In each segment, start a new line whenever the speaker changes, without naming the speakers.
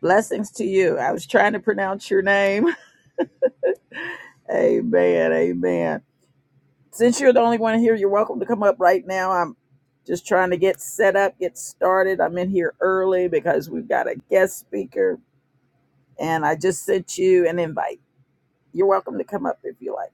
Blessings to you. I was trying to pronounce your name. Amen. Amen. Since you're the only one here, you're welcome to come up right now. I'm just trying to get set up, get started. I'm in here early because we've got a guest speaker, and I just sent you an invite. You're welcome to come up if you like.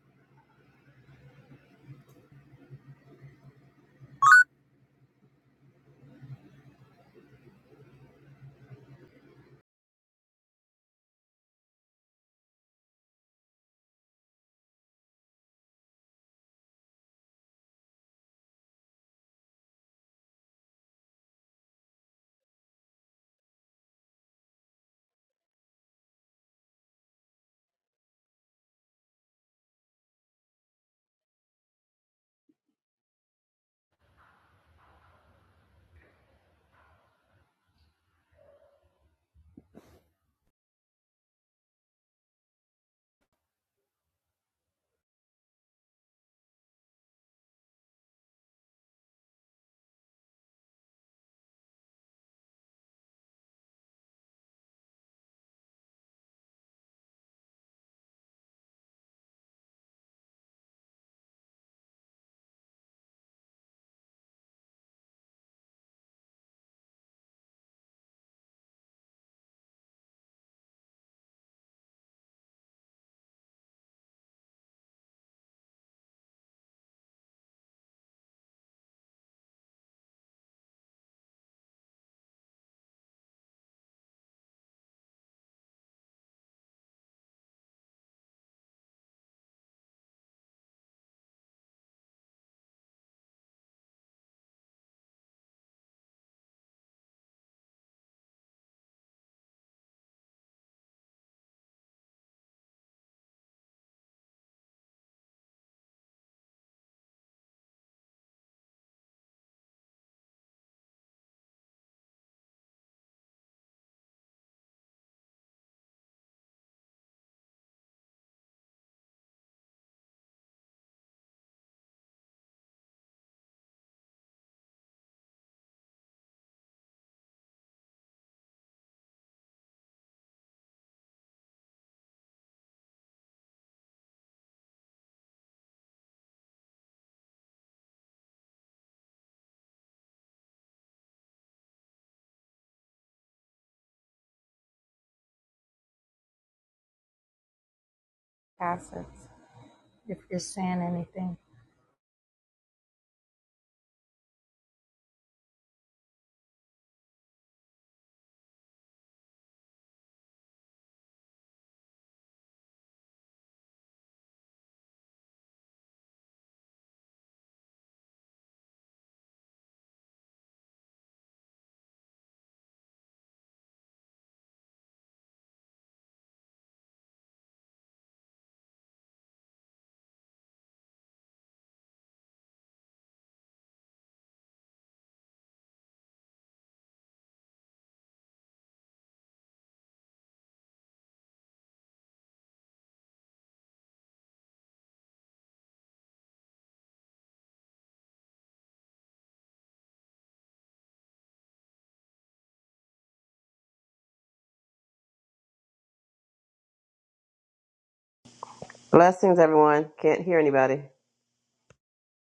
Blessings, everyone. Can't hear anybody.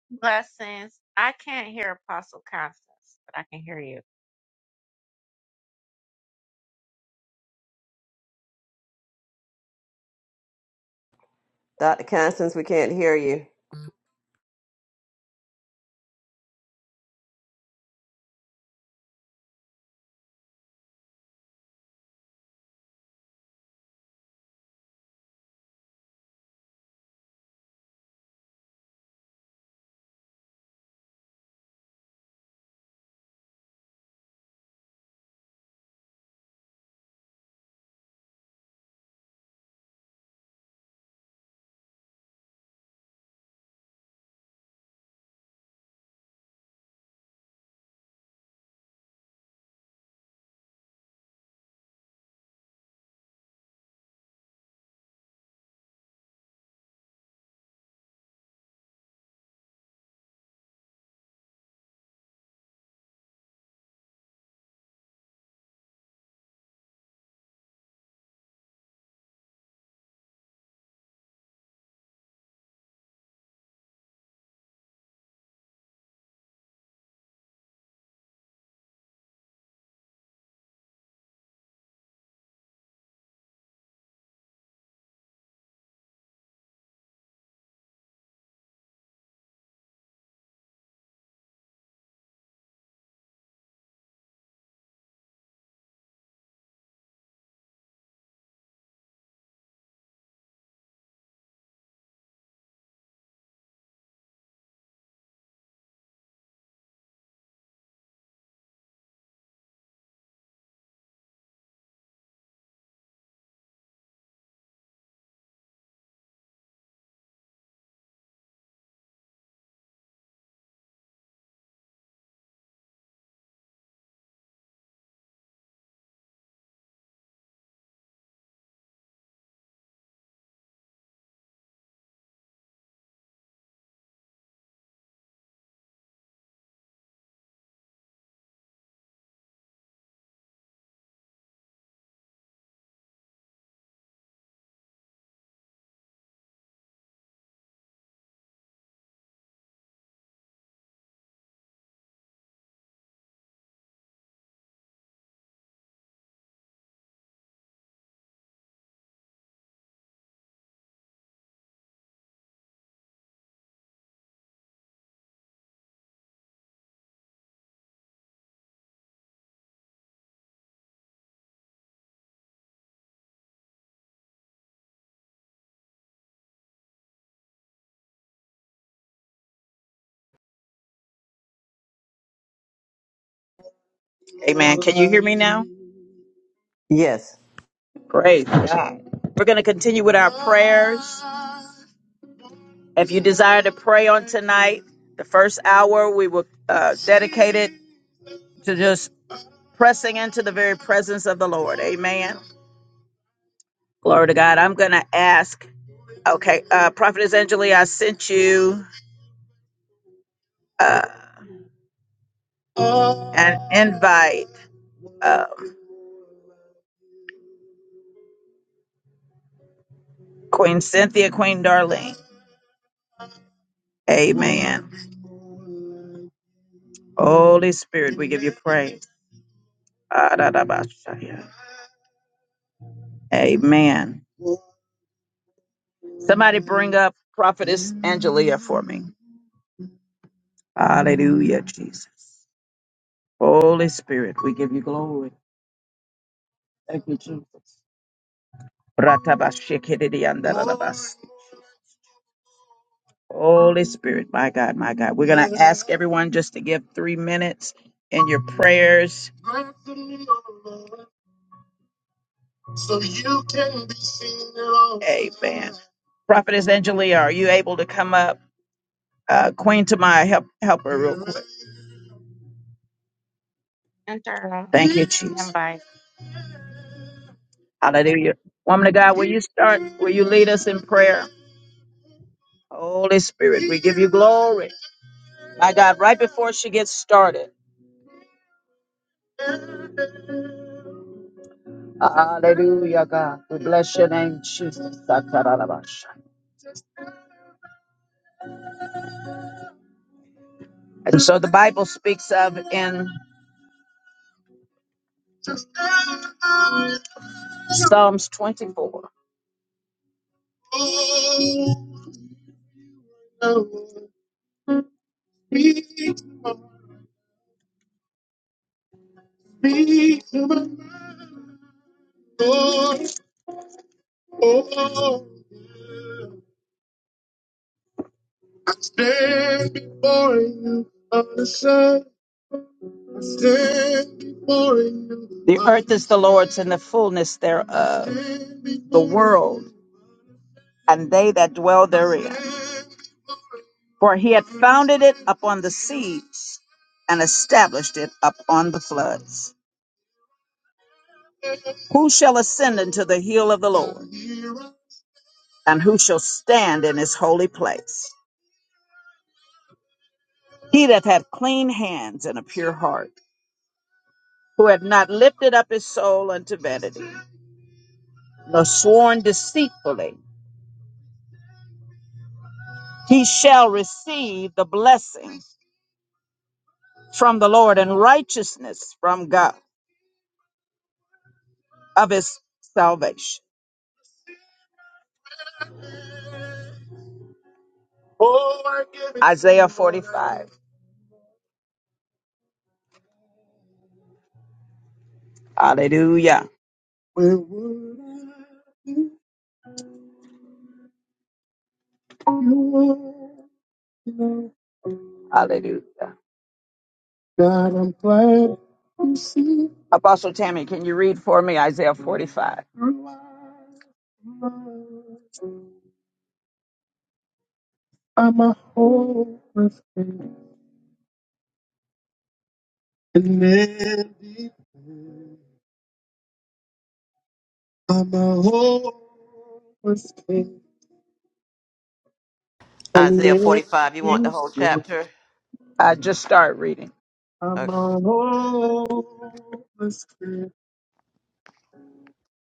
Blessings. I can't hear Apostle Constance, but I can hear you.
Dr. Constance, we can't hear you.
Amen. Can you hear me now?
Yes.
Great. We're going to continue with our prayers. If you desire to pray on tonight, the first hour we will uh, dedicate it to just pressing into the very presence of the Lord. Amen. Glory to God. I'm going to ask. Okay, uh, Prophetess Angelia, I sent you uh, an invite. Um, Queen Cynthia, Queen Darlene. Amen. Holy Spirit, we give you praise. Ah, da, da, ba, sha, ya. Amen. Somebody bring up Prophetess Angelia for me. Hallelujah, Jesus. Holy Spirit, we give you glory. Thank you, Jesus. Ratabashikiridiandalabas. Holy Spirit, my God, my God. We're going to ask everyone just to give three minutes in your prayers. Amen. Prophetess Angelia, are you able to come up? Uh, Queen Tamai, help, help her real quick.
Enter
Thank you,
um,
Jesus.
invite.
Hallelujah. Woman of God, will you start? Will you lead us in prayer? Holy Spirit, we give you glory. My God, right before she gets started. Hallelujah, God. We bless your name, Jesus. Satarabasha. And so the Bible speaks of in Psalms 24. Stand before you on the sun. I stand before you, The I earth is the Lord's and the fullness thereof, stand the before world you, and they that dwell I therein. stand For he had before founded it you. upon the seas and established it upon the floods. Who shall ascend into the hill of the Lord, and who shall stand in his holy place? He that hath clean hands and a pure heart, who hath not lifted up his soul unto vanity, nor sworn deceitfully, he shall receive the blessing from the Lord and righteousness from God of his salvation. Oh, I give it Isaiah 45. Hallelujah. Where would I be? You are. Hallelujah. God, I'm glad you see Apostle Tammy, can you read for me Isaiah 45? through my life. I'm a hopeless case, an empty place. I'm a homeless king and
Isaiah 45, you want the
everything.
whole chapter?
I just start reading. I'm
Okay.
a homeless king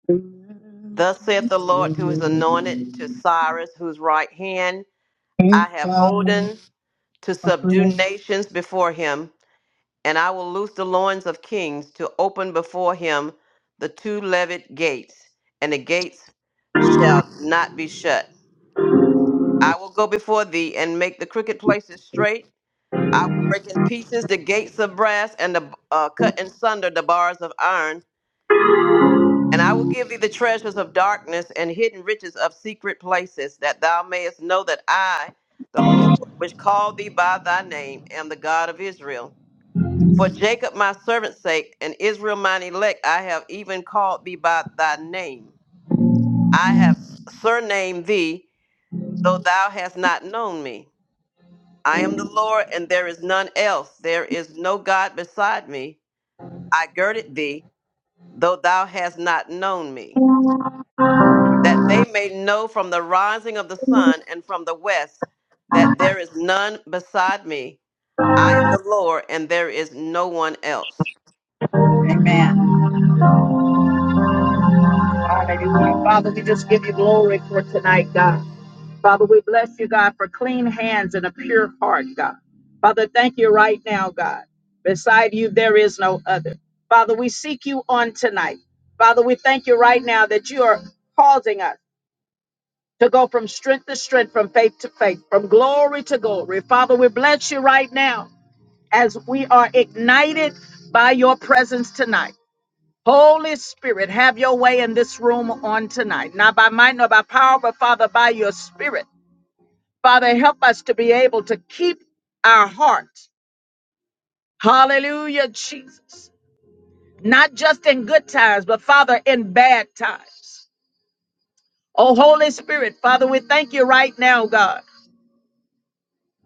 and
Thus saith the Lord to his anointed, to
everything.
Cyrus, whose right hand
Thank
I have
God
holden, to
for
subdue
grace.
nations before him, and I will loose the loins of kings, to open before him the two levied gates, and the gates shall not be shut. I will go before thee and make the crooked places straight I will break in pieces the gates of brass and the, uh, cut in sunder the bars of iron. And I will give thee the treasures of darkness and hidden riches of secret places, that thou mayest know that I, the Lord, which called thee by thy name, am the God of Israel. For Jacob my servant's sake and Israel mine elect, I have even called thee by thy name. I have surnamed thee, though thou hast not known me. I am the Lord, and there is none else. There is no God beside me. I girded thee, though thou hast not known me, that they may know from the rising of the sun and from the west that there is none beside me. I am the Lord, and there is no one else.
Amen. Hallelujah. Father, we just give you glory for tonight, God. Father, we bless you, God, for clean hands and a pure heart, God. Father, thank you right now, God. Beside you, there is no other. Father, we seek you on tonight. Father, we thank you right now that you are causing us to go from strength to strength, from faith to faith, from glory to glory. Father, we bless you right now as we are ignited by your presence tonight. Holy Spirit, have your way in this room on tonight. Not by might nor by power, but Father, by your spirit. Father, help us to be able to keep our hearts. Hallelujah, Jesus. Not just in good times, but Father, in bad times. Oh, Holy Spirit, Father, we thank you right now, God.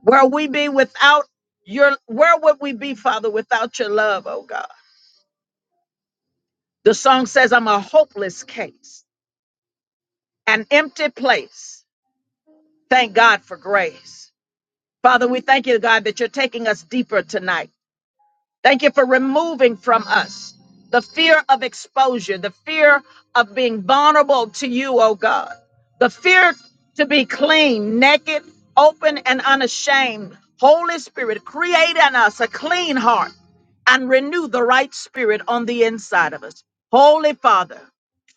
Where we be without your, where would we be, Father, without your love, oh God? The song says, I'm a hopeless case, an empty place. Thank God for grace. Father, we thank you, God, that you're taking us deeper tonight. Thank you for removing from us the fear of exposure, the fear of being vulnerable to you, oh God, the fear to be clean, naked, open, and unashamed. Holy Spirit, create in us a clean heart and renew the right spirit on the inside of us. Holy Father,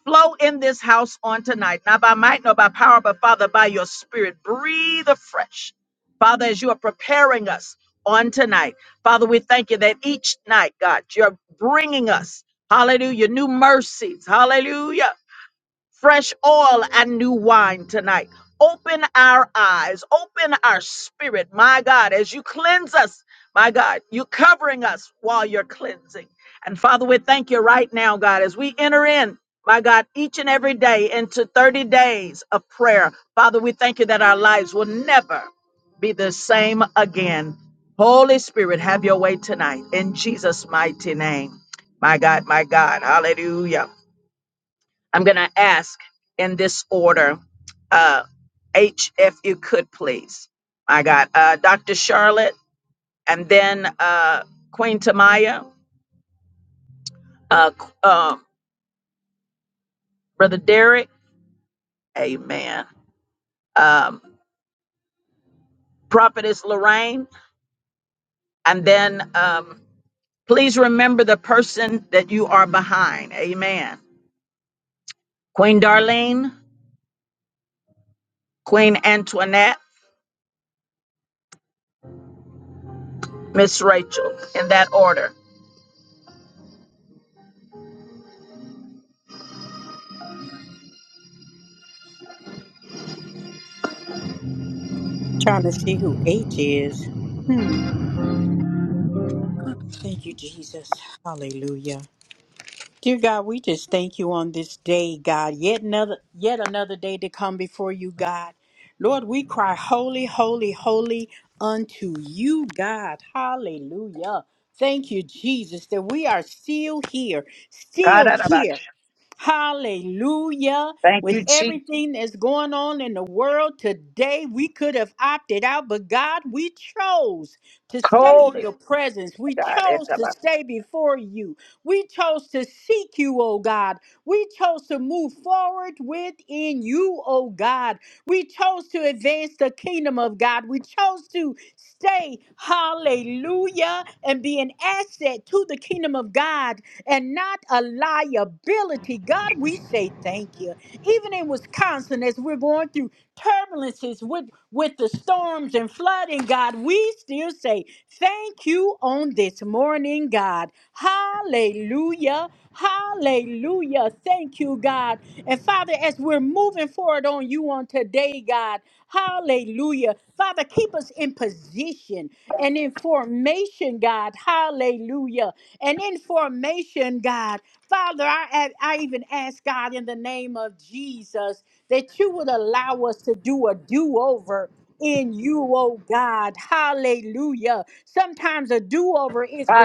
flow in this house on tonight, not by might nor by power, but Father, by your spirit. Breathe afresh. Father, as you are preparing us on tonight, Father, we thank you that each night, God, you're bringing us, hallelujah, new mercies, hallelujah fresh oil and new wine tonight. Open our eyes, open our spirit, my God, as you cleanse us, my God, you're covering us while you're cleansing. And Father, we thank you right now, God, as we enter in, my God, each and every day into 30 days of prayer. Father, we thank you that our lives will never be the same again. Holy Spirit, have your way tonight in Jesus' mighty name. My God, my God, hallelujah. I'm going to ask in this order. Uh, H, if you could please. I got uh, Dr. Charlotte and then uh, Queen Tamaya, uh, Q- uh, Brother Derek, amen. Um, Prophetess Lorraine, and then um, please remember the person that you are behind, amen. Queen Darlene, Queen Antoinette, Miss Rachel, in that order.
Trying to see who H is. Hmm. Thank you, Jesus. Hallelujah. Dear God, we just thank you on this day, God. Yet another yet another day to come before you, God. Lord, we cry holy, holy, holy unto you, God. Hallelujah. Thank you, Jesus, that we are still here, still here. Hallelujah.
Thank you,
With
Chief.
everything that's going on in the world today, we could have opted out, but God, we chose to stay in
Holy
your presence. We chose to
God.
stay before you. We chose to seek you, oh God. We chose to move forward within you, oh God. We chose to advance the kingdom of God. We chose to stay, hallelujah, and be an asset to the kingdom of God and not a liability. God, we say thank you. Even in Wisconsin, as we're going through, turbulences, with, with the storms and flooding, God, we still say thank you on this morning, God. Hallelujah. Hallelujah. Thank you, God. And Father, as we're moving forward on you on today, God, hallelujah. Father, keep us in position and in formation, God. Hallelujah. And in formation, God. Father, I, I even ask God in the name of Jesus that you would allow us to do a do over in you, oh God. Hallelujah. Sometimes a do over is
Oh,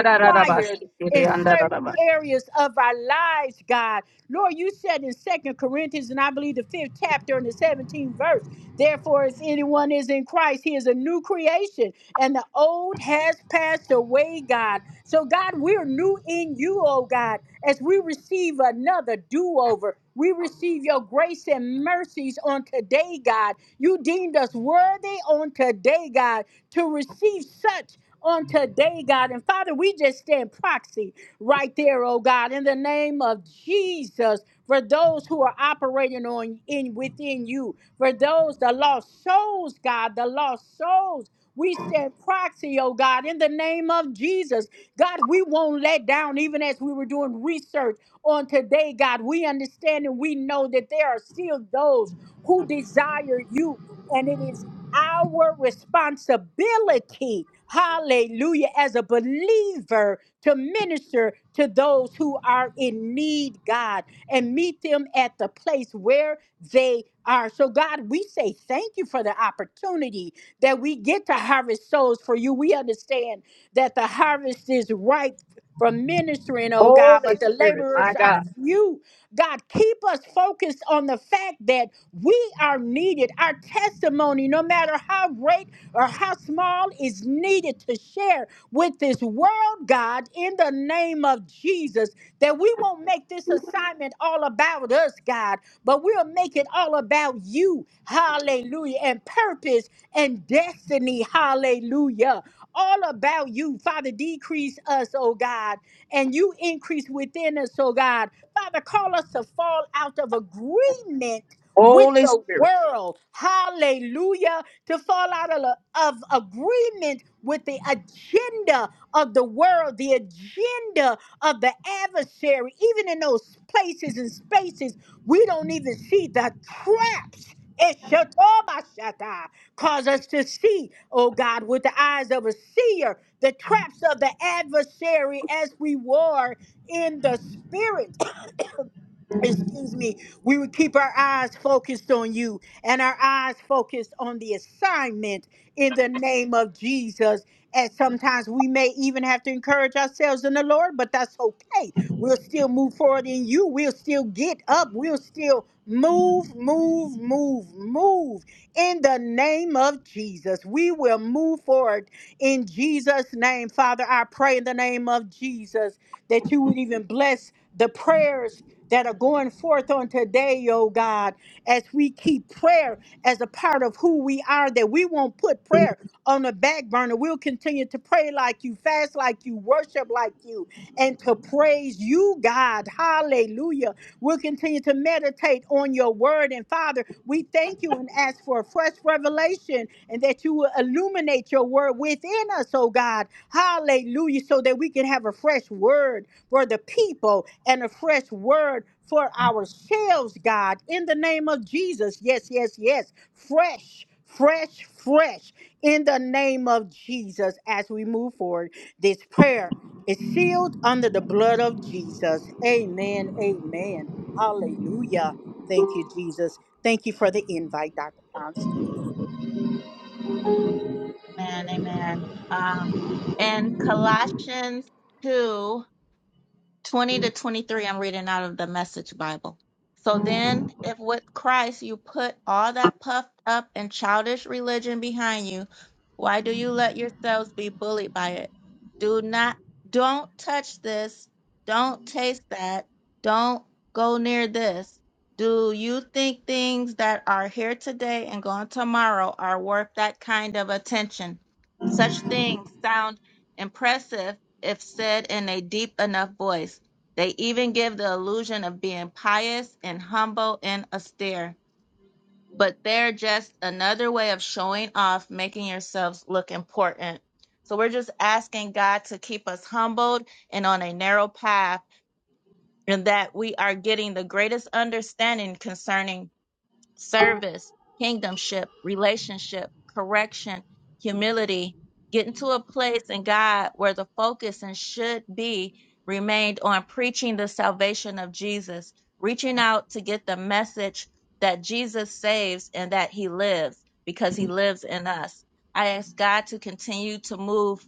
It's
in
the
certain areas of our lives, God. Lord, you said in Second Corinthians, and I believe the fifth chapter and the 17th verse, therefore, if anyone is in Christ, he is a new creation, and the old has passed away, God. So, God, we're new in you, oh God, as we receive another do over. We receive your grace and mercies on today, God. You deemed us worthy on today, God, to receive such on today, God. And Father, we just stand proxy right there, oh God, in the name of Jesus, for those who are operating on in within you, for those the lost souls, God, the lost souls. We stand proxy, oh God, in the name of Jesus God, we won't let down even as we were doing research on today, God. We understand and we know that there are still those who desire you, and it is our responsibility, hallelujah, as a believer to minister to those who are in need, God, and meet them at the place where they are. So, God, we say thank you for the opportunity that we get to harvest souls for you. We understand that the harvest is ripe for ministering, oh God, but the laborers are few. God, keep us focused on the fact that we are needed. Our testimony, no matter how great or how small, is needed to share with this world, God, in the name of Jesus. That we won't make this assignment all about us, God, but we'll make it all about you. Hallelujah. And purpose and destiny. Hallelujah all about you. Father, decrease us, oh God, and you increase within us, oh God. Father, call us to fall out of agreement with the world. Hallelujah. To fall out of, of agreement with the agenda of the world, the agenda of the adversary, even in those places and spaces, we don't even see the traps. Eshatobashata. Cause us to see, oh God, with the eyes of a seer, the traps of the adversary as we war in the spirit excuse me, we would keep our eyes focused on you and our eyes focused on the assignment in the name of Jesus. And sometimes we may even have to encourage ourselves in the Lord, but that's okay. We'll still move forward in you. We'll still get up. We'll still move, move, move, move in the name of Jesus. We will move forward in Jesus' name. Father, I pray in the name of Jesus that you would even bless the prayers that are going forth on today, oh God, as we keep prayer as a part of who we are, that we won't put prayer on the back burner. We'll continue to pray like you, fast like you, worship like you, and to praise you, God. Hallelujah. We'll continue to meditate on your word. And Father, we thank you and ask for a fresh revelation and that you will illuminate your word within us, oh God. Hallelujah. So that we can have a fresh word for the people and a fresh word for ourselves, God, in the name of Jesus. Yes, yes, yes. Fresh, fresh, fresh in the name of Jesus as we move forward. This prayer is sealed under the blood of Jesus. Amen. Amen. Hallelujah. Thank you, Jesus. Thank you for the invite, Dr. Constance.
Amen. Amen. Um, in Colossians 2, 20 to 23, I'm reading out of the Message Bible. So then, if with Christ you put all that puffed up and childish religion behind you, why do you let yourselves be bullied by it? Do not, don't touch this. Don't taste that. Don't go near this. Do you think things that are here today and gone tomorrow are worth that kind of attention? Such things sound impressive if said in a deep enough voice. They even give the illusion of being pious and humble and austere, but they're just another way of showing off, making yourselves look important. So we're just asking God to keep us humbled and on a narrow path, and that we are getting the greatest understanding concerning service, kingdomship, relationship, correction, humility, getting to a place in God where the focus and should be remained on preaching the salvation of Jesus, reaching out to get the message that Jesus saves and that he lives because he lives in us. I ask God to continue to move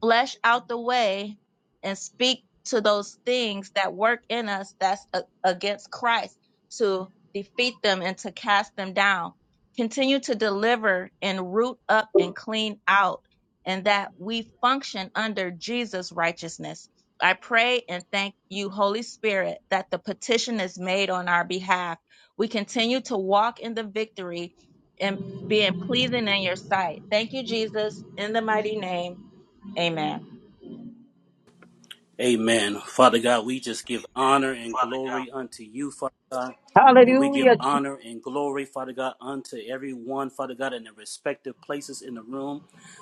flesh out the way and speak to those things that work in us that's a- against Christ to defeat them and to cast them down. Continue to deliver and root up and clean out, and that we function under Jesus' righteousness. I pray and thank you, Holy Spirit, that the petition is made on our behalf. We continue to walk in the victory and being pleasing in your sight. Thank you, Jesus, in the mighty name. Amen.
Amen. Father God, we just give honor and
Father God,
glory unto you, Father God. And we give honor and glory, Father God, unto everyone, Father God, in their respective places in the room.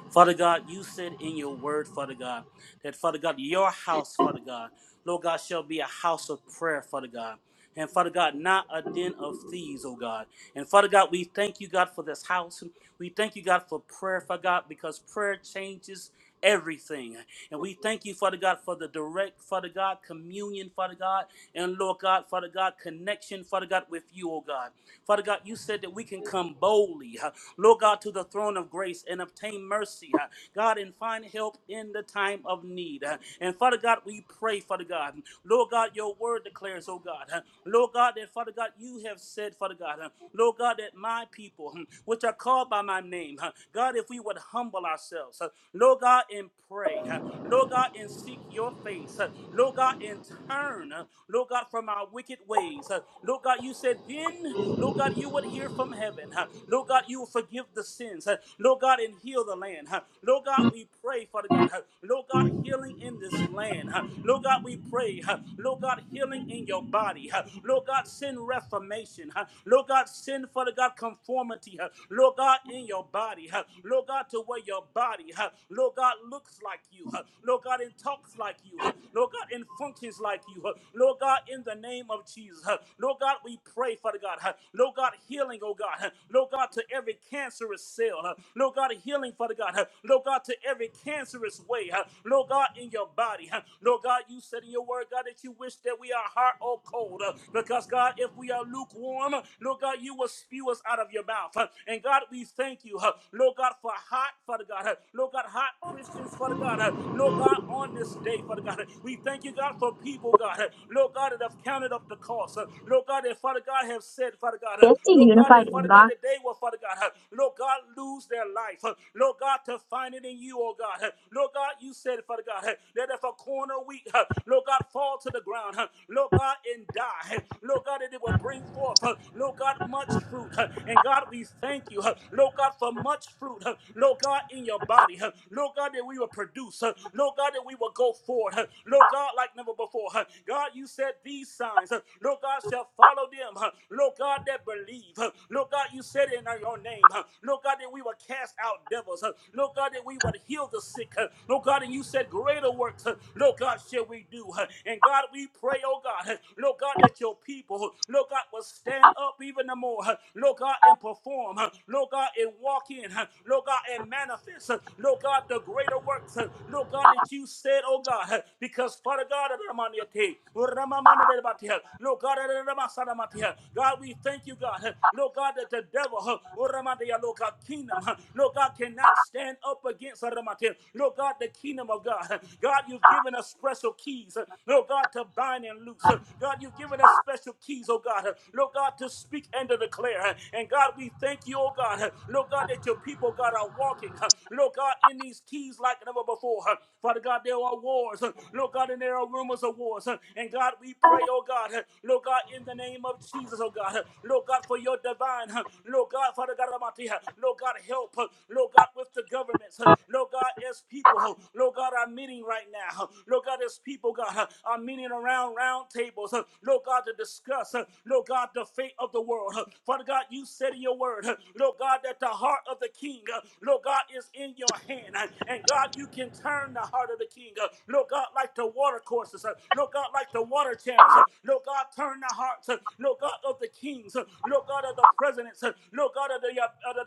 Father God, you said in your word, Father God, that, Father God, your house, Father God, Lord God, shall be a house of prayer, Father God. And Father God, not a den of thieves, oh God. And Father God, we thank you, God, for this house. We thank you, God, for prayer, Father God, because prayer changes everything. And we thank you, Father God, for the direct, Father God, communion, Father God, and Lord God, Father God, connection, Father God, with you, oh God. Father God, you said that we can come boldly, huh, Lord God, to the throne of grace and obtain mercy, huh, God, and find help in the time of need. huh. And Father God, we pray, Father God, Lord God, your word declares, oh God, huh, Lord God, that Father God, you have said, Father God, huh, Lord God, that my people, hmm, which are called by my name, huh, God, if we would humble ourselves, huh, Lord God, and pray. huh, Lord God, and seek your face. huh, Lord God, and turn, huh, Lord God, from our wicked ways. huh. Lord God, you said then, Lord God, you would hear from heaven. huh. Lord God, you will forgive the sins. huh. Lord God, and heal the land. huh. Lord God, we pray, Father God. huh. Lord God, healing in this land. huh. Lord God, we pray. huh. Lord God, healing in your body. huh. Lord God, send reformation. huh. Lord God, send, Father God, conformity. huh. Lord God, in your body. huh. Lord God, to where your body. huh? huh, Lord God, looks like you, huh, Lord God, and talks like you, huh, Lord God, and functions like you, huh, Lord God, in the name of Jesus, huh, Lord God, we pray, Father God, huh, Lord God, healing, oh God, huh, Lord God, to every cancerous cell, huh, Lord God, healing, Father God, huh, Lord God, to every cancerous way, huh, Lord God, in your body, huh, Lord God, you said in your word, God, that you wish that we are hot or cold, huh, because God, if we are lukewarm, uh, Lord God, you will spew us out of your mouth, huh, and God, we thank you, huh, Lord God, for hot, Father God, huh, Lord God, hot Christians, Father God. Uh, Lord God, on this day, Father God, uh, we thank you, God, for people, God. uh, Lord God, that have counted up the cost. Uh, Lord God, that Father God have said, Father God. uh, Lord God,
unified
that Father God,
inbox.
that they will, Father God. uh, Lord God, lose their life. Uh, Lord God, to find it in you, oh God. Uh, Lord God, you said, Father God, uh, that if a corner we, uh, Lord God, fall to the ground, uh, Lord God, and die. Uh, Lord God, that it will bring forth, uh, Lord God, much fruit. Uh, And God, we thank you, uh, Lord God, for much fruit. uh, Lord God, in your body. huh. Lord God, that we will produce. huh. Lord God, that we will go forward. huh. Lord God, like never before. huh. God, you said these signs. huh, Lord God, shall follow them. huh. Lord God, that believe. huh. Lord God, you said in your name. huh. Lord God, that we will cast out devils. huh. Lord God, that we would heal the sick. huh. Lord God, and you said greater works. huh. Lord God, shall we do. huh. And God, we pray, oh God. huh. Lord God, that your people, huh, Lord God, will stand up even the more. huh. Lord God, and perform. huh. Lord God, and walk in. huh. Lord God, and manifest works, uh, Lord God, the greater works, uh, Lord God, that you said, oh God, uh, because Father God, uh, Ramanete, uh, Ramamanadebate, uh, Lord God, uh, Ramasadamate, uh, God, we thank you, God, uh, Lord God, that the devil, uh, uh, Ramadea, Lord God, kingdom, uh, Lord God, cannot stand up against uh, Ramate, Lord God, the kingdom of God, uh, God, you've given us special keys, uh, Lord God, to bind and loose, uh, God, you've given us special keys, oh God, uh, Lord God, to speak and to declare, uh, and God, we thank you, oh God, uh, Lord God, that your people, God, are walking. Lord God, in these keys like never before. huh. Father God, there are wars. huh. Lord God, and there are rumors of wars. huh. And God, we pray, oh God, huh. Lord God, in the name of Jesus, oh God, huh. Lord God, for your divine, huh. Lord God, Father God, Almighty, huh. Lord God, help, huh. Lord God, with the governments, huh. Lord God, as people, huh. Lord God, are meeting right now, huh. Lord God, as people, God, huh, are meeting around round tables, huh. Lord God, to discuss, huh. Lord God, the fate of the world, huh. Father God, you said in your word, huh. Lord God, that the heart of the king, huh, Lord God, God, is in your hand. Uh, And God, you can turn the heart of the king. Uh, Lord God, like the water courses. Uh, Lord God, like the water channels. Uh, Lord God, turn the hearts. Uh, Lord God of the kings. Uh, Lord God of the presidents. Uh, Lord God of the, uh, the,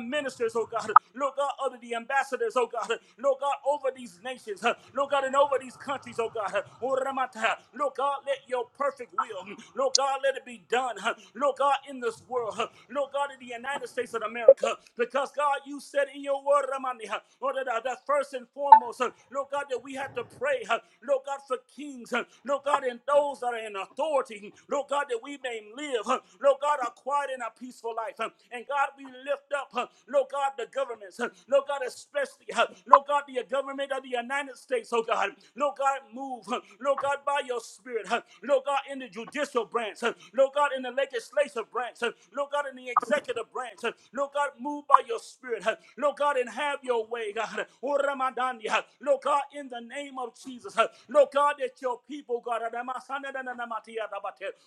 ministers, oh God. Lord God of the ambassadors, oh God. Lord God over these nations. Uh, Lord God and over these countries, oh God. Uh, oh, Ramata. Lord God, let your perfect will. mm, Lord God, let it be done. huh, Lord God, in this world. huh, Lord God, in the United States of America. Because God, you you said in your word, Ramani, huh, Lord, that, that first and foremost, huh, Lord God, that we have to pray, huh, Lord God, for kings, huh, Lord God, and those that are in authority, Lord God, that we may live, huh, Lord God, a quiet and a peaceful life. huh. And God, we lift up, huh, Lord God, the governments, huh, Lord God, especially, huh, Lord God, the government of the United States, oh God, Lord God, move, huh, Lord God, by your spirit, huh, Lord God, in the judicial branch, huh, Lord God, in the legislative branch, huh, Lord God, in the executive branch, huh, Lord God, move by your spirit. Spirit. uh, Lord God, and have your way, God. Oh, Ramadani, uh, Lord God, in the name of Jesus. uh, Lord God, that your people, God, uh,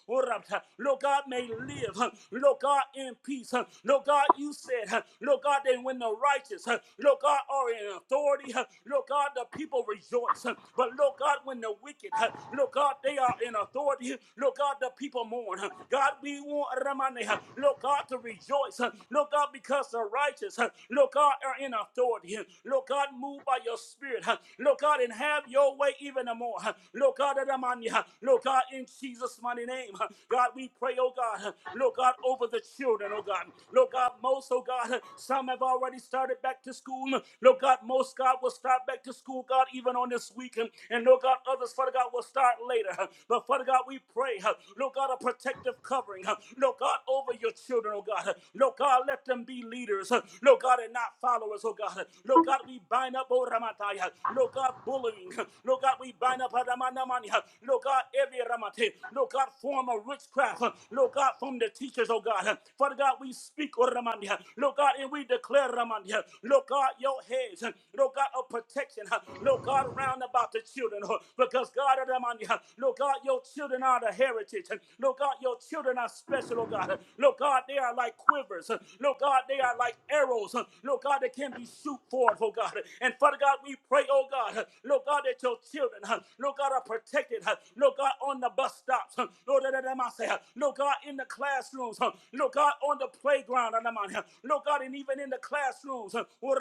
oh, uh, Lord God, may live, uh, Lord God, in peace. uh, Lord God, you said, uh, Lord God, that when the righteous, uh, Lord God, are in authority, uh, Lord God, the people rejoice. uh, But Lord God, when the wicked, uh, Lord God, they are in authority, Lord God, the people mourn. uh, God, we want Ramane, uh, Lord God, to rejoice, uh, Lord God, because the righteous churches, uh, Lord God, are in authority. Huh? Lord God, move by your spirit. uh, Lord God, and have your way even more. uh, Lord God, that I'm on uh, Lord God, in Jesus' mighty name. uh, God, we pray, oh God, uh, Lord God, over the children, oh God. Lord God, most, oh God, uh, some have already started back to school. Huh? Lord God, most, God, will start back to school, God, even on this weekend. And Lord God, others, Father God, will start later. uh, But Father God, we pray, uh, Lord God, a protective covering. uh, Lord God, over your children, oh God. Huh? Lord God, let them be leaders. Huh? Lord God, and not follow us, oh God. Lord God, we bind up, oh Ramataya. Lord God, bullying. Lord God, we bind up, Radamanamani. Lord God, every Ramate. Lord God, form of witchcraft. Lord God, from the teachers, oh God. Father God, we speak, oh Ramandia. Lord God, and we declare, Ramandia. Lord God, your heads. Lord God, of protection. Lord God, round about the children. Because God, Ramandia. Lord God, your children are the heritage. Lord God, your children are special, oh God. Lord God, they are like quivers. Lord God, they are like like arrows, huh, Lord God, that can be shoot forward, oh God. And Father God, we pray, oh God, huh, Lord God, that your children, huh, Lord God, are protected, huh, Lord God, on the bus stops, huh, Lord, that huh, God, in the classrooms, huh, Lord God, on the playground, and Lord God, and even in the classrooms, huh, oh,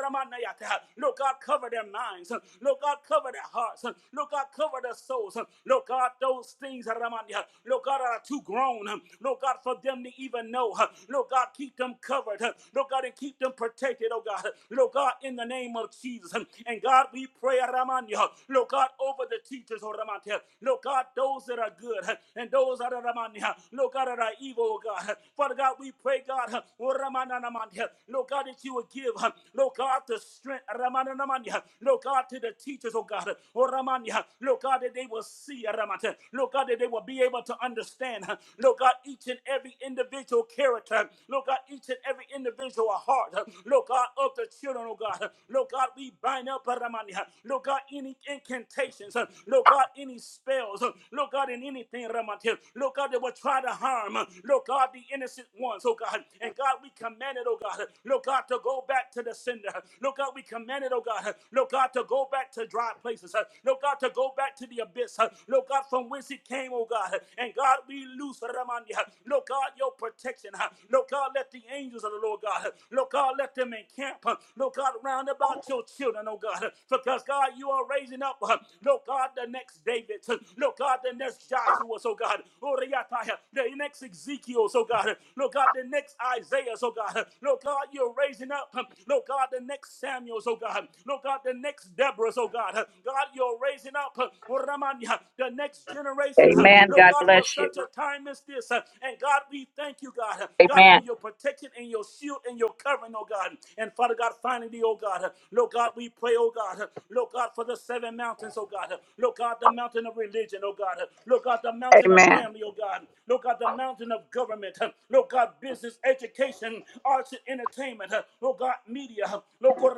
huh, Lord God, cover their minds, huh, Lord God, cover their hearts, huh, Lord God, cover their souls, huh, Lord God, those things, Ramania, Lord God, are too grown, huh, Lord God, for them to even know, huh, Lord God, keep them covered, huh, Lord God, God, and keep them protected, oh God. Lord God, in the name of Jesus. And God, we pray, Ramanya, Lord God, over the teachers, oh Ramanya. Lord God, those that are good and those that are Ramanya, Lord God, that are evil, oh God. Father God, we pray, God, oh Ramana Ramanya, Lord God, that you would give, Lord God, the strength, Ramana Ramanya, Lord God, to the teachers, oh God, oh Ramanya, Lord God, that they will see, Ramanya, Lord God, that they will be able to understand, Lord God, each and every individual character, Lord God, each and every individual to a heart, Lord God, of the children, oh God. Lord God, we bind up, uh, Ramani. Lord God, any incantations, uh, Lord God, any spells, uh, Lord God, in anything, Ramani. Lord God, that will try to harm, uh, Lord God, the innocent ones, oh God. And God, we command it, oh God, Lord God, to go back to the sender. Lord God, we command it, oh God, Lord God, to go back to dry places, Lord God, to go back to the abyss, Lord God, from whence it came, oh God. And God, we loose, Ramani. Lord God, your protection, Lord God, let the angels of the Lord God. God. Lord God, let them encamp. Lord God, round about your children, oh God. Because God, you are raising up, Lord God, the next David. Lord God, the next Joshua, oh God. Oriataya, The next Ezekiel, oh God. Lord God, the next Isaiah, oh God. Lord God, you're raising up, Lord God, the next Samuel, oh God. Lord God, the next Deborah, oh God. God, you're raising up, Oramanya, the next generation,
Amen.
Lord God, for such a time as this. And God, we thank you, God. God, for
Amen.
your protection and your shield shield and your covering, oh God. And Father God, finally, oh God, Lord God, we pray, oh God, Lord God, for the seven mountains, oh God. Lord God, the mountain of religion, oh God. Lord God, the mountain of family, oh God. Lord God, the mountain of government. Lord God, business, education, arts and entertainment. Lord God, media. Lord God,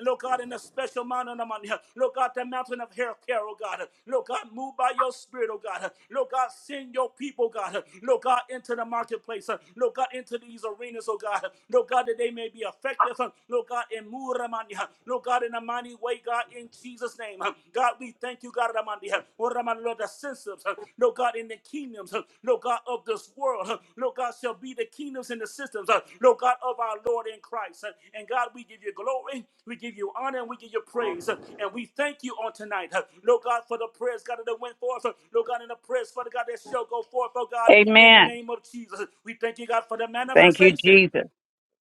Lord God, in the special mountain of Ramandia. Lord God, the mountain of hair care, oh God. Lord God, move by your spirit, oh God. Lord God, send your people, oh God. Lord God, into the marketplace. Lord God, into these arenas, oh God. God. Lord God, that they may be effective, uh, Lord God, in Muramania. Lord God, in a mighty way, God, in Jesus' name. uh, God, we thank you, God, Ramandia. Lord, Ramani, Lord, the senses, uh, Lord God, in the kingdoms, uh, Lord God, of this world, uh, Lord God, shall be the kingdoms and the systems, uh, Lord God, of our Lord in Christ. uh, And God, we give you glory, we give you honor, and we give you praise. uh, And we thank you on tonight, uh, Lord God, for the prayers, God, that went forth, uh, Lord God, in the prayers, Father God, that shall go forth, oh God, in the
Amen.
name of Jesus. We thank you, God, for the
Thank you,
manifestation.
Jesus.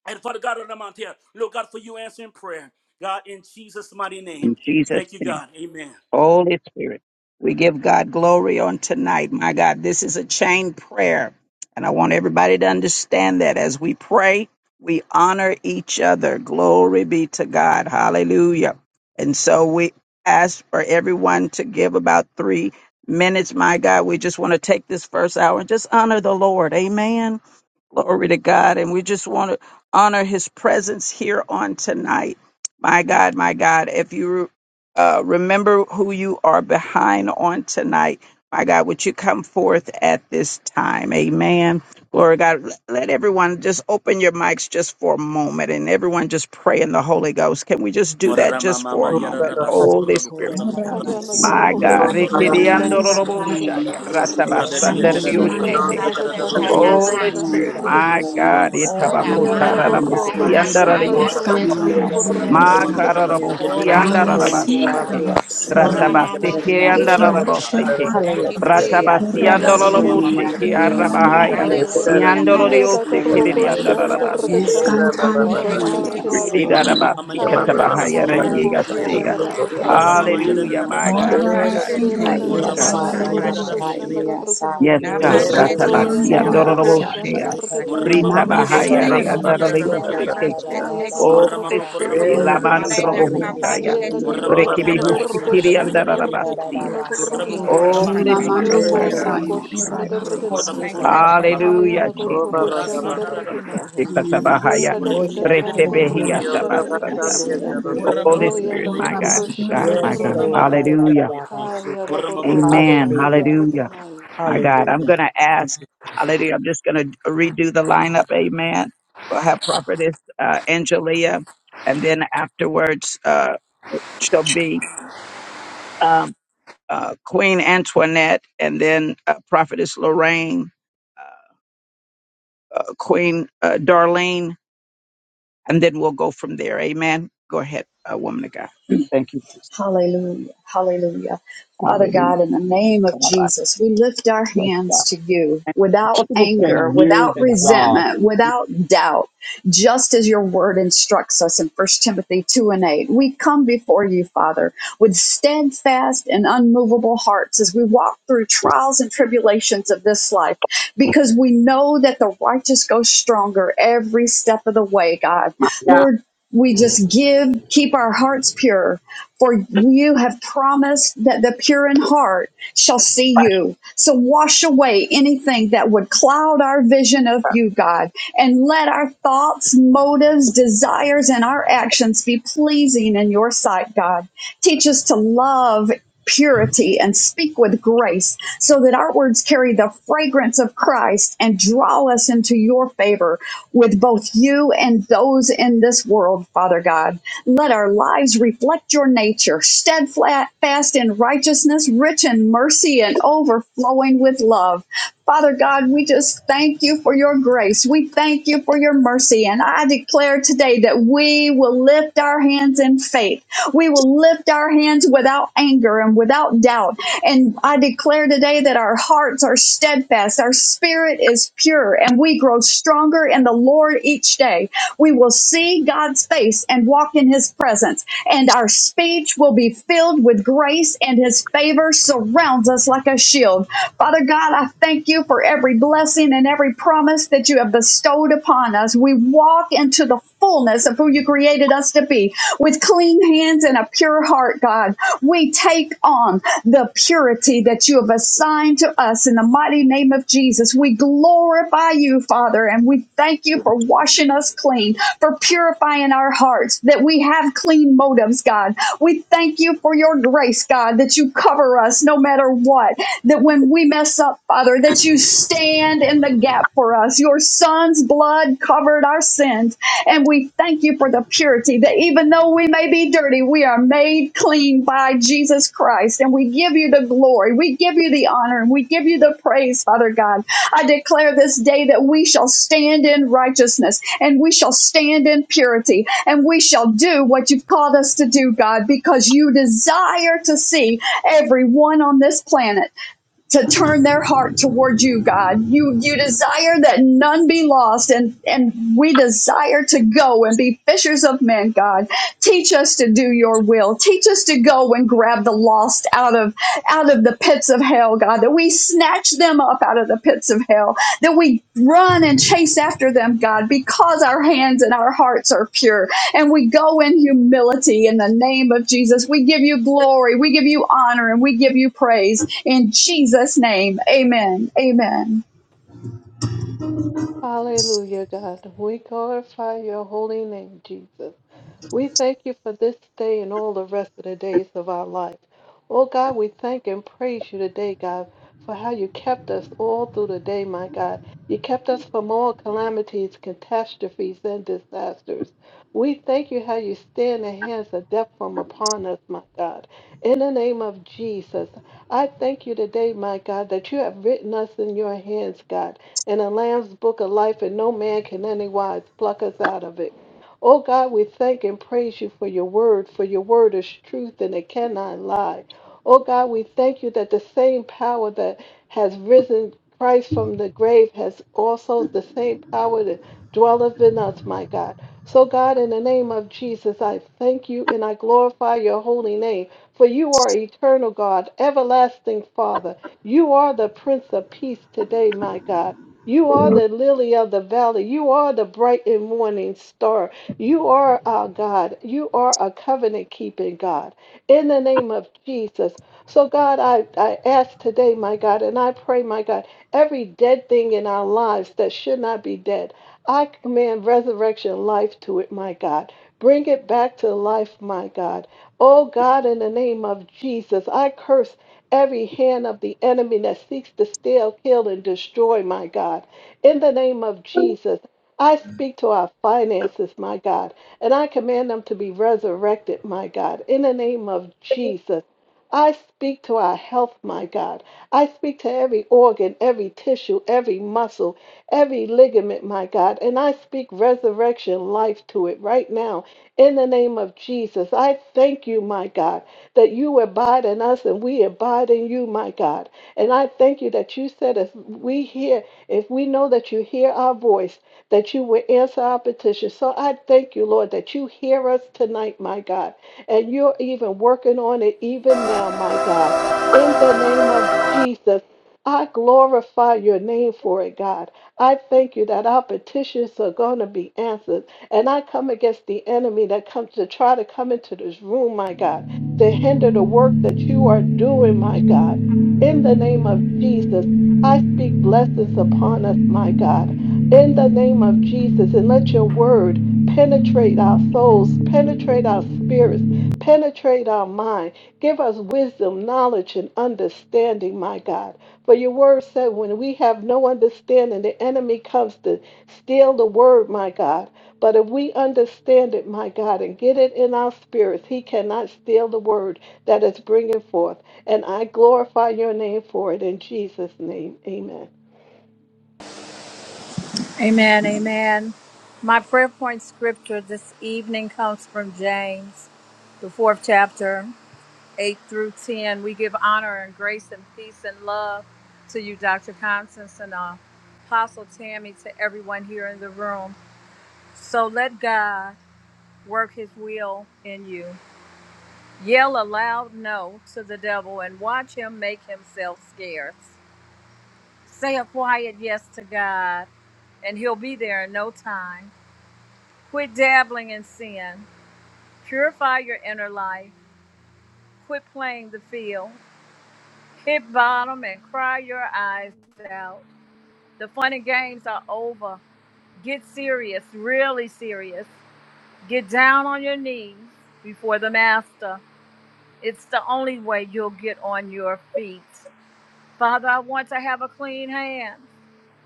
And Father God, on the mount here, Lord God, for you answering prayer. God, in Jesus' mighty
In
name.
Jesus'
Thank you,
name.
God. Amen.
Holy Spirit. We give God glory on tonight. My God, this is a chain prayer. And I want everybody to understand that as we pray, we honor each other. Glory be to God. Hallelujah. And so we ask for everyone to give about three minutes. My God, we just want to take this first hour and just honor the Lord. Amen. Glory to God. And we just want to honor his presence here on tonight. My God, my God, if you uh, remember who you are behind on tonight, my God, would you come forth at this time? Amen. Glory to God. Let everyone just open your mics just for a moment and everyone just pray in the Holy Ghost. Can we just do that just
Murra
for a moment? Holy Spirit.
Corra
Haya
basura
My
nakoroko
God.
shana
mandi la
kargatana
mandi
Sakata,
Jesus,
Nabashete Kaseta
Holy
Nama,
Spirit, my God,
Ora Ma Satakaya
itabakutararamastiandarariyosha.
Sete, Ora Nama,
Makararabostiandararabashake.
Ora Nama Sata.
Ratabastekeandararabosteke.
Thank you, Jesus. Thank you, Jesus.
Ratabastiandorolobosheke arabahaya.
Hallelujah, hallelujah to you.
Iandororiostekeririandararabasti.
Glory, glory, glory.
Murramama
Irirarabasti
Hallelujah.
yadadadada
katabahaya
siya
Ah,
yadadadaya.
rengigastiga.
Thank
Tishatabaya
you.
Murramama
Sata.
yada da
Hallelujah,
da
korganaya.
my
bakada
Father,
Hallelujah.
God, my
we
yadadadaya.
God,
Jesus, Jesus, Jesus.
my
Nabashete
I
God.
Yes,
Murramama
I
Kusata
siya
yes,
yadadadada
I
Bashete.
yadadadaya.
yes, I
Yes,
Yelagaragatanagaragashanagaraganaya.
God.
Muramama for
Namashete
the sea
yes.
Ratabasia
I
yada
Kusata
yes,
Escantandriosa,
yadiatia.
Dororobochea.
yes,
Mashata.
Brita
Muramama yadi
Bahaya
Malesia
Jesus,
the sea
yes,
Oyanagaragashanagaragatanagaragashanagaragana.
yada
I
Rabosi,
yadiata.
Reandaleoseke.
yes,
Oh,
I
Hatekosekenamashitekosa,
the
Muramama
Spirit.
korama korama
Hayanagaragashanagaragan-
yes, I yes,
Yes,
yadiati.
yes, yes, yes,
Lamandrobohustaya.
Lord.
Hela
Arenakabashete,
I
karga
Muramama the
thana
yada the
korgo
yada
Brekibihushikiri
shana karga
yadiati.
Patakatabokosentiki,
Andarabasia.
thana korgo naya.
Oh,
Muramukurama
the
Shula
kurama
Spirit,
No
nana the
mandio
my God.
yada the
saya
korgo
sea.
Inkantabashentekateko,
shana
korabas
karga
yes,
naya.
Muramukurama
la
Haya
Hallelujah,
mandio
na
Jesus.
korgo
yes,
shana
Hotekashentekebasepiki.
Jesus,
yes,
Murasana da da
karga
Jesus.
naya.
kuku yadiati.
Ekatabahaya.
Hela
and the
karga
Murimidi
thana
the
Korea
sea
korgo
Rekebehia
shana
yada
Mahalia,
the
karga
Tabasanda.
yes,
naya.
and the
Oh, Holy
Muramama
Oya
Korea,
Spirit,
na
yadiata.
my God,
korgo
my
korabasura
God,
shana
my God.
karga
mandio
yes.
Murakuramata
naya.
Hallelujah.
yatoyati.
Haya na
Muramama
korgo
papa
Amen.
papa
shana
Hallelujah.
Hallelujah.
karga naya.
My God, I'm
Hallelujah.
going to
Thank
ask,
you, Jesus.
hallelujah, I'm just going to redo the lineup, amen. We'll have prophetess uh, Angelia, and then afterwards uh, she'll be um, uh, Queen Antoinette, and then uh, prophetess Lorraine, uh, Queen uh, Darlene, and then we'll go from there, amen. Go ahead, uh, woman of God. Thank you, Jesus.
Hallelujah. Hallelujah. Father God, in the name of Jesus, we lift our hands to you without
Multiple
anger,
spending years
without
in jobs.
resentment, without doubt, just as your word instructs us in First Timothy 2 and 8. We come before you, Father, with steadfast and unmovable hearts as we walk through trials and tribulations of this life, because we know that the righteous go stronger every step of the way, God. Lord, we just give, keep our hearts pure for you have promised that the pure in heart shall see you. So wash away anything that would cloud our vision of you, God, and let our thoughts, motives, desires, and our actions be pleasing in your sight, God. Teach us to love purity and speak with grace so that our words carry the fragrance of Christ and draw us into your favor with both you and those in this world, Father God. Let our lives reflect your nature, steadfast in righteousness, rich in mercy, and overflowing with love. Father God, we just thank you for your grace. We thank you for your mercy. And I declare today that we will lift our hands in faith. We will lift our hands without anger and without doubt. And I declare today that our hearts are steadfast, our spirit is pure, and we grow stronger in the Lord each day. We will see God's face and walk in his presence, and our speech will be filled with grace, and his favor surrounds us like a shield. Father God, I thank you for every blessing and every promise that you have bestowed upon us. We walk into the fullness of who you created us to be. With clean hands and a pure heart, God, we take on the purity that you have assigned to us in the mighty name of Jesus. We glorify you, Father, and we thank you for washing us clean, for purifying our hearts, that we have clean motives, God. We thank you for your grace, God, that you cover us no matter what, that when we mess up, Father, that you stand in the gap gap for us. Your son's blood covered our sins. And we thank you for the purity that even though we may be dirty, we are made clean by Jesus Christ. And we give you the glory. We give you the honor and we give you the praise, Father God. I declare this day that we shall stand in righteousness and we shall stand in purity and we shall do what you've called us to do, God, because you desire to see everyone on this planet to turn their heart toward you, God. You you desire that none be lost, and and we desire to go and be fishers of men, God. Teach us to do your will. Teach us to go and grab the lost out of out of the pits of hell, God, that we snatch them them up out of the pits of hell, that we run and chase after them, God, because our hands and our hearts are pure. And we go in humility in the name of Jesus. We give you glory, we give you honor, and we give you praise in Jesus' name. Amen. Amen.
Hallelujah, God. We glorify your holy name, Jesus. We thank you for this day and all the rest of the days of our life. Oh God, we thank and praise you today, God, for how you kept us all through the day, my God. You kept us from all calamities, catastrophes, and disasters. We thank you how you stand the hands of death from upon us, my God. In the name of Jesus, I thank you today, my God, that you have written us in your hands, God, in the Lamb's book of life, and no man can anywise pluck us out of it. Oh God, we thank and praise you for your word, for your word is truth and it cannot lie. Oh God, we thank you that the same power that has risen Christ from the grave has also the same power that dwelleth in us, my God. So, God, in the name of Jesus, I thank you and I glorify your holy name, for you are eternal God, everlasting Father. You are the Prince of Peace today, my God. You are the lily of the valley. You are the bright and morning star. You are our God. You are a covenant keeping God. In the name of Jesus. So, God, I, I ask today, my God, and I pray, my God, every dead thing in our lives that should not be dead, I command resurrection life to it, my God. Bring it back to life, my God. Oh, God, in the name of Jesus, I curse every hand of the enemy that seeks to steal, kill, and destroy, my God. In the name of Jesus. I speak to our finances, my God, and I command them to be resurrected, my God, in the name of Jesus. I speak to our health, my God. I speak to every organ, every tissue, every muscle, every ligament, my God, and I speak resurrection life to it right now in the name of Jesus. I thank you, my God, that you abide in us and we abide in you, my God. And I thank you that you said, if we hear, if we know that you hear our voice, that you will answer our petition. So I thank you, Lord, that you hear us tonight, my God, and you're even working on it even now, my God. In the name of Jesus, I glorify your name for it, God. I thank you that our petitions are going to be answered. And I come against the enemy that comes to try to come into this room, my God, to hinder the work that you are doing, my God. In the name of Jesus, I speak blessings upon us, my God in the name of Jesus and let your word penetrate our souls, penetrate our spirits, penetrate our mind. Give us wisdom, knowledge, and understanding, my God. For your word said, when we have no understanding, the enemy comes to steal the word, my God. But if we understand it, my God, and get it in our spirits, he cannot steal the word that is bringing forth. And I glorify your name for it in Jesus' name. Amen.
Amen. Amen. My prayer point scripture this evening comes from James, the fourth chapter, 8 through 10. We give honor and grace and peace and love to you, Dr. Constance and uh, Apostle Tammy, to everyone here in the room. So let God work his will in you. Yell a loud no to the devil and watch him make himself scarce. Say a quiet yes to God, and he'll be there in no time. Quit dabbling in sin. Purify your inner life. Quit playing the field. Hit bottom and cry your eyes out. The fun and games are over. Get serious, really serious. Get down on your knees before the Master. It's the only way you'll get on your feet. Father, I want to have a clean hand.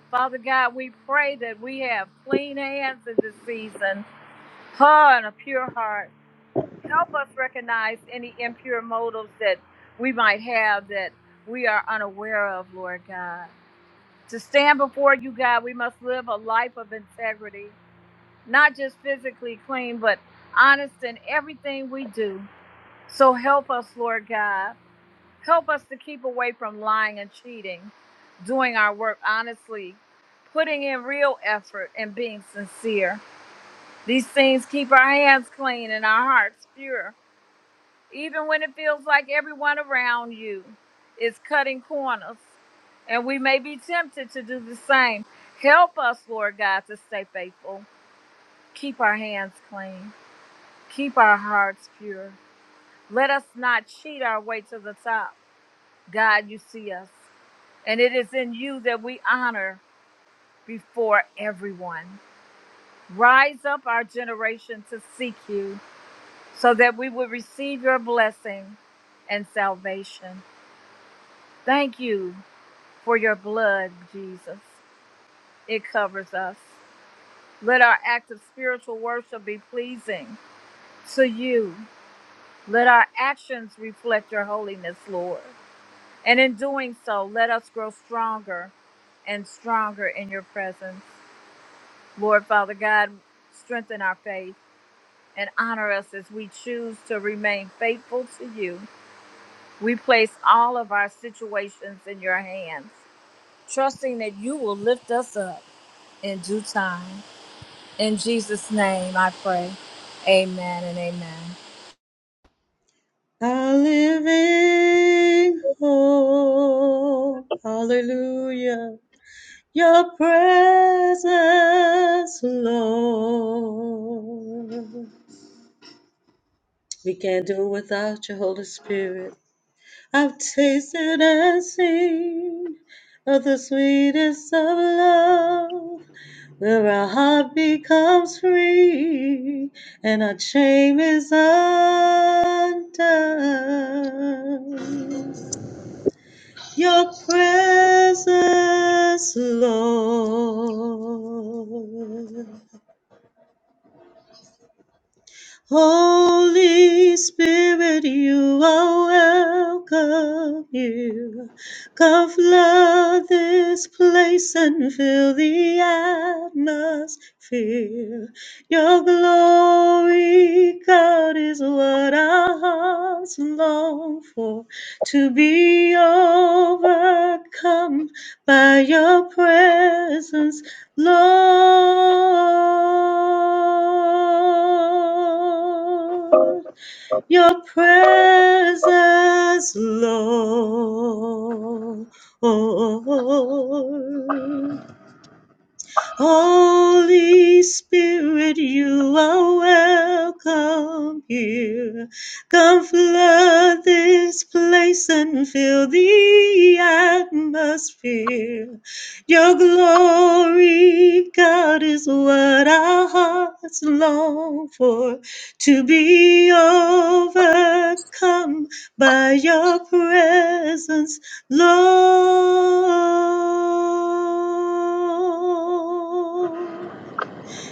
Father God, we pray that we have clean hands in this season, heart, and a pure heart. help us recognize any impure motives that we might have that we are unaware of, Lord God. To stand before you, God, we must live a life of integrity, not just physically clean, but honest in everything we do. So help us, Lord God. Help us to keep away from lying and cheating, doing our work honestly, putting in real effort, and being sincere. These things keep our hands clean and our hearts pure even when it feels like everyone around you is cutting corners. And we may be tempted to do the same. Help us, Lord God, to stay faithful. Keep our hands clean. Keep our hearts pure. Let us not cheat our way to the top. God, you see us. And it is in you that we honor before everyone. Rise up our generation to seek you so that we will receive your blessing and salvation. Thank you for your blood, Jesus. It covers us. Let our act of spiritual worship be pleasing to you. Let our actions reflect your holiness, Lord. And in doing so, let us grow stronger and stronger in your presence. Lord Father God, strengthen our faith and honor us as we choose to remain faithful to you. We place all of our situations in your hands, trusting that you will lift us up. in due time. In Jesus' name I pray. Amen and amen.
A living hope. Hallelujah. Your presence, Lord. We can't do it without your Holy Spirit. I've tasted and seen of the sweetest of love, where our heart becomes free and our chain is undone. Your presence, Lord. Holy Spirit, you are welcome here. Come flood this place and fill the atmosphere. Your glory, God, is what our hearts long for to be overcome by your presence, Lord. Your presence, Lord. Holy Spirit, you are welcome here. Come flood this place and fill the atmosphere. Your glory, God, is what our hearts long for. To be overcome by your presence Lord,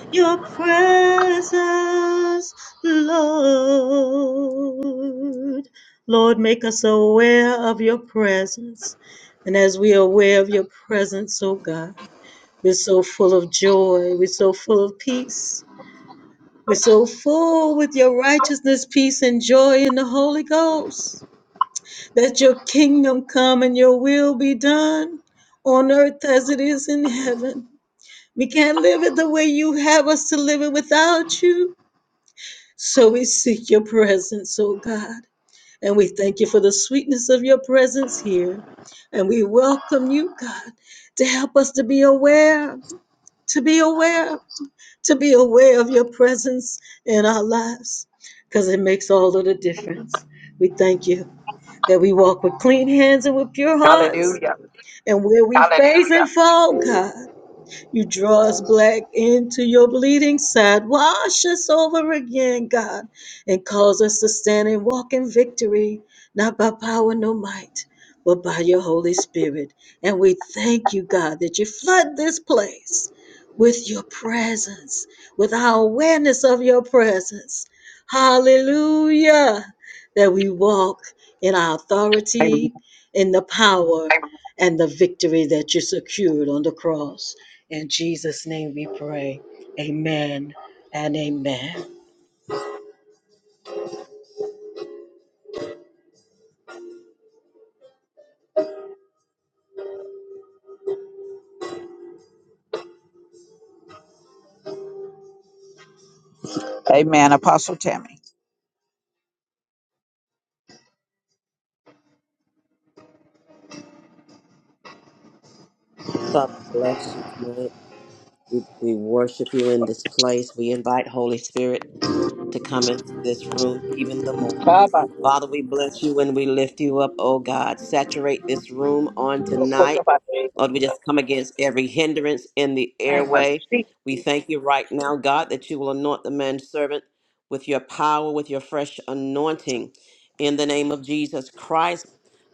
your presence, Lord. Lord, make us aware of your presence. And as we are aware of your presence, oh God, we're so full of joy, we're so full of peace, we're so full with your righteousness, peace, and joy in the Holy Ghost that your kingdom come and your will be done on earth as it is in heaven. We can't live it the way you have us to live it without you. So we seek your presence, oh God. And we thank you for the sweetness of your presence here. And we welcome you, God, to help us to be aware, to be aware, to be aware of your presence in our lives, because it makes all of the difference. We thank you that we walk with clean hands and with pure hearts and where we Hallelujah. facing fall, God. You draw us black into your bleeding side. Wash us over again, God, and cause us to stand and walk in victory, not by power nor might, but by your Holy Spirit. And we thank you, God, that you flood this place with your presence, with our awareness of your presence. Hallelujah. That we walk in our authority, in the power, and the victory that you secured on the cross. In Jesus' name we pray. Amen and amen.
Amen. Apostle Tammy.
bless you tonight. We, we worship you in this place. We invite Holy Spirit to come into this room even the more.
Baba,
Father, we bless you and we lift you up, oh God. Saturate this room on
name
tonight. Lord, we just come against every hindrance in the
of
airway. We thank you right now, God, that you will anoint the man's servant with your power, with your fresh anointing in the name of Jesus Christ.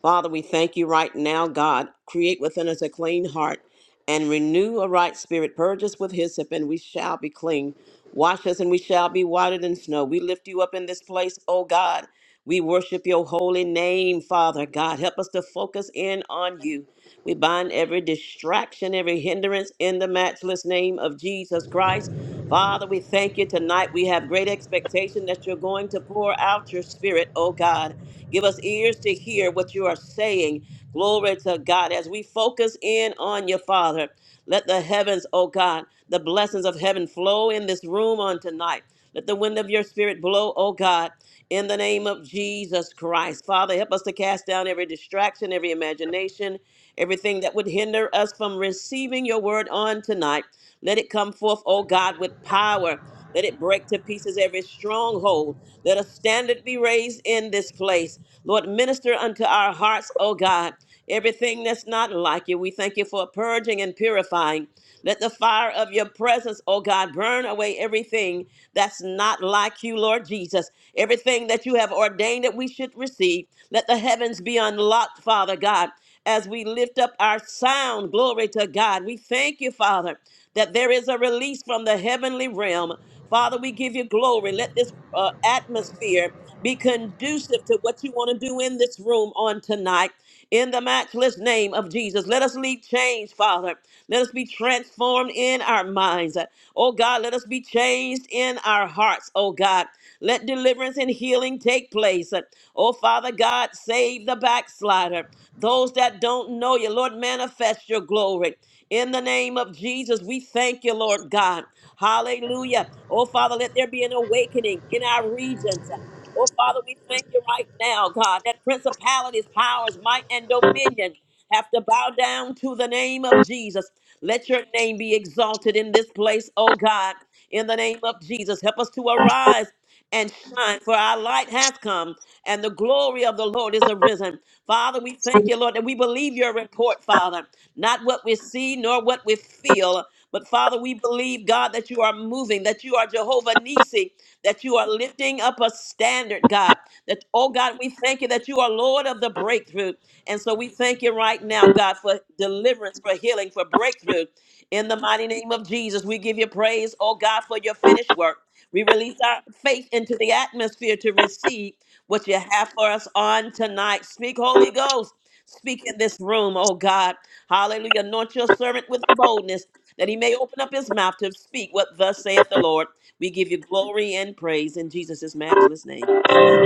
Father, we thank you right now, God. Create within us a clean heart and renew a right spirit. Purge us with hyssop, and we shall be clean. Wash us, and we shall be whiter than snow. We lift you up in this place, oh God. We worship your holy name, Father God. Help us to focus in on you. We bind every distraction, every hindrance in the matchless name of Jesus Christ. Father, we thank you tonight. We have great expectation that you're going to pour out your spirit, oh God. Give us ears to hear what you are saying. Glory to God. As we focus in on you, Father, let the heavens, oh God, the blessings of heaven flow in this room on tonight. Let the wind of your spirit blow, oh God in the name of Jesus Christ. Father, help us to cast down every distraction, every imagination, everything that would hinder us from receiving your word on tonight. Let it come forth, oh God, with power. Let it break to pieces every stronghold. Let a standard be raised in this place. Lord, minister unto our hearts, oh God, everything that's not like you. We thank you for purging and purifying. Let the fire of your presence, oh God, burn away everything that's not like you, Lord Jesus. Everything that you have ordained that we should receive. Let the heavens be unlocked, Father God, as we lift up our sound. Glory to God. We thank you, Father, that there is a release from the heavenly realm. Father, we give you glory. Let this uh, atmosphere be conducive to what you want to do in this room on tonight. In the matchless name of Jesus, let us leave changed, Father. Let us be transformed in our minds. Oh God, let us be changed in our hearts. Oh God, let deliverance and healing take place. Oh Father God, save the backslider. Those that don't know you, Lord, manifest your glory. In the name of Jesus, we thank you, Lord God. Hallelujah. Oh Father, let there be an awakening in our regions. Oh, Father, we thank you right now, God, that principalities, powers, might, and dominion have to bow down to the name of Jesus. Let your name be exalted in this place, oh God. In the name of Jesus, help us to arise and shine, for our light has come, and the glory of the Lord is arisen. Father, we thank you, Lord, that we believe your report, Father, not what we see nor what we feel, but Father, we believe, God, that you are moving, that you are Jehovah Nisi, that you are lifting up a standard, God. That, oh God, we thank you that you are Lord of the breakthrough. And so we thank you right now, God, for deliverance, for healing, for breakthrough. In the mighty name of Jesus, we give you praise, oh God, for your finished work. We release our faith into the atmosphere to receive what you have for us on tonight. Speak, Holy Ghost. Speak in this room, oh God. Hallelujah. Anoint your servant with boldness that he may open up his mouth to speak what thus saith the Lord. We give you glory and praise in Jesus' matchless name. Amen.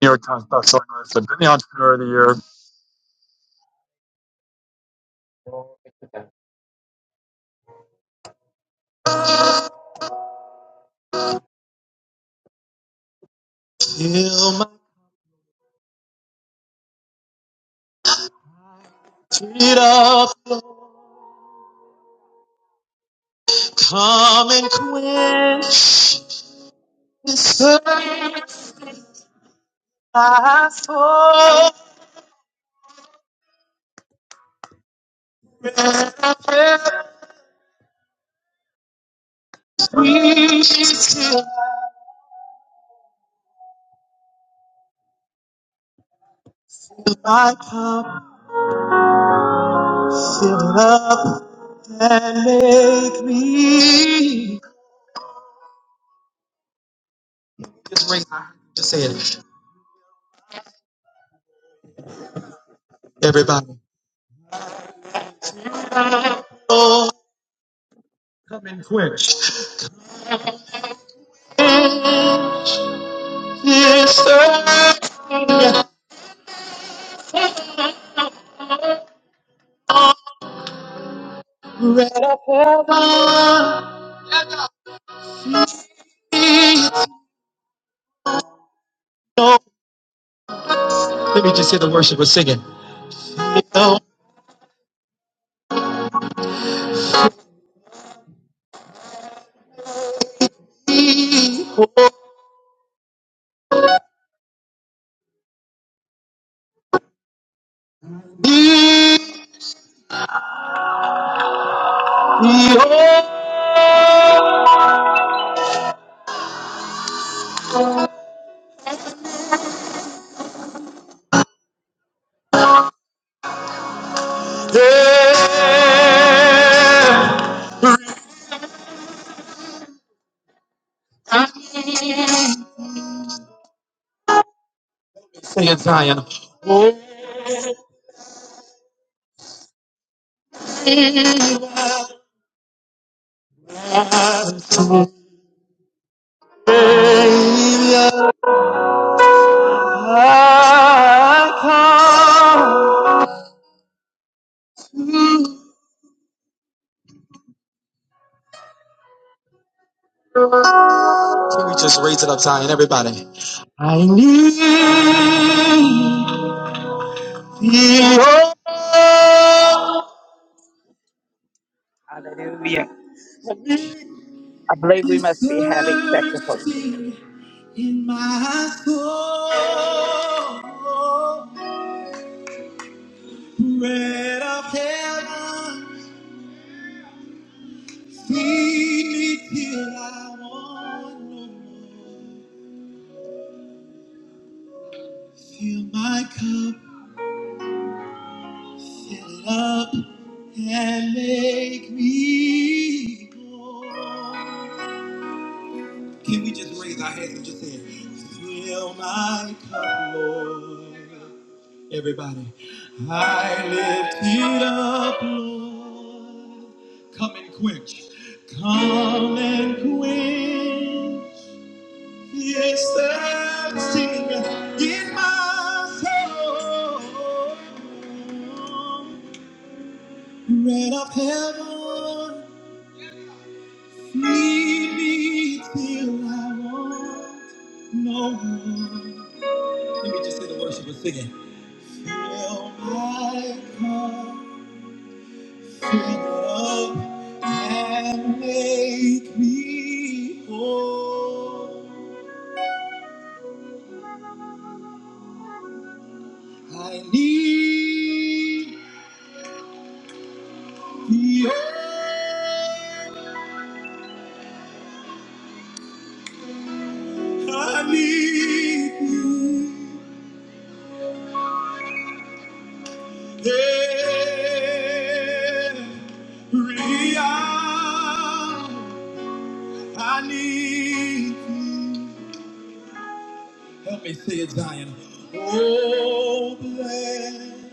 New York Times bestselling list. I've been the entrepreneur of the year. Fill my feet up, come and quench this thirst I saw every still. fill my cup, fill it up and make me. Just ring, just say it, everybody. Come and quench. Quench this thirst. Let up heaven be your- Let me just hear the worship. We're singing. Yo, Sing it, Zion. Savior, I come. Can we just raise it up, Zion, everybody? I need your Hallelujah. I believe we
is
must be having technical.
thirsty in my soul. Bread of heaven, feed me till I want no more. Fill my cup, fill it up, and make me whole. Can we just raise our hands and just say, Fill my cup, Lord? Everybody, I lift it up, Lord. Come and quench. Come and quench the thirsting in my soul. Bread of heaven, feed me till I want no more. Let me just hear the worship singing. Fill my cup, fill it up, and make me whole. I need thee, oh, I need thee every hour. I need thee. Help me say it, Zion. Oh, bless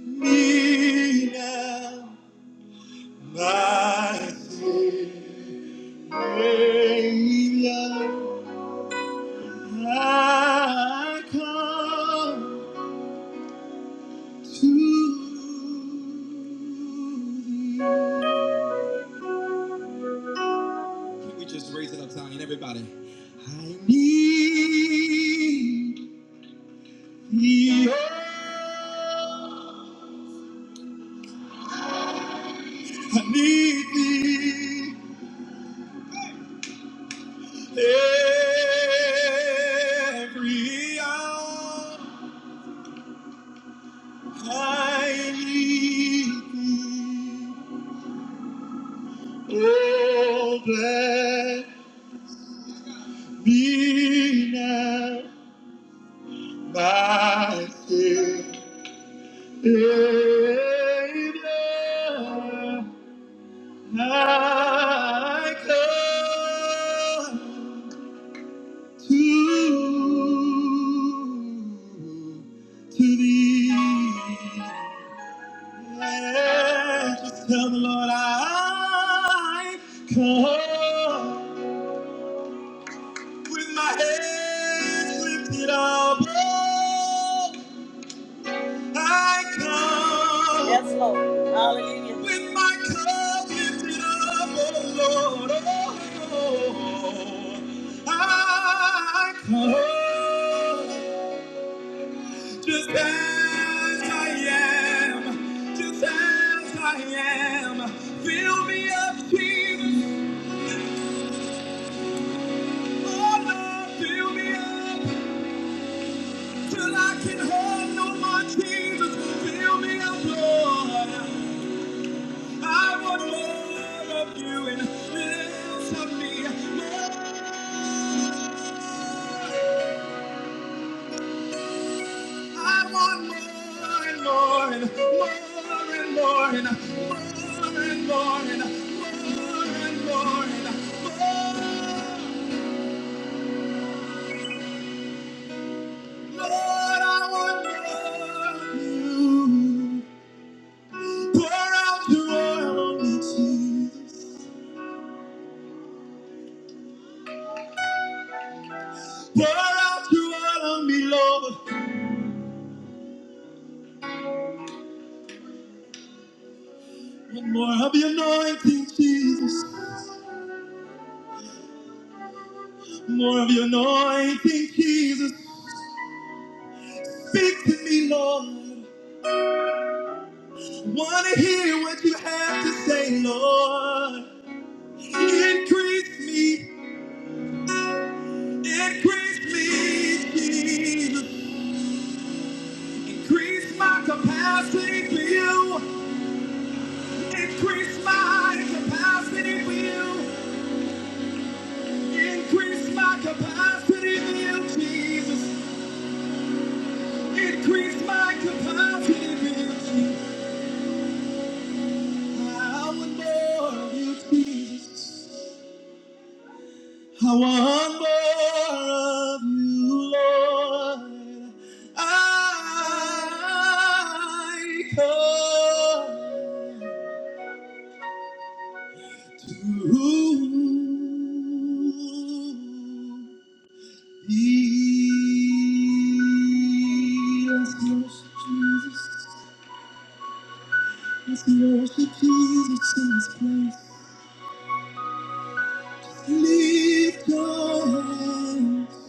me now, my Savior. I come to thee. Can we just raise it up, Zion, everybody? I need thee. oh, I need thee. Every hour I need thee. Oh, blessed be now my Savior. I come to, to thee. Just tell the Lord I come with my hands lifted up. Oh, I come. Yes, Lord. Hallelujah. With my cup lifted up, oh Lord. Oh, oh, oh, I come. Just as I am, just as I am, fill me up, Jesus. Oh Lord, fill me up till I can hold no more, Jesus. Fill me up, Lord. I want more of you and less of me. More I want more and more and more and more and more and more and more and more and more. Lord, I want more of you. Pour out your oil on me, Jesus. Pour out your oil on me, Lord. And more of your anointing, Jesus. More of your anointing, Jesus. Speak to me, Lord. Want to hear what you have to say, Lord. Increase me, increase me, Jesus. Increase my capacity for you. Increase my capacity for you. Increase my capacity for you, Jesus. Increase my capacity for you, Jesus. I want more of you, Jesus. I want more of you, Lord. I come to thee. Let's worship Jesus. Let's worship Jesus in this place. Lift your hands,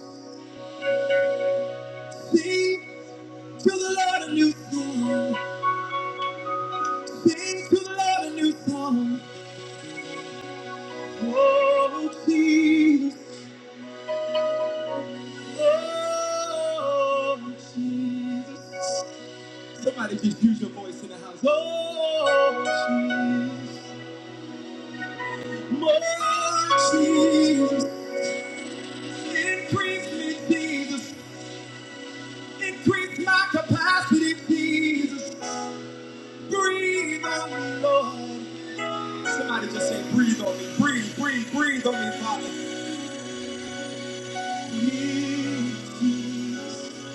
sing to the Lord a new song. Sing to the Lord a new song. Oh, Jesus. Oh, Jesus. Somebody just use your voice in the house. Oh, Jesus. Oh, Jesus. Increase me, Jesus. Increase my capacity, Jesus. Breathe on me, Lord. Somebody just say, breathe on me. Breathe, breathe, breathe on me, Father. Breathe, Jesus.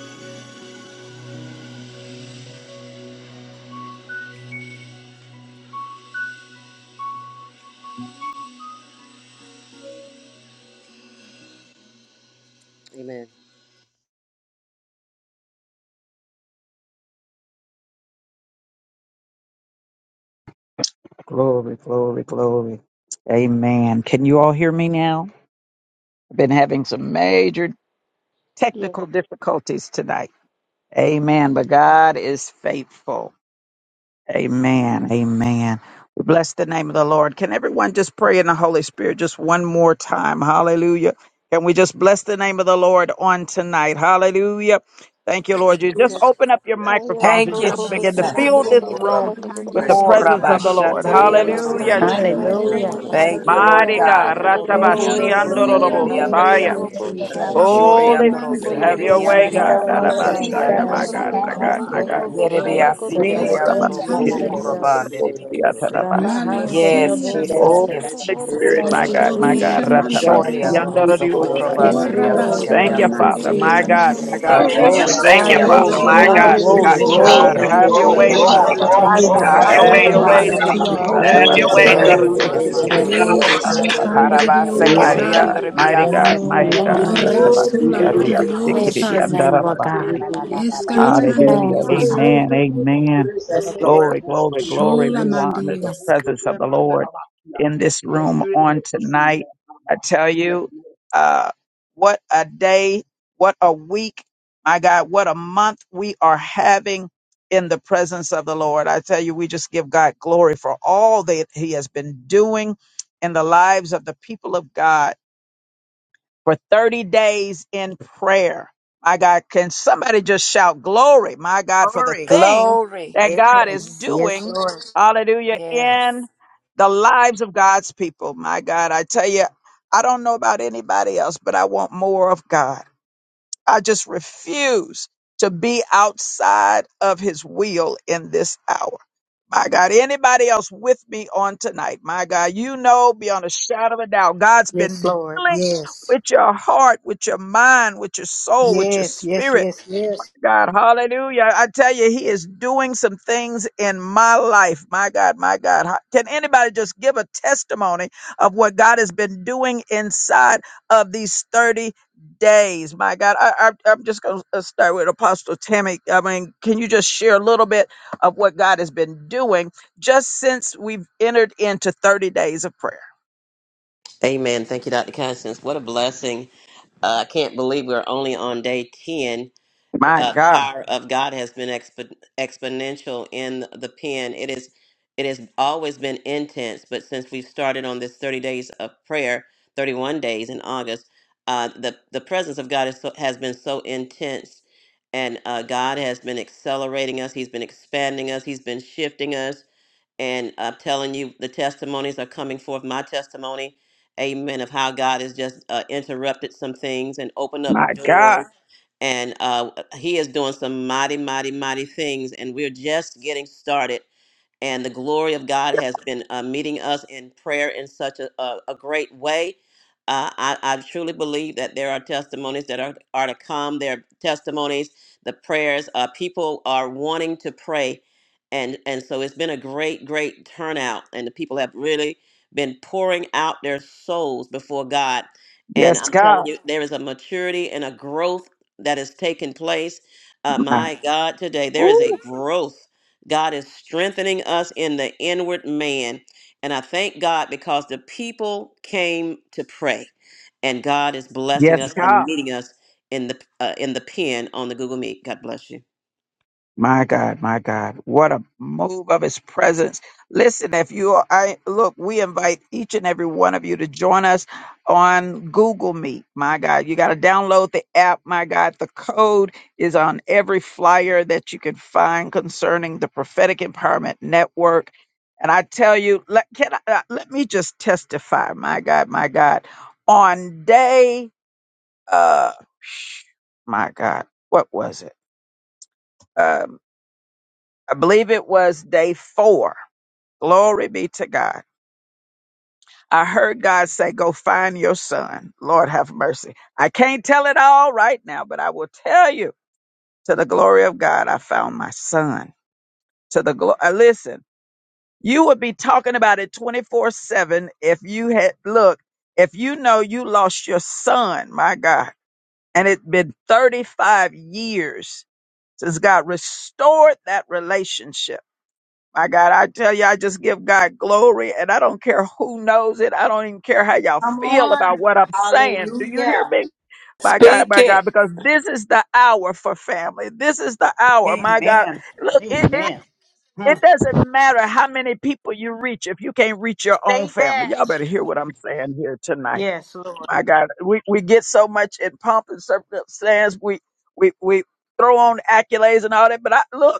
Amen.
Glory, glory, glory. Amen. Can you all hear me now? I've been having some major
Yes.
technical difficulties tonight. Amen. But God is faithful. Amen. Amen. We bless the name of the Lord. Can everyone just pray in the Holy Spirit just one more time? Hallelujah. Can we just bless the name of the Lord on tonight? Hallelujah. Thank you, Lord. You just open up your microphones
Ayana
and
Thank you,
just begin to
korabasura
Gorgoshana
fill
Jesus.
this
mandio
room
la
Gorgatana
with the
mandio
Gorgana.
presence of the
saya
Lord.
Ayana
Hallelujah. Jesus.
Korabashatariandoroseke.
Gorgoshana
Thank
istantandirio
Hallelujah.
you,
sa
Thank
Gorgatana
you,
Jesus.
Lord
Hallelujah.
Mighty
God.
God.
Gorgoshana
Hallelujah.
Gorgana.
Oh,
malesia
glory.
Ayana
Ratabashiandorobosaya.
Hallelujah,
rabosi
Oribeandorosekerebeandoriasi.
Gorgoshana
Jesus.
shahusha
Holy
Gorgatana
Spirit, have
mandrebe
your
Yes,
se
Jehovah,
way,
Gorgana.
God.
hallelujah,
korabasura
Ratabashaya.
Ayana
My
Messiah.
God,
mandio
my
Shoriandorosekerebeandoriasikirebeandoroseke.
la
God,
Gorgatana
my
mandio
God.
Oh,
Gorgoshana
glory to God.
Gorgana.
Thank
Orabasi,
you,
kiri
istantandirio sa
Jesus.
Yerebeasikereandorosokorabandedebekise.
Rabba,
atarabasi.
hallelujah,
malesia
Yes,
rabosi
Jesus.
Oh,
Messiah.
Ayana
Yes,
Holy
Jesus.
Spirit,
Yes,
Thank
my
you,
God,
Gorgoshana
my
Jesus.
shahusha
God,
Jesus.
Gorgatana
Yes,
mandrebe
ratabasi,
se
God.
Gorgana.
andaradiosha.
Yes, Lord.
Ayana
Thank
korabasura
you,
Thank you,
Father,
mandio
Shoriandorosokorabanderiasikereandoroseke.
my
la
Gorgoshana
God, my
Jesus.
mandio
God.
Thank you,
Ramapura
Gorgatana
Yes,
Glory,
thank
Jesus.
bakanda
you,
glory,
Thank
rada
you,
Father.
glory,
Shorusha
Gorgoshana
Hallelujah.
My
basuri
glory,
God.
rada
Mandrebe,
God,
glory,
Gorgana.
Hallelujah,
bukura
you
Lord,
glory.
God.
move
we give
Have
you
your
Glory,
way,
glory
Ayana
and
Jesus.
Rabba,
honor.
Ramata
glory,
di
hallelujah,
glory.
Gorgatana
Have
yara
your
rada
Have
way,
Shola
your
Messiah.
way,
Gorgoshana
basuri
Mandio
Harabakurabanderebekisiriantarose.
Father.
to your
Jesus.
holy,
Gorgana.
Glory
Ratabashi,
to
majestic
God.
name.
Yes,
Oya
andaradiosha,
yes,
no
Ramata
Jesus.
sura
koroko
nita
na
kiridiatarabasi.
rada
karaka
basuri
kana
Escantandrio
rada rada
Mighty
koroko
Saya.
God, mighty God,
Karabasekerebeanderebeasi.
Mm,
mighty God.
thank you,
Rabukura
Jesus.
Ratabasi,
Narasula
mukura ramata
ariasi,
Mandio
Thank you,
pasi
Bless your
Saya.
Jesus.
rada
name, Lord
kiridiandarabasi.
God. Thank
Hallelujah.
Escantandrio
you,
rada
Saya.
Father.
Have
Amen.
your
basuri
way.
Amen.
Lord.
Glory, glory, glory.
Shola
We want to honor
Mandie.
the
Yes, God.
presence of the Lord in this room on tonight. I tell you, uh, what a day, what a week, my God, what a month we are having in the presence of the Lord. I tell you, we just give God glory for all that He has been doing in the lives of the people of God for 30 days in prayer. My God, can somebody just shout glory, my God, for the
Glory.
thing
Glory.
that God is
Yes, yes,
doing,
Lord.
hallelujah, in
Yes.
the lives of God's people. My God, I tell you, I don't know about anybody else, but I want more of God. I just refuse to be outside of his will in this hour. My God, anybody else with me on tonight? My God, you know beyond a shadow of a doubt, God's
Yes,
been
Lord.
dealing
Yes.
with your heart, with your mind, with your soul, with your
Yes, yes,
spirit.
yes, yes.
God. Hallelujah. I tell you, He is doing some things in my life. My God, my God. Ha- Can anybody just give a testimony of what God has been doing inside of these 30 days? My God, I, I, I'm just going to start with Apostle Tammy. I mean, can you just share a little bit of what God has been doing just since we've entered into 30 days of prayer?
Amen. Thank you, Dr. Constance. What a blessing. Uh, I can't believe we're only on day 10
My
uh,
God.
power of God has been expo- exponential in the pen. It is, it has always been intense, but since we've started on this 30 days of prayer, 31 days in August, uh, the the presence of God is so, has been so intense, and uh, God has been accelerating us. He's been expanding us. He's been shifting us and I'm telling you, the testimonies are coming forth. My testimony, amen, of how God has just uh, interrupted some things and opened up
My God.
doors. And uh, He is doing some mighty, mighty, mighty things. And we're just getting started and the glory of God has been uh, meeting us in prayer in such a, a, a great way. Uh, I, I truly believe that there are testimonies that are, are to come. There are testimonies, the prayers. Uh, people are wanting to pray. And, and so it's been a great, great turnout. And the people have really been pouring out their souls before God. And
Yes,
I'm telling
God.
you, there is a maturity and a growth that is taking place. Uh,
My,
my God, today, there
Ooh.
is a growth. God is strengthening us in the inward man. And I thank God because the people came to pray, and God is blessing
Yes,
us
God.
and meeting us in the uh, in the pen on the Google Meet. God bless you.
My God, my God, what a move of his presence. Listen, if you are, I look, we invite each and every one of you to join us on Google Meet. My God, you got to download the app. My God, the code is on every flyer that you can find concerning the Prophetic Empowerment Network. And I tell you, let, can I, uh, let me just testify. My God, my God, on day, uh, my God, what was it? Uh, I believe it was day four. Glory be to God. I heard God say, Go find your son. Lord have mercy. I can't tell it all right now, but I will tell you to the glory of God, I found my son. To the glory. Listen, you would be talking about it 24 7 if you had, look, if you know you lost your son, my God, and it's been 35 years since God restored that relationship. My God, I tell you, I just give God glory and I don't care who knows it. I don't even care how y'all
Come
feel about
on.
what I'm saying. Do you hear
Hallelujah.
me? My God,
Speak
my
it.
God, because this is the hour for family. This is the hour. My God,
Amen.
look, it, it,
Amen. Hmm.
it doesn't matter how many people you reach if you can't reach your own
Say
family.
that.
Y'all better hear what I'm saying here tonight.
Yes, Lord.
My God, we, we get so much in pomp and circumstance. We, we, we throw on accolades and all that. But I look.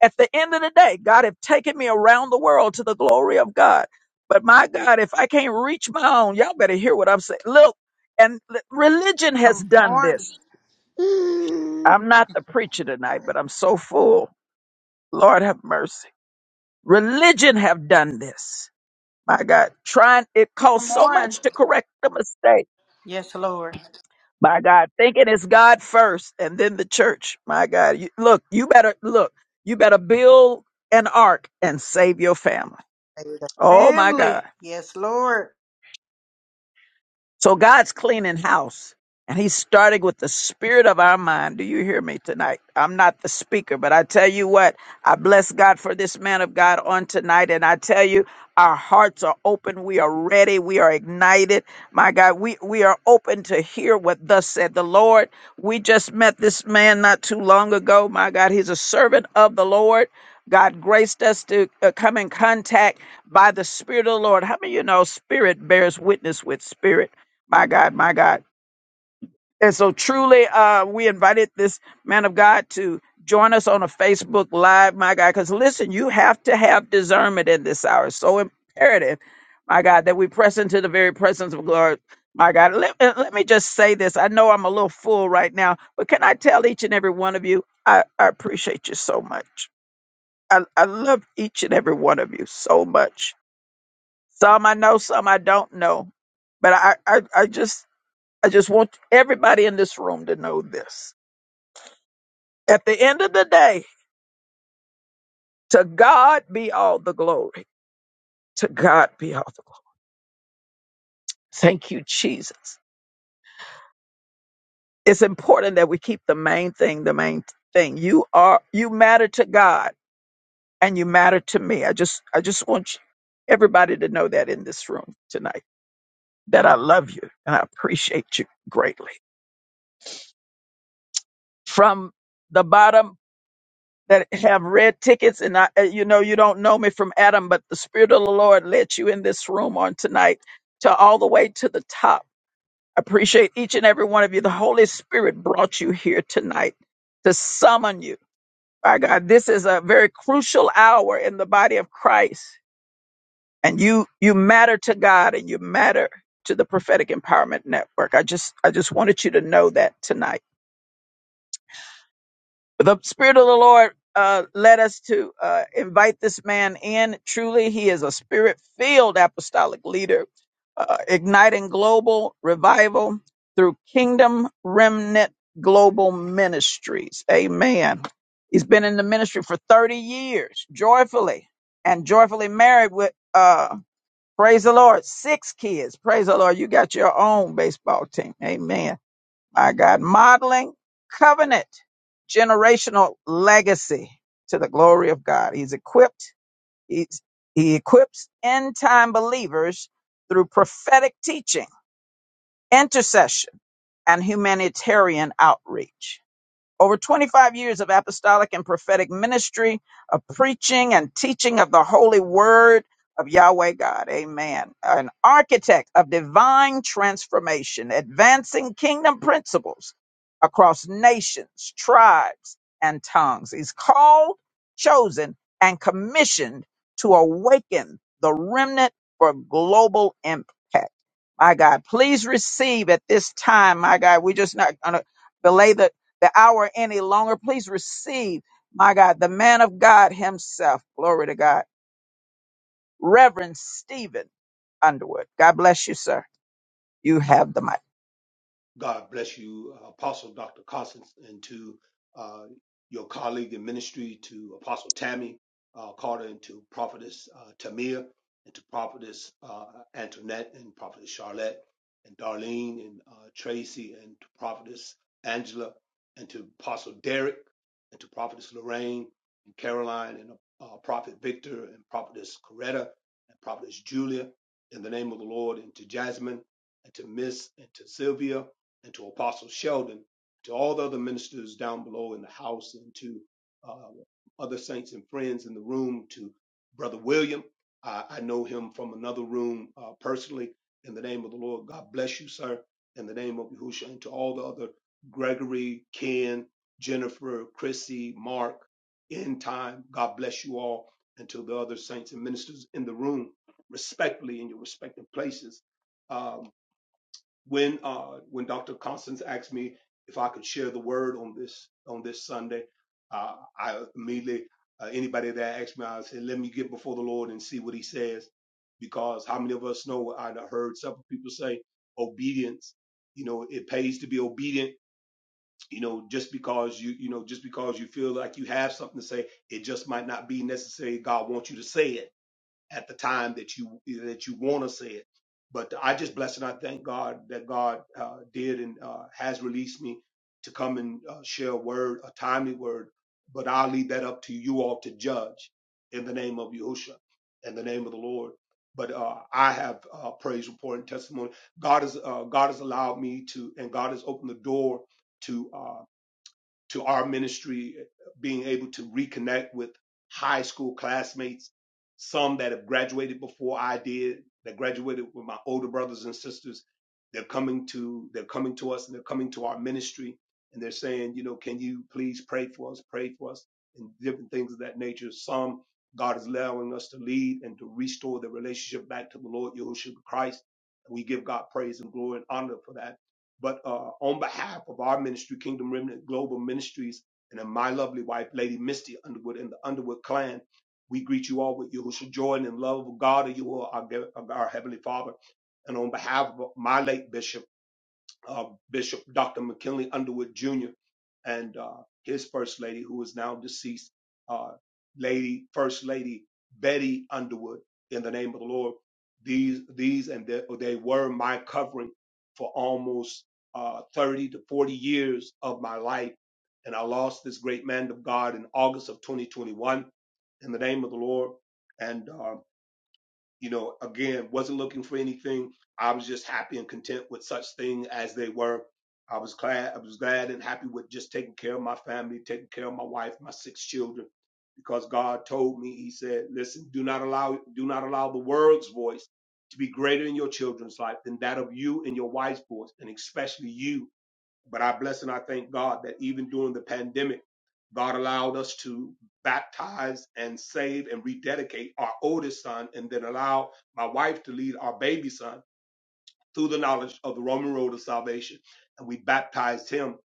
At the end of the day, God have taken me around the world to the glory of God. But my God, if I can't reach my own, y'all better hear what I'm saying. Look, and l- religion has
Come
done
on.
this.
Mm.
I'm not the preacher tonight, but I'm so full. Lord have mercy. Religion have done this. My God, trying it costs
Come
so
on.
much to correct the mistake.
Yes, Lord.
My God, thinking it's God first and then the church. My God, you, look, you better look, you better build an ark and save your family. Oh my God.
Family. Yes, Lord.
So God's cleaning house and he's starting with the spirit of our mind. Do you hear me tonight? I'm not the speaker, but I tell you what, I bless God for this man of God on tonight. And I tell you, our hearts are open. We are ready. We are ignited. My God, we, we are open to hear what thus said the Lord. We just met this man not too long ago. My God, he's a servant of the Lord. God graced us to uh, come in contact by the Spirit of the Lord. How many of you know spirit bears witness with spirit? My God, my God. And so truly, uh, we invited this man of God to join us on a Facebook Live, my God, because listen, you have to have discernment in this hour. So imperative, my God, that we press into the very presence of glory. My God, let, uh, let me just say this. I know I'm a little full right now, but can I tell each and every one of you, I, I appreciate you so much. I, I love each and every one of you so much. Some I know, some I don't know. But I, I, I just I just want everybody in this room to know this. At the end of the day, to God be all the glory. To God be all the glory. Thank you, Jesus. It's important that we keep the main thing, the main thing. You are you matter to God and you matter to me. I just I just want you, everybody to know that in this room tonight. That I love you and I appreciate you greatly. From the bottom that have red tickets and I, uh, you know you don't know me from adam but the spirit of the lord led you in this room on tonight to all the way to the top I appreciate each and every one of you the holy spirit brought you here tonight to summon you my god this is a very crucial hour in the body of christ and you you matter to god and you matter to the prophetic empowerment network i just i just wanted you to know that tonight the spirit of the lord uh, led us to uh, invite this man in truly he is a spirit filled apostolic leader uh, igniting global revival through kingdom remnant global ministries amen he's been in the ministry for 30 years joyfully and joyfully married with uh, praise the lord six kids praise the lord you got your own baseball team amen my God, modeling covenant, generational legacy to the glory of God. He's equipped, he's, he equips end time believers through prophetic teaching, intercession, and humanitarian outreach. Over 25 years of apostolic and prophetic ministry, of preaching and teaching of the holy word of Yahweh God. Amen. An architect of divine transformation, advancing kingdom principles across nations, tribes, and tongues. He's called, chosen, and commissioned to awaken the remnant for global impact. My God, please receive at this time, my God, we're just not going to belay the the hour any longer. Please receive, my God, the man of God himself. Glory to God. Reverend Stephen Underwood. God bless you, sir. You have the mic.
God bless you, uh, Apostle Dr. Constance, and to uh, your colleague in ministry, to Apostle Tammy uh, Carter, and to Prophetess uh, Tamir, and to Prophetess uh, Antoinette, and Prophetess Charlotte, and Darlene, and uh, Tracy, and to Prophetess Angela, and to Apostle Derek, and to Prophetess Lorraine, and Caroline, and uh, Prophet Victor, and Prophetess Coretta, and Prophetess Julia, in the name of the Lord, and to Jasmine, and to Miss, and to Sylvia and to Apostle Sheldon, to all the other ministers down below in the house, and to uh, other saints and friends in the room, to Brother William. I, I know him from another room uh, personally. In the name of the Lord, God bless you, sir. In the name of Yahushua, and to all the other Gregory, Ken, Jennifer, Chrissy, Mark, end time, God bless you all, and to the other saints and ministers in the room, respectfully in your respective places. Um, when uh, when Dr. Constance asked me if I could share the word on this on this Sunday, uh, I immediately uh, anybody that asked me, I said, "Let me get before the Lord and see what He says," because how many of us know? I done heard several people say, "Obedience, you know, it pays to be obedient." You know, just because you you know just because you feel like you have something to say, it just might not be necessary. God wants you to say it at the time that you that you want to say it. But I just bless and I thank God that God uh, did and uh, has released me to come and uh, share a word, a timely word. But I'll leave that up to you all to judge in the name of Yahushua, in the name of the Lord. But uh, I have uh, praise report and testimony. God has uh, God has allowed me to, and God has opened the door to. Uh, to our ministry, being able to reconnect with high school classmates, some that have graduated before I did, that graduated with my older brothers and sisters. They're coming to they're coming to us and they're coming to our ministry and they're saying, you know, can you please pray for us, pray for us, and different things of that nature. Some God is allowing us to lead and to restore the relationship back to the Lord Yahushua Christ. We give God praise and glory and honor for that but uh, on behalf of our ministry, Kingdom Remnant Global Ministries, and of my lovely wife, Lady Misty Underwood, and the Underwood clan, we greet you all with Yahushua joy and in love of God, and you are our, our Heavenly Father. And on behalf of my late bishop, uh, Bishop Dr. McKinley Underwood Jr. and uh, his first lady, who is now deceased, uh, Lady First Lady Betty Underwood. In the name of the Lord, these these and they, they were my covering for almost uh, 30 to 40 years of my life, and I lost this great man of God in August of 2021. In the name of the Lord, and uh, you know again wasn't looking for anything i was just happy and content with such thing as they were i was glad i was glad and happy with just taking care of my family taking care of my wife my six children because god told me he said listen do not allow do not allow the world's voice to be greater in your children's life than that of you and your wife's voice and especially you but I bless and I thank God that even during the pandemic, God allowed us to baptize and save and rededicate our oldest son and then allow my wife to lead our baby son through the knowledge of the Roman road of salvation. And we baptized him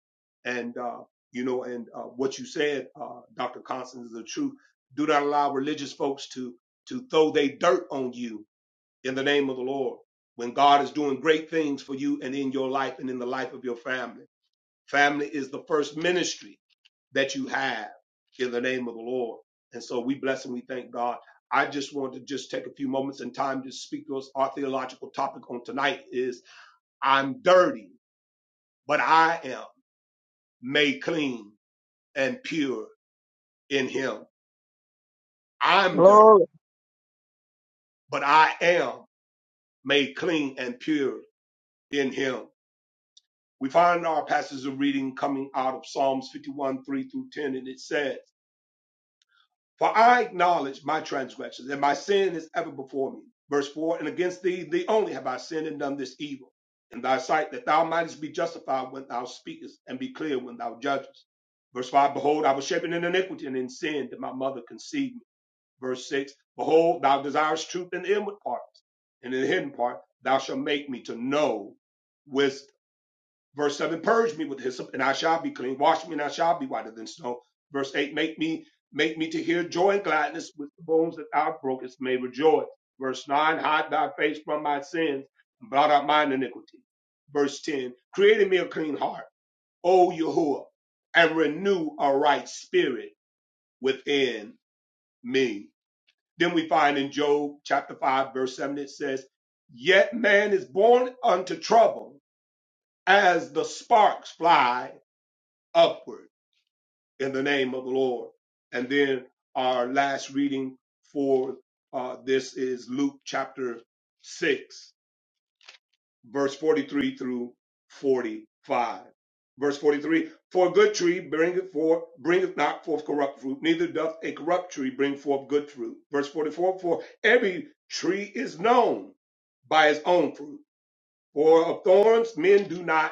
and uh, you know, and uh, what you said, uh, Dr. Constance, is the truth. Do not allow religious folks to to throw their dirt on you in the name of the Lord when God is doing great things for you and in your life and in the life of your family. Family is the first ministry that you have in the name of the Lord. And so we bless and we thank God. I just want to just take a few moments and time to speak to us. Our theological topic on tonight is I'm dirty, but I am made clean and pure in him. I'm dirty,
Glory.
but I am made clean and pure in him. We find our passages of reading coming out of Psalms 51, 3 through 10, and it says, For I acknowledge my transgressions, and my sin is ever before me. Verse 4 And against thee, thee only have I sinned and done this evil in thy sight, that thou mightest be justified when thou speakest, and be clear when thou judgest. Verse 5 Behold, I was shapen in iniquity, and in sin did my mother conceive me. Verse 6 Behold, thou desirest truth in the inward parts, and in the hidden part thou shalt make me to know wisdom. Verse 7, purge me with hyssop, and I shall be clean. Wash me, and I shall be whiter than snow. Verse 8, make me make me to hear joy and gladness with the bones that thou brokest may rejoice. Verse 9, hide thy face from my sins, and blot out mine iniquity. Verse 10, create in me a clean heart, O Yahuwah, and renew a right spirit within me. Then we find in Job chapter 5, verse 7, it says, Yet man is born unto trouble as the sparks fly upward in the name of the Lord. And then our last reading for uh, this is Luke chapter 6, verse 43 through 45. Verse 43 For a good tree bringeth, forth, bringeth not forth corrupt fruit, neither doth a corrupt tree bring forth good fruit. Verse 44 For every tree is known by his own fruit. For of thorns men do not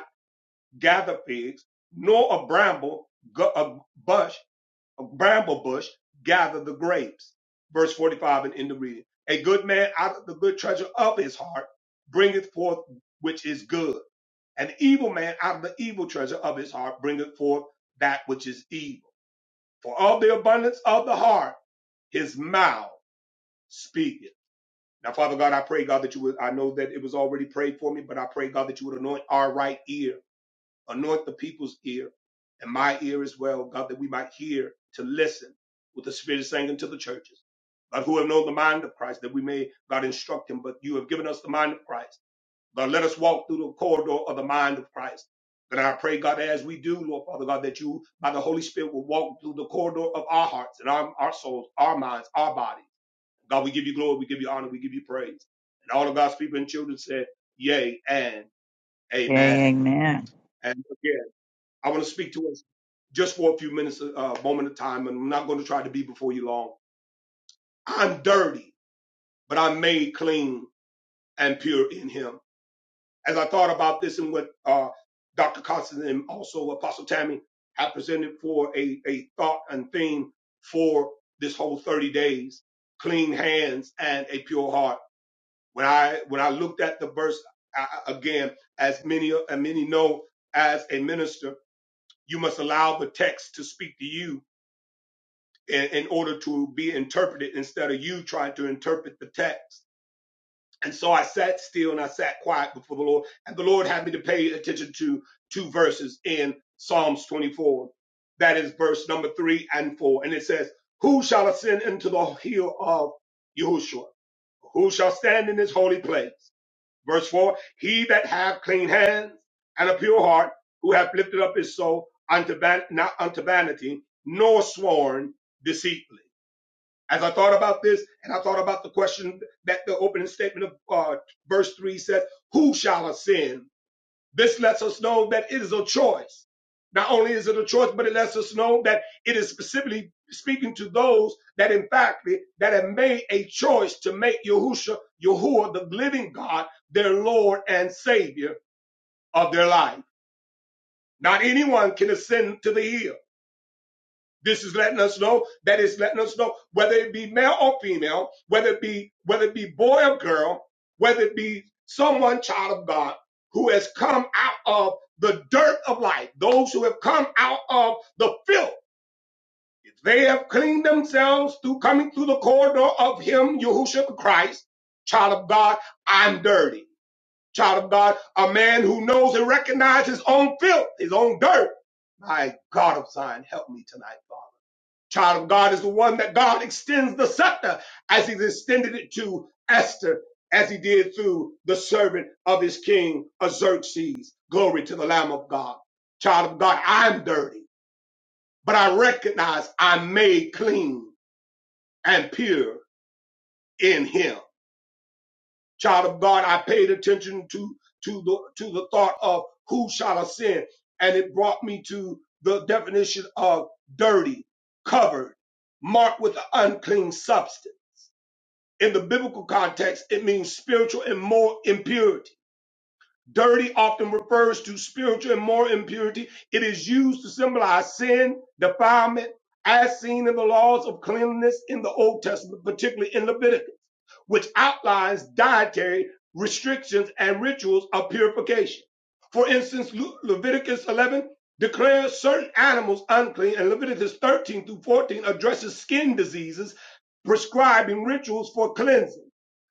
gather figs, nor a bramble gu- a bush bramble bush gather the grapes. Verse 45 and end of reading. A good man out of the good treasure of his heart bringeth forth which is good. An evil man out of the evil treasure of his heart bringeth forth that which is evil. For of the abundance of the heart, his mouth speaketh. Now, Father God, I pray, God, that you would, I know that it was already prayed for me, but I pray, God, that you would anoint our right ear. Anoint the people's ear and my ear as well, God, that we might hear to listen with the Spirit is saying unto the churches. God, who have known the mind of Christ, that we may, God, instruct him, but you have given us the mind of Christ. God, let us walk through the corridor of the mind of Christ. That I pray, God, as we do, Lord Father God, that you, by the Holy Spirit, will walk through the corridor of our hearts and our, our souls, our minds, our bodies. God, we give you glory, we give you honor, we give you praise. And all of God's people and children said, Yea and
Yeah,
Amen.
amen.
And again. I want to speak to us just for a few minutes, a uh, moment of time, and I'm not going to try to be before you long. I'm dirty, but I'm made clean and pure in Him. As I thought about this and what uh, Dr. Constance and also Apostle Tammy have presented for a, a thought and theme for this whole 30 days, clean hands and a pure heart. When I when I looked at the verse I, again, as many and many know, as a minister, you must allow the text to speak to you in, in order to be interpreted instead of you trying to interpret the text. And so I sat still and I sat quiet before the Lord. And the Lord had me to pay attention to two verses in Psalms 24. That is verse number three and four. And it says, Who shall ascend into the hill of Yahushua? Who shall stand in his holy place? Verse four, He that hath clean hands and a pure heart, who hath lifted up his soul unto, van- not unto vanity, nor sworn deceitfully as I thought about this, and I thought about the question that the opening statement of uh, verse 3 says, Who shall ascend? This lets us know that it is a choice. Not only is it a choice, but it lets us know that it is specifically speaking to those that, in fact, that have made a choice to make Yahusha, Yahuwah, the living God, their Lord and Savior of their life. Not anyone can ascend to the hill. This is letting us know that it's letting us know whether it be male or female, whether it be whether it be boy or girl, whether it be someone child of God who has come out of the dirt of life, those who have come out of the filth. If they have cleaned themselves through coming through the corridor of Him, Yahushua Christ, child of God, I'm dirty. Child of God, a man who knows and recognizes his own filth, his own dirt. My God of Zion, help me tonight, Father. Child of God is the one that God extends the scepter as he's extended it to Esther, as he did through the servant of his king, Xerxes. Glory to the Lamb of God. Child of God, I'm dirty, but I recognize I'm made clean and pure in him. Child of God, I paid attention to, to the, to the thought of who shall ascend. And it brought me to the definition of dirty, covered, marked with an unclean substance In the biblical context, it means spiritual and moral impurity. Dirty often refers to spiritual and moral impurity. It is used to symbolize sin, defilement, as seen in the laws of cleanliness in the Old Testament, particularly in Leviticus which outlines dietary restrictions and rituals of purification. For instance, Leviticus 11 declares certain animals unclean, and Leviticus 13 through 14 addresses skin diseases, prescribing rituals for cleansing.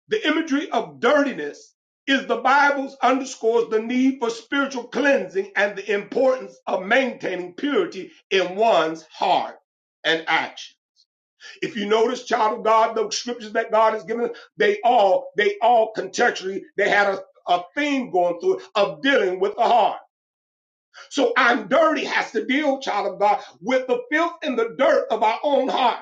The imagery of dirtiness is the Bible's underscores the need for spiritual cleansing and the importance of maintaining purity in one's heart and action. If you notice, child of God, the scriptures that God has given, us, they all, they all contextually, they had a, a theme going through it of dealing with the heart. So I'm dirty has to deal, child of God, with the filth and the dirt of our own heart.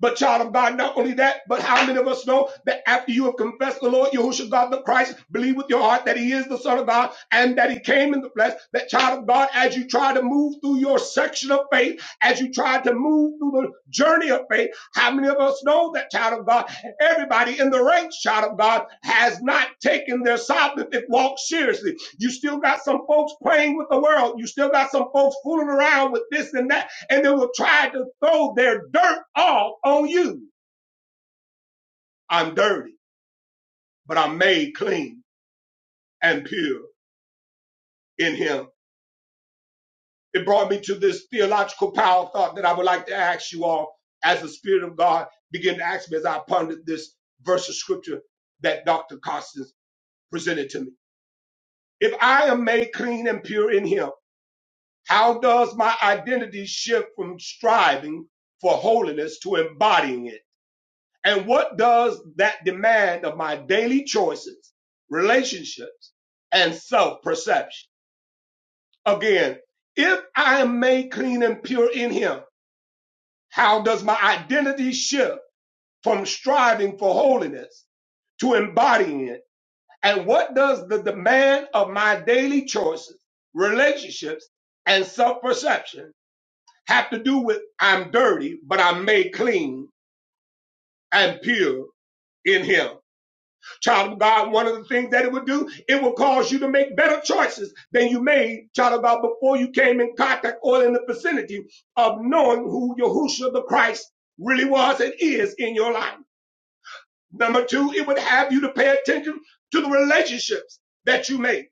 But child of God, not only that, but how many of us know that after you have confessed the Lord Yahushua God the Christ, believe with your heart that he is the Son of God and that he came in the flesh, that child of God, as you try to move through your section of faith, as you try to move through the journey of faith, how many of us know that child of God, everybody in the ranks, child of God, has not taken their salvific walk seriously. You still got some folks playing with the world. You still got some folks fooling around with this and that and they will try to throw their dirt off on you. I'm dirty, but I'm made clean and pure in him. It brought me to this theological power thought that I would like to ask you all as the Spirit of God began to ask me as I pondered this verse of scripture that Dr. Costas presented to me. If I am made clean and pure in him, how does my identity shift from striving for holiness to embodying it? And what does that demand of my daily choices, relationships, and self perception? Again, if I am made clean and pure in Him, how does my identity shift from striving for holiness to embodying it? And what does the demand of my daily choices, relationships, and self perception have to do with I'm dirty, but I'm made clean and pure in Him? Child of God, one of the things that it would do, it will cause you to make better choices than you made, child of God, before you came in contact or in the vicinity of knowing who Yahushua the Christ really was and is in your life. Number two, it would have you to pay attention to the relationships that you make.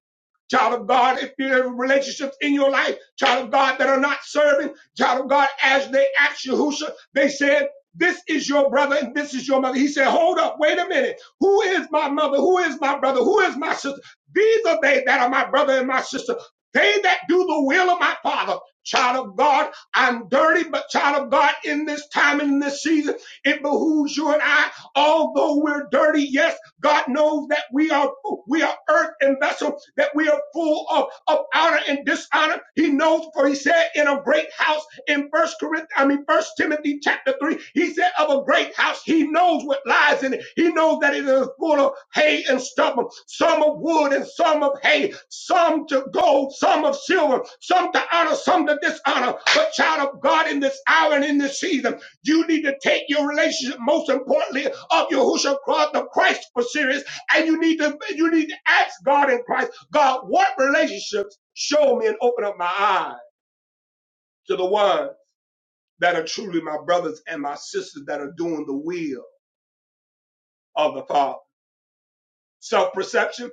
Child of God, if you have relationships in your life, child of God that are not serving, child of God, as they asked Yahusha, they said, this is your brother and this is your mother. He said, hold up, wait a minute. Who is my mother? Who is my brother? Who is my sister? These are they that are my brother and my sister. They that do the will of my father. Child of God, I'm dirty, but child of God, in this time and in this season, it behooves you and I Although we're dirty, yes, God knows that we are we are earth and vessel, that we are full of, of honor and dishonor. He knows, for he said, in a great house in First Corinthians, I mean First Timothy chapter three, he said of a great house, he knows what lies in it. He knows that it is full of hay and stubble, some of wood and some of hay, some to gold, some of silver, some to honor, some to dishonor. But child of God, in this hour and in this season. You need to take your relationship, most importantly, of Yahushua cross the Christ for serious, and you need to you need to ask God in Christ, God, what relationships show me and open up my eyes to the ones that are truly my brothers and my sisters that are doing the will of the Father. Self-perception,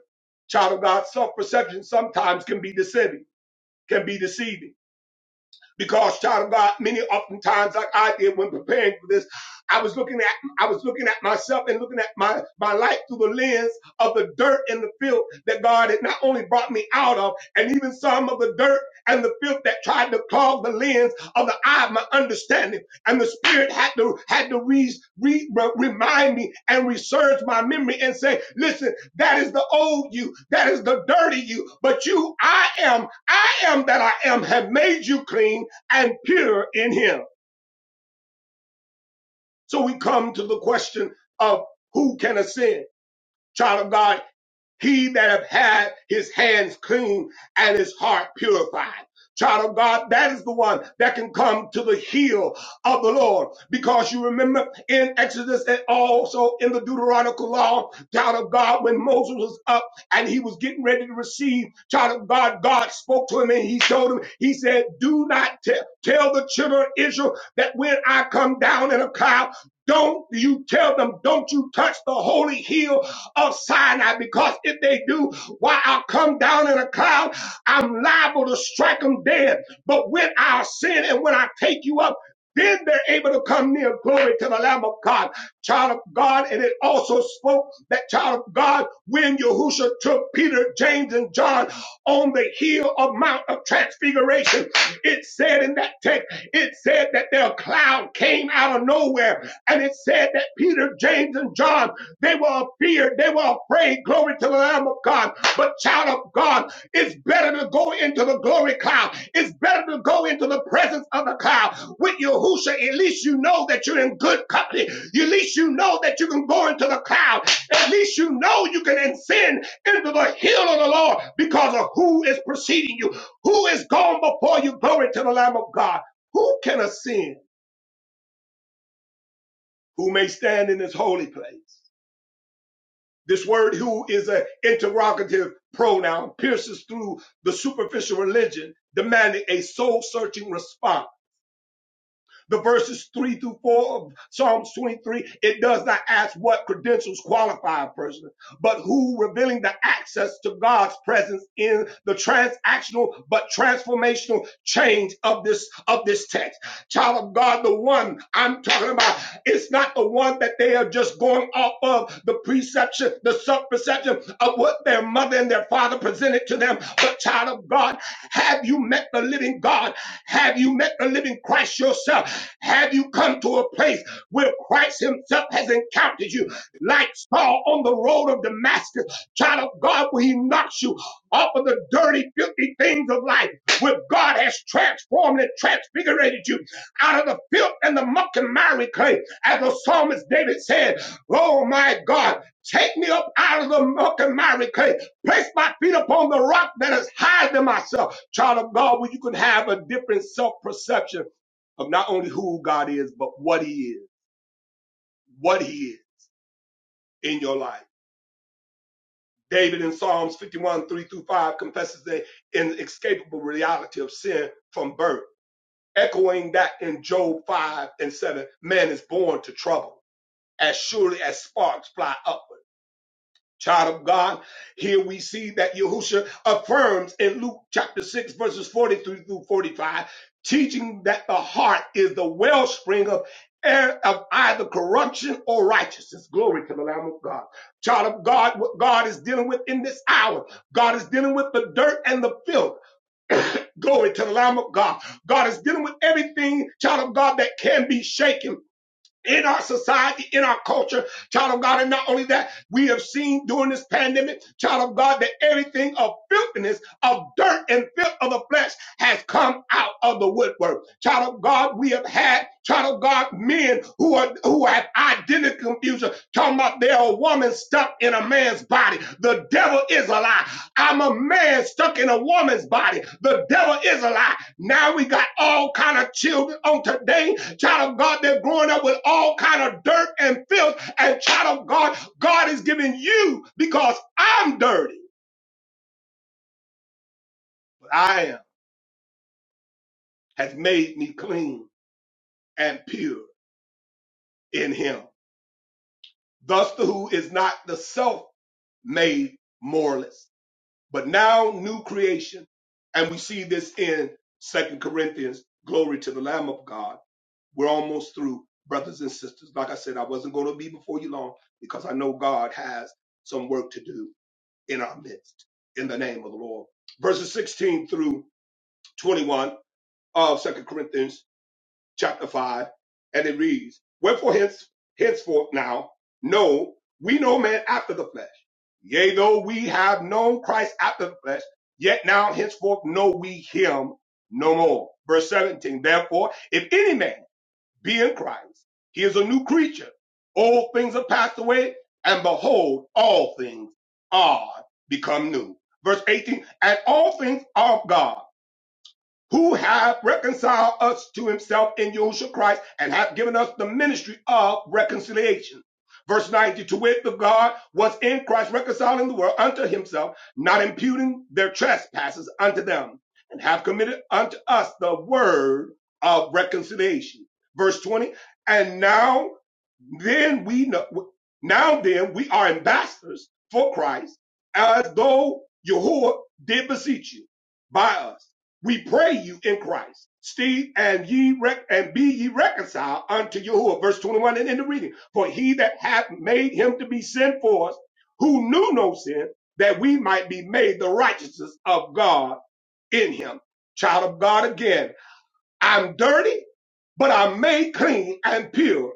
child of God, self-perception sometimes can be deceiving, can be deceiving Because, child of God, many oftentimes, like I did when preparing for this, I was looking at I was looking at myself and looking at my, my life through the lens of the dirt and the filth that God had not only brought me out of, and even some of the dirt and the filth that tried to clog the lens of the eye of my understanding and the spirit had to had to re, re, re- remind me and resurge my memory and say listen that is the old you that is the dirty you but you i am i am that i am have made you clean and pure in him. So we come to the question of who can ascend? Child of God, He that have had his hands clean and his heart purified. Child of God, that is the one that can come to the heel of the Lord. Because you remember in Exodus and also in the Deuteronomical law, child of God, when Moses was up and he was getting ready to receive, child of God, God spoke to him and he told him, he said, do not te- tell the children of Israel that when I come down in a cloud, don't you tell them, don't you touch the holy hill of Sinai because if they do, why I'll come down in a cloud, I'm liable to strike them dead. But when I sin and when I take you up, then they're able to come near glory to the Lamb of God, child of God. And it also spoke that child of God when Yahusha took Peter, James, and John on the hill of Mount of Transfiguration. It said in that text, it said that their cloud came out of nowhere. And it said that Peter, James, and John they were feared. They were afraid. Glory to the Lamb of God. But child of God, it's better to go into the glory cloud. It's better to go into the presence of the cloud with Yahusha. At least you know that you're in good company. At least you know that you can go into the cloud. At least you know you can ascend into the hill of the Lord because of who is preceding you, who is gone before you. Glory to the Lamb of God. Who can ascend? Who may stand in this holy place? This word who is an interrogative pronoun pierces through the superficial religion, demanding a soul searching response the verses three through four of Psalms 23, it does not ask what credentials qualify a person, but who revealing the access to God's presence in the transactional but transformational change of this of this text. Child of God, the one I'm talking about, it's not the one that they are just going off of the preception, the sub-perception of what their mother and their father presented to them, but child of God, have you met the living God? Have you met the living Christ yourself? Have you come to a place where Christ Himself has encountered you, like Saul on the road of Damascus, child of God, where He knocks you off of the dirty, filthy things of life, where God has transformed and transfigurated you out of the filth and the muck and miry clay, as the psalmist David said, "Oh my God." Take me up out of the muck and miry clay. Place my feet upon the rock that is higher than myself child of God, where you can have a different self perception of not only who God is, but what He is, what He is in your life. David in Psalms 51, 3 through 5 confesses the inescapable reality of sin from birth, echoing that in Job 5 and 7 man is born to trouble, as surely as sparks fly up Child of God, here we see that Yahusha affirms in Luke chapter 6, verses 43 through 45, teaching that the heart is the wellspring of, of either corruption or righteousness. Glory to the Lamb of God. Child of God, what God is dealing with in this hour, God is dealing with the dirt and the filth. Glory to the Lamb of God. God is dealing with everything, child of God, that can be shaken in our society, in our culture, child of God. And not only that, we have seen during this pandemic, child of God, that everything of filthiness, of dirt and filth of the flesh has come out of the woodwork. Child of God, we have had, child of God, men who are who have identity confusion, talking about they're a woman stuck in a man's body. The devil is a lie. I'm a man stuck in a woman's body. The devil is a lie. Now we got all kind of children on today Child of God, they're growing up with all kind of dirt and filth. And child of God, God is giving you because I'm dirty, but I am has made me clean and pure in Him. Thus, the who is not the self made moralist, but now new creation. And we see this in Second Corinthians. Glory to the Lamb of God. We're almost through, brothers and sisters. Like I said, I wasn't going to be before you long because I know God has some work to do. in our midst in the name of the Lord. Verses 16 through 21 of Second Corinthians chapter 5, and it reads, Wherefore hence, henceforth now, no, we know man after the flesh. Yea, though we have known Christ after the flesh, yet now henceforth know we him no more. Verse 17, therefore, if any man be in Christ. He is a new creature. Old things are passed away, and behold, all things are become new. Verse 18, and all things are of God who have reconciled us to himself in Yahushua Christ and have given us the ministry of reconciliation. Verse 90, to wit, the God was in Christ reconciling the world unto himself, not imputing their trespasses unto them, and have committed unto us the word of reconciliation. Verse 20, and now then we know, now then we are ambassadors for Christ, as though Yahuwah did beseech you by us we pray you in Christ. Steve, and ye rec- and be ye reconciled unto Yahuwah. Verse 21 and in the reading. For he that hath made him to be sin for us, who knew no sin, that we might be made the righteousness of God in him. Child of God again. I'm dirty but are made clean and pure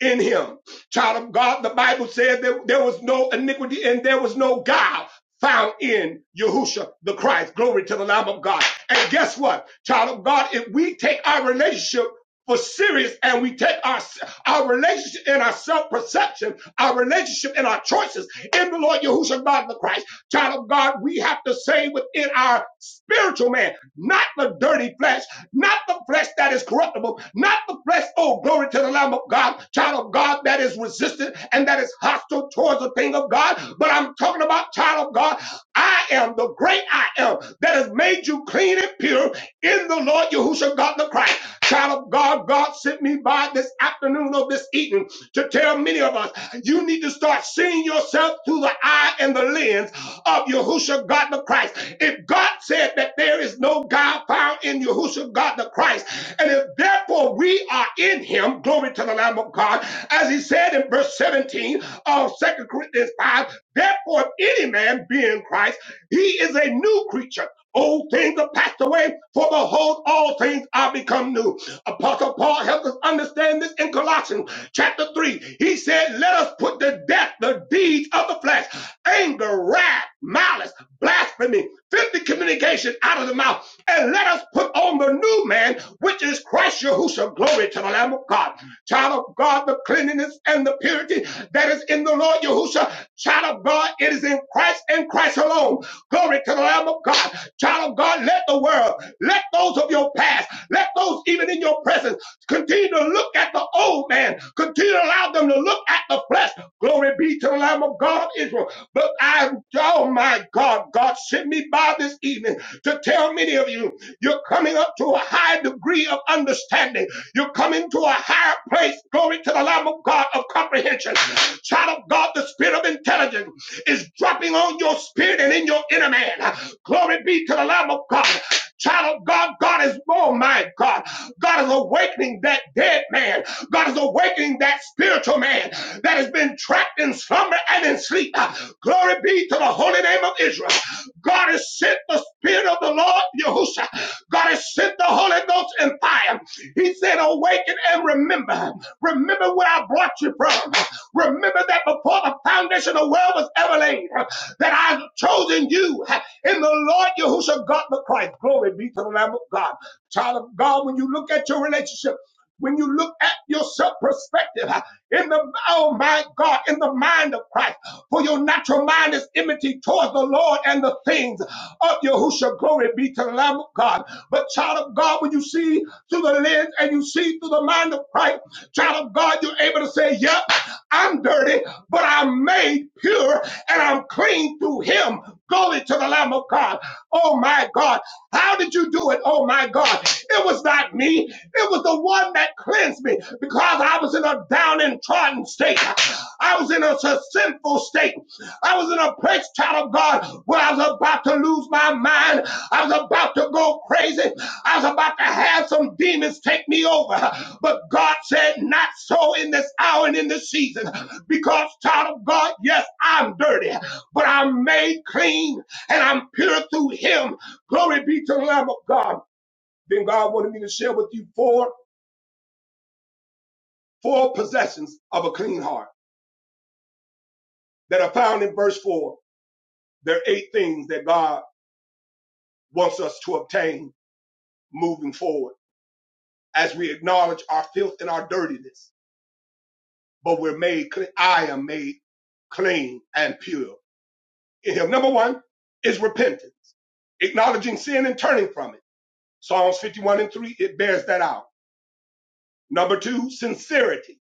in him. Child of God, the Bible said that there was no iniquity and there was no guile found in Yahusha the Christ. Glory to the Lamb of God. And guess what? Child of God, if we take our relationship for serious and we take our our relationship and our self-perception, our relationship and our choices in the Lord Yahushua God the Christ, child of God, we have to say within our spiritual man, not the dirty flesh, not the flesh that is corruptible, not the flesh, oh, glory to the Lamb of God, child of God that is resistant and that is hostile towards the thing of God, but I'm talking about child of God. I am the great I am that has made you clean and pure in the Lord Yahushua God the Christ. Child of God, God sent me by this afternoon or this evening to tell many of us you need to start seeing yourself through the eye and the lens of Yahushua God the Christ. If God said that there is no God found in Yahushua God the Christ, and if therefore we are in him, glory to the Lamb of God, as he said in verse 17 of Second Corinthians 5, therefore if any man be in Christ, he is a new creature. Old things are passed away, for behold, all things are become new. Apostle Paul helps us understand this in Colossians chapter 3. He said, Let us put to death the deeds of the flesh anger, wrath, malice, blasphemy, filthy communication out of the mouth, and let us put on the new man, which is Christ Yahushua. Glory to the Lamb of God. Child of God, the cleanliness and the purity that is in the Lord Yahushua. Child of God, it is in Christ and Christ alone. Glory to the Lamb of God. Child of God, let the world, let those of your past, let those even in your presence continue to look at the old man. Continue to allow them to look at the flesh. Glory be to the Lamb of God of Israel. But I, oh my God, God sent me by this evening to tell many of you, you're coming up to a high degree of understanding you're coming to a higher place. Glory to the Lamb of God of comprehension. Child of God, the spirit of intelligence is dropping on your spirit and in your inner man. Glory be to the Lamb of God. Child of God, God is, oh my God, God is awakening that dead dead man. God is awakening that spiritual man that has been trapped in slumber and in sleep. Glory be to the holy name of Israel. God has sent the Spirit of the Lord, Yahusha. God has sent the Holy Ghost and fire. He said, Awaken and remember. Remember where I brought you from. Remember that before the foundation of the world was ever laid, that I've chosen you in the Lord Yahushua God the Christ. Glory be to the Lamb of God. Child of God, when you look at your relationship, when you look at yourself perspective uh, in the oh my God, in the mind of Christ. For your natural mind is enmity towards the Lord and the things of Yahushua. Glory be to the Lamb of God. But child of God, when you see through the lens and you see through the mind of Christ, child of God, you're able to say, Yep, I'm dirty filthy, but I'm made pure and I'm clean through him. Glory to the Lamb of God. Oh my God. How did you do it? Oh my God. It was not me. It was the one that cleansed me because I was in a down and trodden state. I was in a sinful state. I was in a place, child of God, where I was about to lose my mind. I was about to go crazy. I was about to have some demons take me over. But God said, Not so in this hour and in this season. Because, child of God, yes, I'm dirty, but I'm made clean and I'm pure through him. Glory be to the Lamb of God. Then God wanted me to share with you four, four possessions of a clean heart that are found in verse four. There are eight things that God wants us to obtain moving forward as we acknowledge our filth and our dirtiness, but we're made clean. I am made clean and pure in him. Number one is repentance, acknowledging sin and turning from it. Psalms 51 and 3, it bears that out. Number two, sincerity.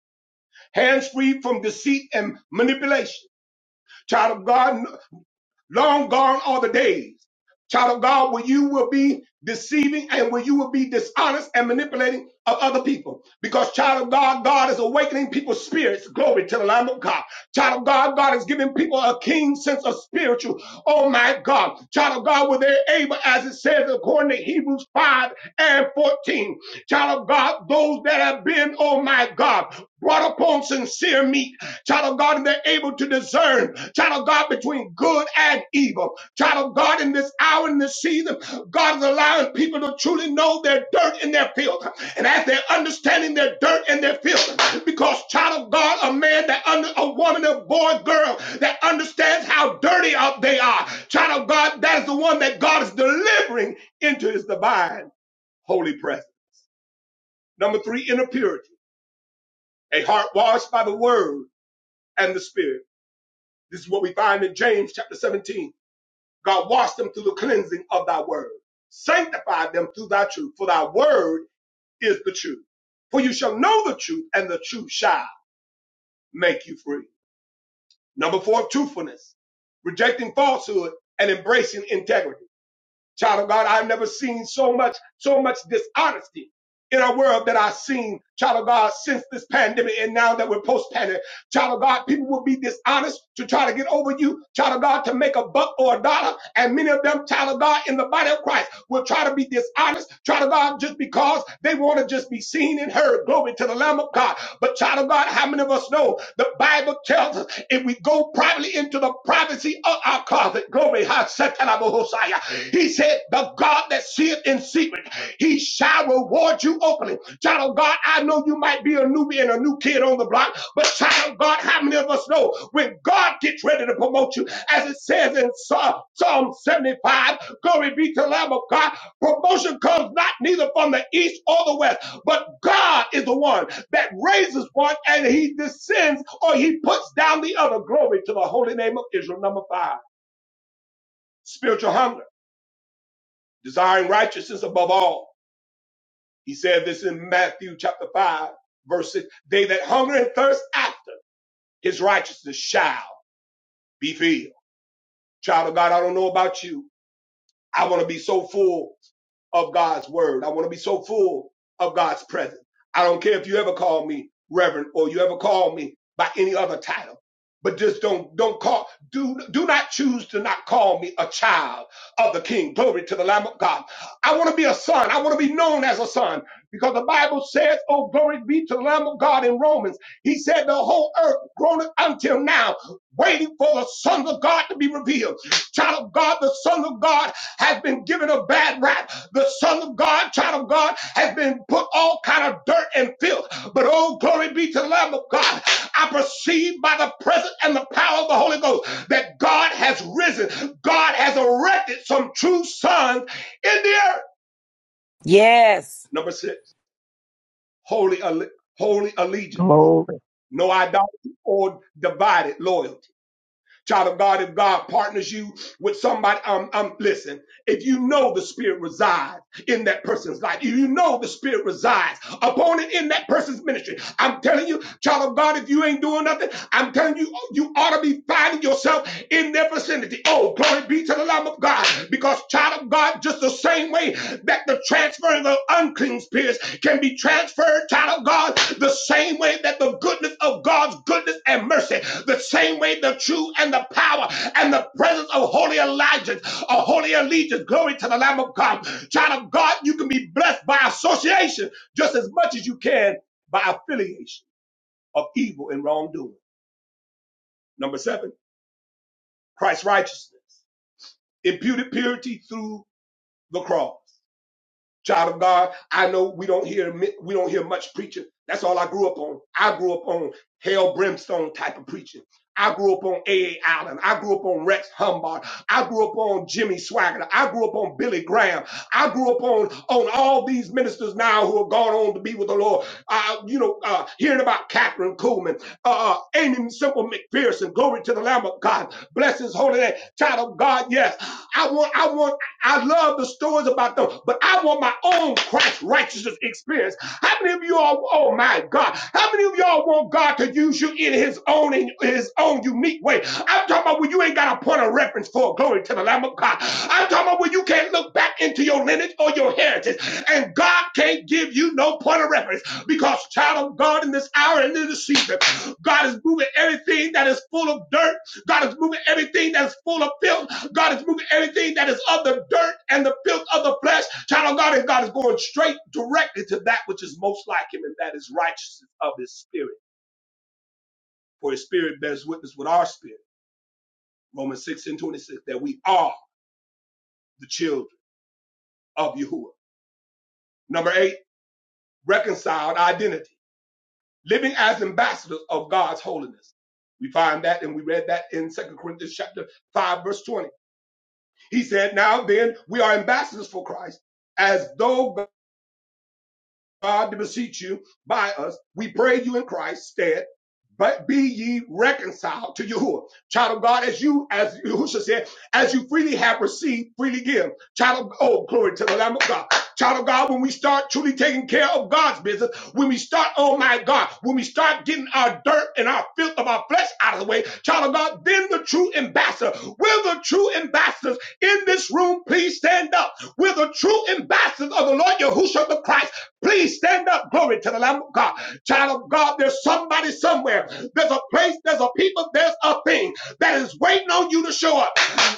Hands free from deceit and manipulation. Child of God, Long gone are the days, child of God, where you will be deceiving and where you will be dishonest and manipulating of other people. Because, child of God, God is awakening people's spirits. Glory to the Lamb of God. Child of God, God is giving people a keen sense of spiritual. Oh my God. Child of God, where they're able, as it says according to Hebrews 5 and 14. Child of God, those that have been, oh my God, brought upon sincere meat. Child of God, and they're able to discern, child of God, between good and evil. Child of God, in this hour, in this season, God is allowing people to truly know their dirt and their filth. And as they're understanding their dirt and their filth, because child of God, a man that under a woman, a boy, girl that understands how dirty up they are. Child of God, that is the one that God is delivering into his divine holy presence. Number three, inner purity, a heart washed by the word and the spirit. This is what we find in James chapter 17. God washed them through the cleansing of thy word, sanctified them through thy truth, for thy word is the truth. For you shall know the truth, and the truth shall make you free. Number four, truthfulness, rejecting falsehood and embracing integrity. Child of God, I've never seen so much, so much dishonesty in our world that I've seen, child of God, since this pandemic and now that we're post-pandemic. Child of God, people will be dishonest to try to get over you, child of God, to make a buck or a dollar. And many of them, child of God, in the body of Christ will try to be dishonest, child of God, just because they want to just be seen and heard. Glory to the Lamb of God. But child of God, how many of us know the Bible tells us? If we go privately into the privacy of our closet, glory, ha, satanabohosaya. he said, The God that seeth in secret, he shall reward you openly. Child of God, I know you might be a newbie and a new kid on the block, but child of God, how many of us know when God gets ready to promote you, as it says in Psalm 75, glory be to the Lamb of God, promotion comes not neither from the east or the west, but God is the one that raises one and he descends or he puts down the other. Glory to the holy name of Israel. Number five, spiritual hunger, desiring righteousness above all. He said this in Matthew chapter five, verse six. They that hunger and thirst after his righteousness shall be filled. Child of God, I don't know about you, I want to be so full of God's word. I want to be so full of God's presence. I don't care if you ever call me reverend or you ever call me by any other title. But just don't don't call do do not choose to not call me a child of the king. Glory to the Lamb of God. I want to be a son. I want to be known as a son because the Bible says, "Oh glory be to the Lamb of God." In Romans, He said, "The whole earth groaneth until now, waiting for the sons of God to be revealed." Child of God, the sons of God has been given a bad rap. The Son of God, child of God, has been put all kind of dirt and filth. But oh, glory be to the Lamb of God. I perceive by the presence and the power of the Holy Ghost that God has risen. God has erected some true sons in the earth.
Yes.
Number six, holy, alle- holy allegiance. No idolatry or divided loyalty. Child of God, if God partners you with somebody, um, um, listen, if you know the spirit resides in that person's life, if you know the spirit resides upon it in that person's ministry, I'm telling you, child of God, if you ain't doing nothing, I'm telling you, you ought to be finding yourself in their vicinity. Oh, glory be to the Lamb of God, because child of God, just the same way that the transferring of unclean spirits can be transferred, child of God, the same way that the goodness of God's goodness and mercy, the same way the truth and the power and the presence of holy allegiance, a holy allegiance, glory to the Lamb of God. Child of God, you can be blessed by association just as much as you can by affiliation of evil and wrongdoing. Number seven, Christ's righteousness, imputed purity through the cross. child of God. I know we don't hear we don't hear much preaching. That's all I grew up on. I grew up on hell brimstone type of preaching. I grew up on A. A. Allen. I grew up on Rex Humbard. I grew up on Jimmy Swaggart. I grew up on Billy Graham. I grew up on, on all these ministers now who have gone on to be with the Lord. Uh, you know, uh, hearing about Catherine Kuhlman, uh, uh, Amy Simple McPherson. Glory to the Lamb of God. Bless his holy name. Child of God, yes. I want, I want I love the stories about them, but I want my own Christ righteousness experience. How many of y'all, oh my God, how many of y'all want God to use you in his own in his own unique way? I'm talking about when you ain't got a point of reference for glory to the Lamb of God. I'm talking about when you can't look back into your lineage or your heritage, and God can't give you no point of reference because child of God in this hour and in this season, God is moving everything that is full of dirt. God is moving everything that is full of filth. God is moving everything that is of the dirt and the filth of the flesh. Child of God, and God is going straight directly to that which is most like him, and that is righteousness of his spirit. For his spirit bears witness with our spirit. Romans 6 and 26, that we are the children of Yahuwah. Number eight, reconciled identity. Living as ambassadors of God's holiness. We find that, and we read that in Second Corinthians chapter 5, verse 20. He said, Now then, we are ambassadors for Christ, as though God to beseech you by us. We pray you in Christ's stead. But be ye reconciled to Yahuwah. Child of God, as you, as Yahusha said, as you freely have received, freely give. Child of, oh, glory to the Lamb of God. Child of God, when we start truly taking care of God's business, when we start, oh my God, when we start getting our dirt and our filth of our flesh out of the way, child of God, then the true ambassador, will the true ambassadors in this room please stand up? we the true ambassadors of the Lord Yahushua the Christ. Please stand up. Glory to the Lamb of God. Child of God, there's somebody somewhere. There's a place, there's a people, there's a thing that is waiting on you to show up.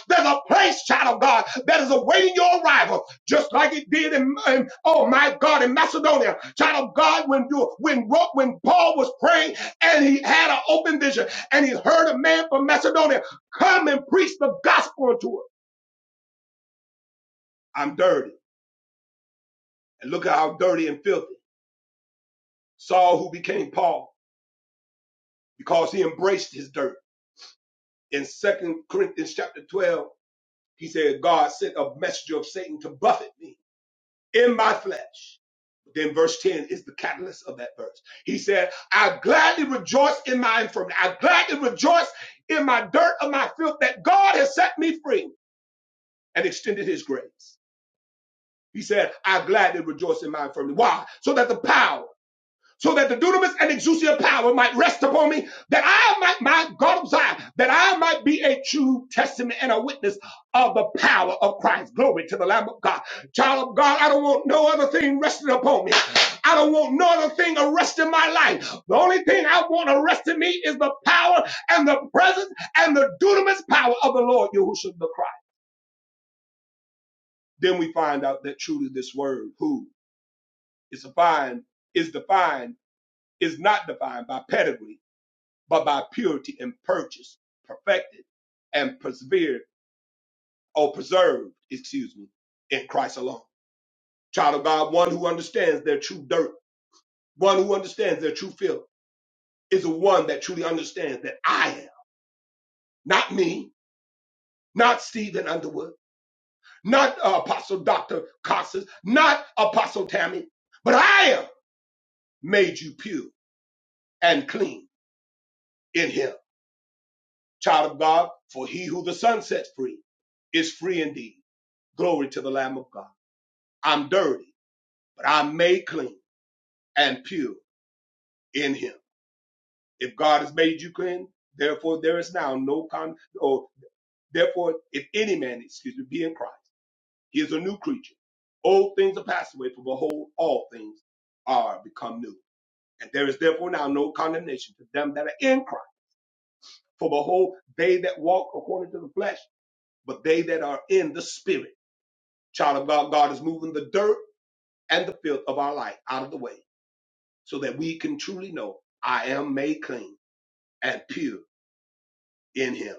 There's a place, child of God, that is awaiting your arrival, just like it did in, in- oh my God, in Macedonia. Child of God, when you when Ro- when Paul was praying and he had an open vision and he heard a man from Macedonia come and preach the gospel unto him. I'm dirty. And look at how dirty and filthy. Saul who became Paul. because he embraced his dirt. In Second Corinthians chapter 12, he said, God sent a messenger of Satan to buffet me in my flesh. Then verse 10 is the catalyst of that verse. He said, I gladly rejoice in my infirmity. I gladly rejoice in my dirt of my filth that God has set me free and extended his grace. He said, I gladly rejoice in my infirmity. Why? So that the power so that the dunamis and exousia power might rest upon me, that I might, my God of that I might be a true testament and a witness of the power of Christ. Glory to the Lamb of God. Child of God, I don't want no other thing resting upon me. I don't want no other thing arresting my life. The only thing I want arresting me is the power and the presence and the dunamis power of the Lord Yahushua the Christ. Then we find out that truly this word, who, is defined, is defined, is not defined by pedigree but by purity and purchased, perfected, and persevered, or preserved, excuse me, in Christ alone. Child of God, one who understands their true dirt, one who understands their true filth, is the one that truly understands that I am, not me, not Stephen Underwood, not uh, Apostle Dr. Costas, not Apostle Tammy, but I am made you pure and clean in him. Child of God, for he who the Son sets free is free indeed. Glory to the Lamb of God. I'm dirty, but I'm made clean and pure in him. If God has made you clean, therefore there is now no con or therefore if any man, excuse me, be in Christ, he is a new creature. Old things are passed away, for behold, all things are become new. And there is therefore now no condemnation to them that are in Christ. For behold, they that walk according to the flesh, but they that are in the spirit. Child of God, God is moving the dirt and the filth of our life out of the way so that we can truly know I am made clean and pure in Him.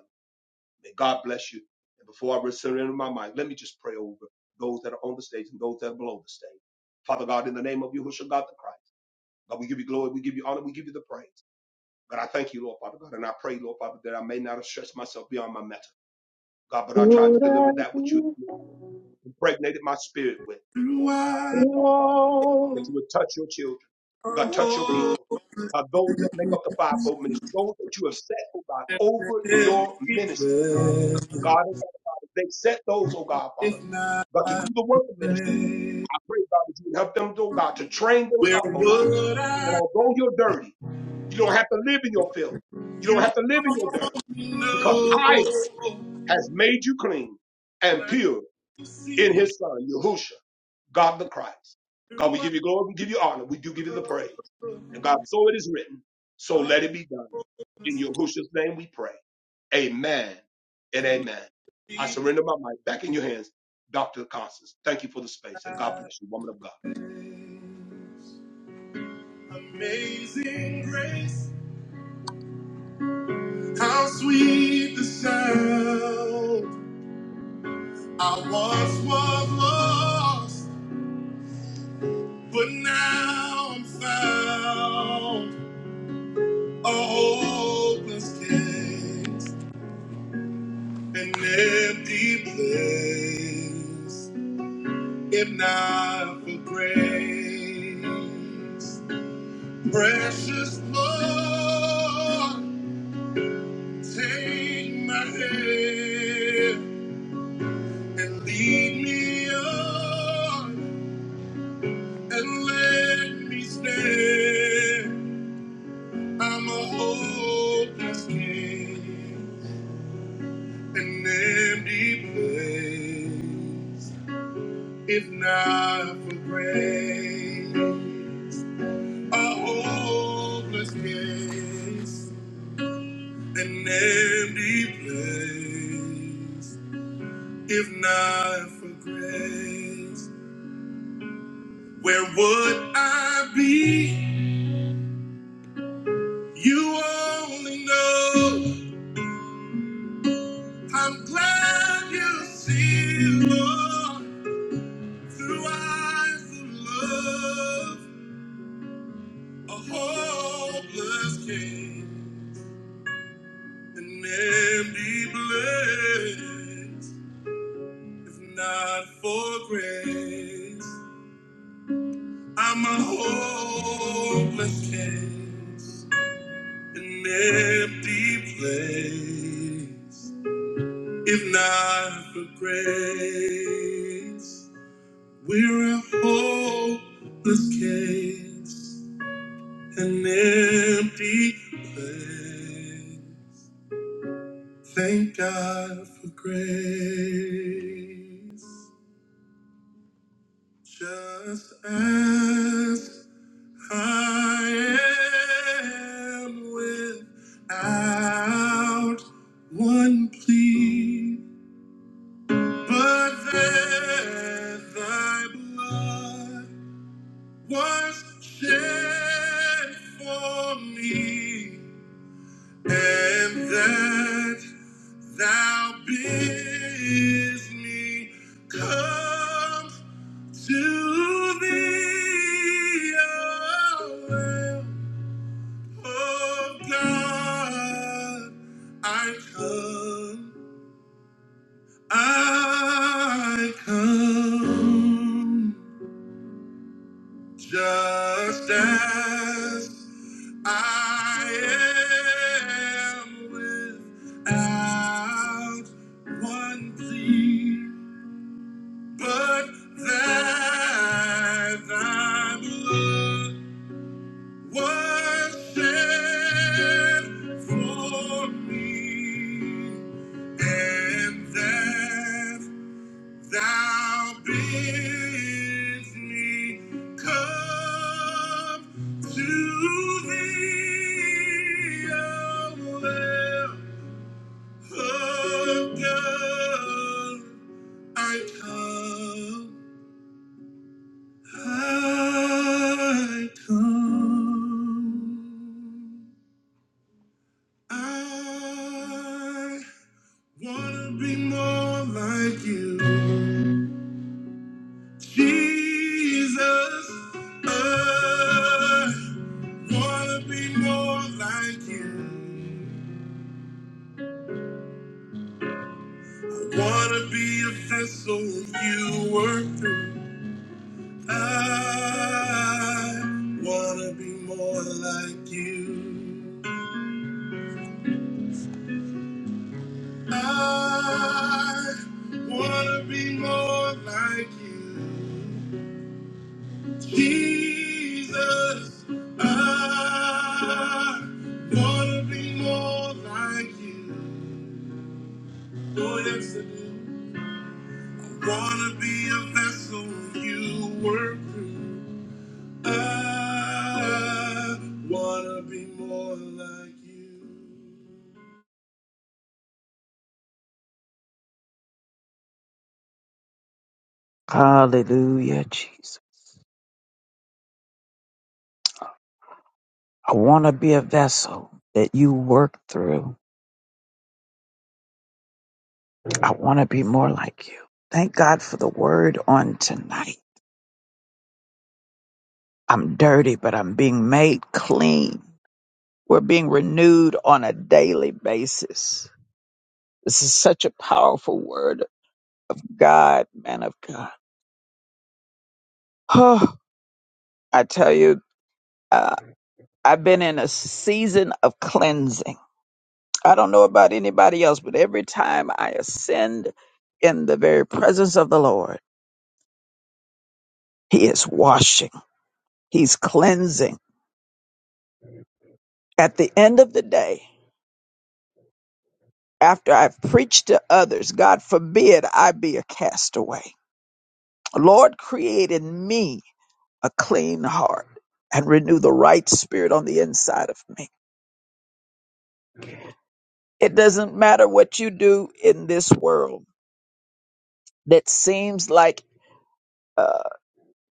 May God bless you. And before I surrender my mic, let me just pray over those that are on the stage and those that are below the stage. Father God, in the name of Yahushua God the Christ, God, we give you glory, we give you honor, we give you the praise. God, I thank you, Lord Father God, and I pray, Lord Father, that I may not have stretched myself beyond my metal. God, but I tried to
Would I
deliver that which you
be
impregnated my spirit with. And God, I
Throughout
pray, Father God, that
lonely?
you would touch your children.
our
God, touch your
whole
people. God, those that make up the fivefold ministry, those that you have set, oh God, over
every
your ministry.
place,
And God, oh God, if they set those, oh God, Father,
if not
God, to do the work of ministry.
faith,
I pray, God, that you would help them, oh God, to train those
where
up, oh God,
would
that
I
although you're dirty, you don't have to live in your filth. You don't
you
have to live in your dirt because I
know?
has made you clean and pure in
See
his son, Yahusha, God the Christ. God, we
through our
give you glory, we give you honor, we do give you the praise.
world
And God, so it is written, so
of
let it be done. In Yahusha's name we pray. Amen and amen. I
deep
surrender my mic back in your hands, Dr. Constance. Thank you for the space. And God bless you, woman of God.
days. Amazing grace, how sweet the sound. I once was lost, but now I'm found. A hopeless case, an empty place, if not for grace. Precious Lord, take my hand and lead me on and let me stand. I'm a hopeless king, an empty place. If not for grace, a hopeless case, an empty place. If not for grace, where would I be? You only know. I'm glad you see, Lord, through eyes of love, a hopeless king, an empty place. If not for grace, I'm a hopeless case. an empty place. If not for grace, we're a hopeless case, an empty place. Thank God for grace. Just as I am without one plea. But that thy blood was shed for me, and that thou bidst me come to thee, O Lamb of God, I come, I come. Just as I am without one plea, but that thy blood was shed for me, and that Thou bids me come to thee, O Lamb of God. I come, I come. I wanna be more like you. Jesus, I wanna be more like you. I wanna be a vessel you work through. I wanna be more like you. I wanna be more like you. Jesus, I wanna be more like you. Oh yes, I do. Wanna be a vessel you work through. I wanna be more like you.
So that you work through. I want to be more like you. Thank God for the word on tonight. I'm dirty, but I'm being made clean. We're being renewed on a daily basis This is such a powerful word of God, man of God. Oh, I tell you, uh, I've been in a season of cleansing. I don't know about anybody else, but every time I ascend in the very presence of the Lord, He is washing, He's cleansing. At the end of the day, after I've preached to others, God forbid I be a castaway. Lord, create in me a clean heart and renew the right spirit on the inside of me. It doesn't matter what you do in this world that seems like uh,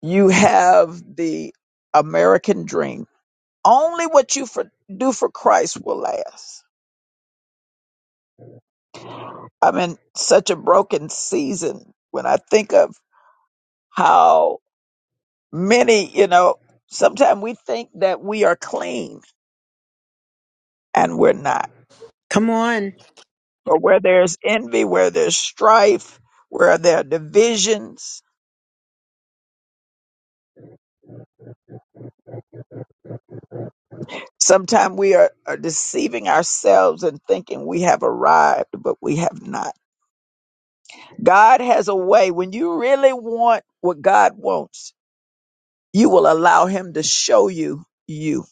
you have the American dream. Only what you for, do for Christ will last. I'm in such a broken season when I think of how many, you know, sometimes we think that we are clean and we're not.
Come on.
But where there's envy, where there's strife, where there are divisions, Sometimes we are, are deceiving ourselves and thinking we have arrived, but we have not. God has a way. When you really want what God wants, you will allow Him to show you you.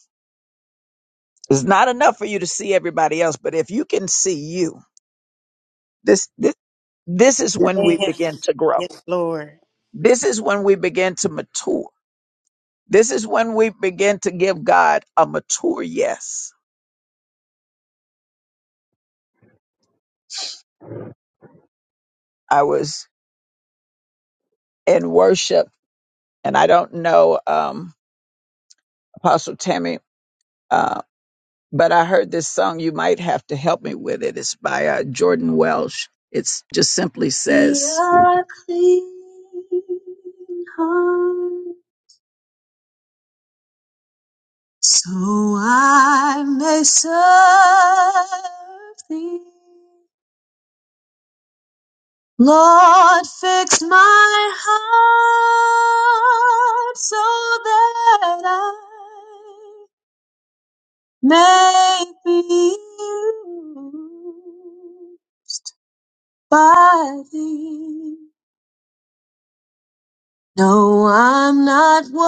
It's not enough for you to see everybody else, but if you can see you, this this this is when we
Yes.
begin to grow.
Yes, Lord.
This is when we begin to mature. This is when we begin to give God a mature yes. I was in worship, and I don't know um, Apostle Tammy Uh, but I heard this song. You might have to help me with it. It's by uh, Jordan Welsh. It's just simply says, "We are a clean heart, so I may serve Thee." Lord, fix my heart so that I may be you. by thee. No, I'm not worthy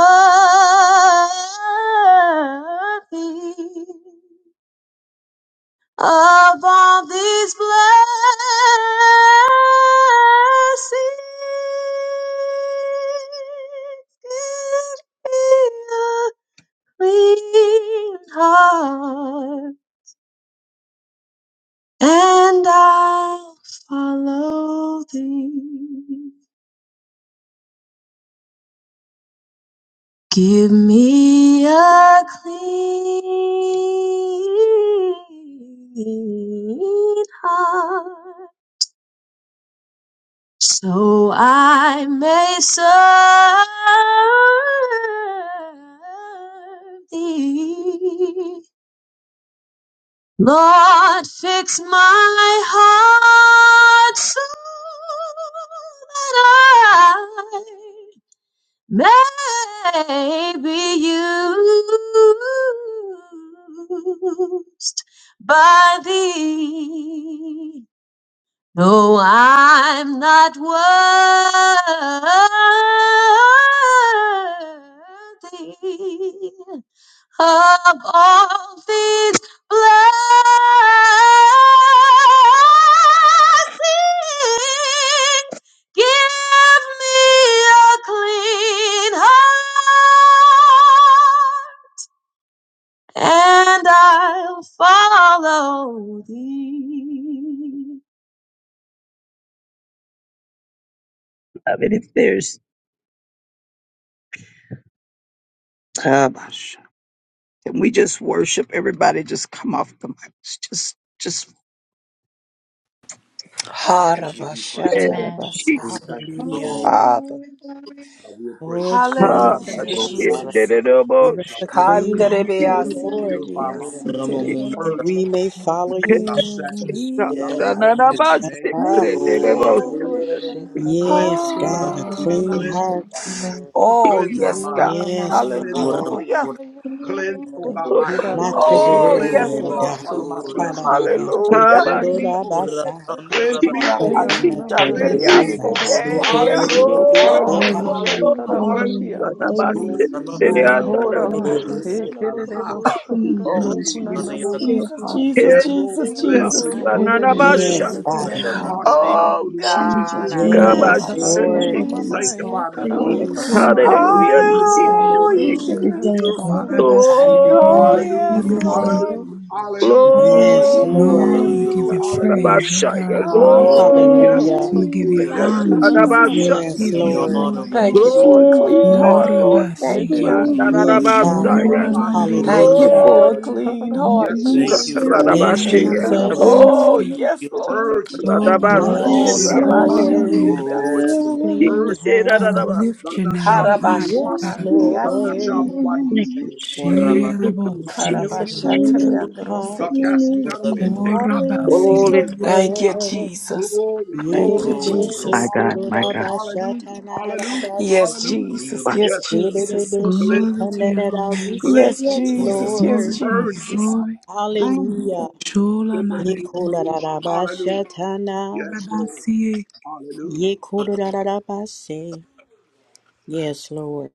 of all these blessings. Give me a clean heart, and I'll follow thee. Give me a clean heart so I may serve thee. Lord, fix my heart so that I. may be used by thee. No, I'm not worthy of all these blessings. Give me a clean heart, and I'll follow thee. I mean, if there's, um, can we just worship everybody? Just come off the mic. Just, just.
Father, we give you praise.
Amen.
Harabashatarabasata.
Hallelujah.
Glory,
Father.
glory, glory,
God, we
Oh,
embrace you.
Yes,
Jesus.
Hallelujah,
She
Jesus.
Father,
Jesus.
we
Give us a clean heart, oh, Lord.
Hallelujah.
pray that it is
Kanderebeasikiribeasitere.
Jesus.
Ramamuna
that
for the
we may
Lord.
follow
You
you,
Hallelujah.
Jesus.
me, I
Yes, Lord, we
Lord
pray
Jesus,
koroko
that it is
shana
Shikaraba
karaka
Yes,
Jesus,
God, a
leave.
you
clean
Shirananama.
heart.
Thank you, God.
Oh, yes, God.
Rura
Yes,
Mama
Father,
Maso.
Hallelujah.
Muramura
ya
Cleanse, oh God,
koroko
my hand.
not
Hiraba
shana
Oh,
temporarily,
karaka
yes,
na
oh
Lord
Shikirebo
Lord
God.
koroko
Jesus.
you
But
Hallelujah.
Sotorokushandarabashia.
ya na
Ramapura
koroko
Ramura
Oh,
kana koroko
from
Hirananama
eternity,
Yes,
oh
Rabashikalberias.
Lord.
God.
Hikirebo
Yes,
Yeah,
Lord.
So.
ya
yeah.
Yes, Lord.
na
Lord
Oh,
Rokuraraba
koroko
Hallelujah.
shana karaka na
Hallelujah.
Shataramashia.
for
Hallelujah.
Jesus, Jesus.
Ramamuna
Hallelujah.
ya na
Horaba
karaka
Hallelujah.
kana
Hikirebo
koroko
So.
shana
Clean
Oh,
karaka
hands,
na
God.
Hallelujah,
Jesus,
Pure
Jesus,
Rokunanamashia.
heart,
Jesus,
Father.
Jesus,
ya
And
na
this
Jesus.
we
koroko
open
Hirebo
Jesus.
before
So
Yes,
you,
shana
Father
Father.
karaka na
God.
Kunanamase.
Oh,
Change
God,
us,
I
Oh
renew a
thank
Yes,
God,
right
you,
I
spirit
Lord.
thank
Rama
within
you.
Jesus.
Lord.
us,
Mama
God. Create a
Clean
Yekarabaso.
clean
heart, oh
heart
Oh, I
within
God.
us,
praise
God.
Hallelujah,
you,
Every
Ruga.
day of our
Jesus.
Ruga.
lives, God.
Korabasula
Oh,
Oh,
Hallelujah.
Mandie La
yes,
Every
Thank you,
the
day,
Mandie.
Lord.
Lord.
God.
Lord.
A
Yes,
glory.
Oh,
Lord.
Lord,
Hallelujah.
we give
Lord.
you
Lord Jesus.
praise,
clean
oh
Rabashaya.
God.
Glory,
Wash
heart.
me,
Glory.
hallelujah.
Thank you,
Hallelujah.
We
help
give you
Jesus.
hallelujah,
me
Lord.
Thank
God.
you,
honor, Father.
Jesus.
Yekananama,
Thank
clean.
We
you.
Radabashaya.
In
Yes,
give
the
you
Lord.
honor
glory.
that
Thank
we
you
Wash
give you,
shikianananama,
for a
glory,
me,
clean
help
heart,
Glory.
Lord.
me
Ora
Thank you.
we give you
hererebosho,
Yes,
praise.
clean.
Father.
Thank
Mandarabasaya.
Shula
Lord,
kunananamase.
Hallelujah,
Thank
Lord.
you
mandiosa,
Hallelujah.
you,
for a
Lord.
clean
Let
heart,
Karabasha,
me
I
Thank
Jesus.
you
Thank you,
for
God.
serve
it.
Yes,
ela
you,
Jesus.
Oh,
Hekarabashia,
mandanski.
Lord.
yes,
Hallelujah, Lord
Lord. Jesus.
Jesus. Thank you.
Lord, we
Let me
bless
Oh,
your
Yes,
serve
holy
hananamaso.
Lord.
you,
name.
Glory
Rabashandriyasi.
to you,
Yes.
Clean
Lord.
We
heart.
lift your name
Lord.
high, O
Yes,
Let
God.
me
Hallelujah,
serve
Glory,
Karabashikandriyasi.
you,
Lord.
glory,
Lord.
glory,
Lord.
Hallelujah.
glory.
Shela
Ramano
bo
Mansa.
glory.
Give us a
sandriosa,
clean
Hallelujah.
Karabashatriandroseke.
heart.
Glory
Hallelujah.
korabasi.
Thank you,
Hallelujah.
Jesus. Thank you,
to you, Lord.
Jesus. Yes,
Yedidibishikurodabashatanadadabasu.
Jesus.
Hallelujah,
Yes, Jesus.
Glory to your holy
Yedidibishikandadada. We
name.
say
Yes,
yes,
Lord.
Jesus. Yes,
Glory,
Lord.
glory,
Jesus.
glory.
Hallelujah.
Shula
Ye
mandiosa,
Yekolarabashatana,
rabasi.
yekolarabase. Yes, Lord.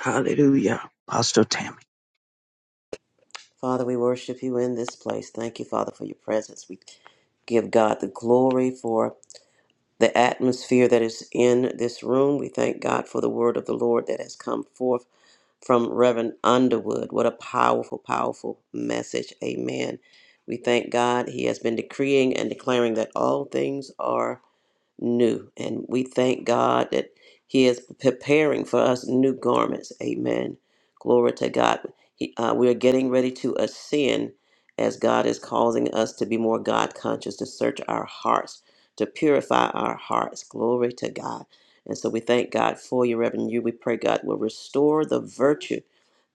hallelujah, Pastor Tammy.
Father, we worship you in this place. Thank you, Father, for your presence. We give God the glory for the atmosphere that is in this room. We thank God for the word of the Lord that has come forth from Reverend Underwood. What a powerful, powerful message. Amen. We thank God. He has been decreeing and declaring that all things are new. And we thank God that He is preparing for us new garments. Amen. Glory to God. He, uh, we are getting ready to ascend as God is causing us to be more God conscious, to search our hearts, to purify our hearts. Glory to God. And so we thank God for you, Reverend. You, we pray God will restore the virtue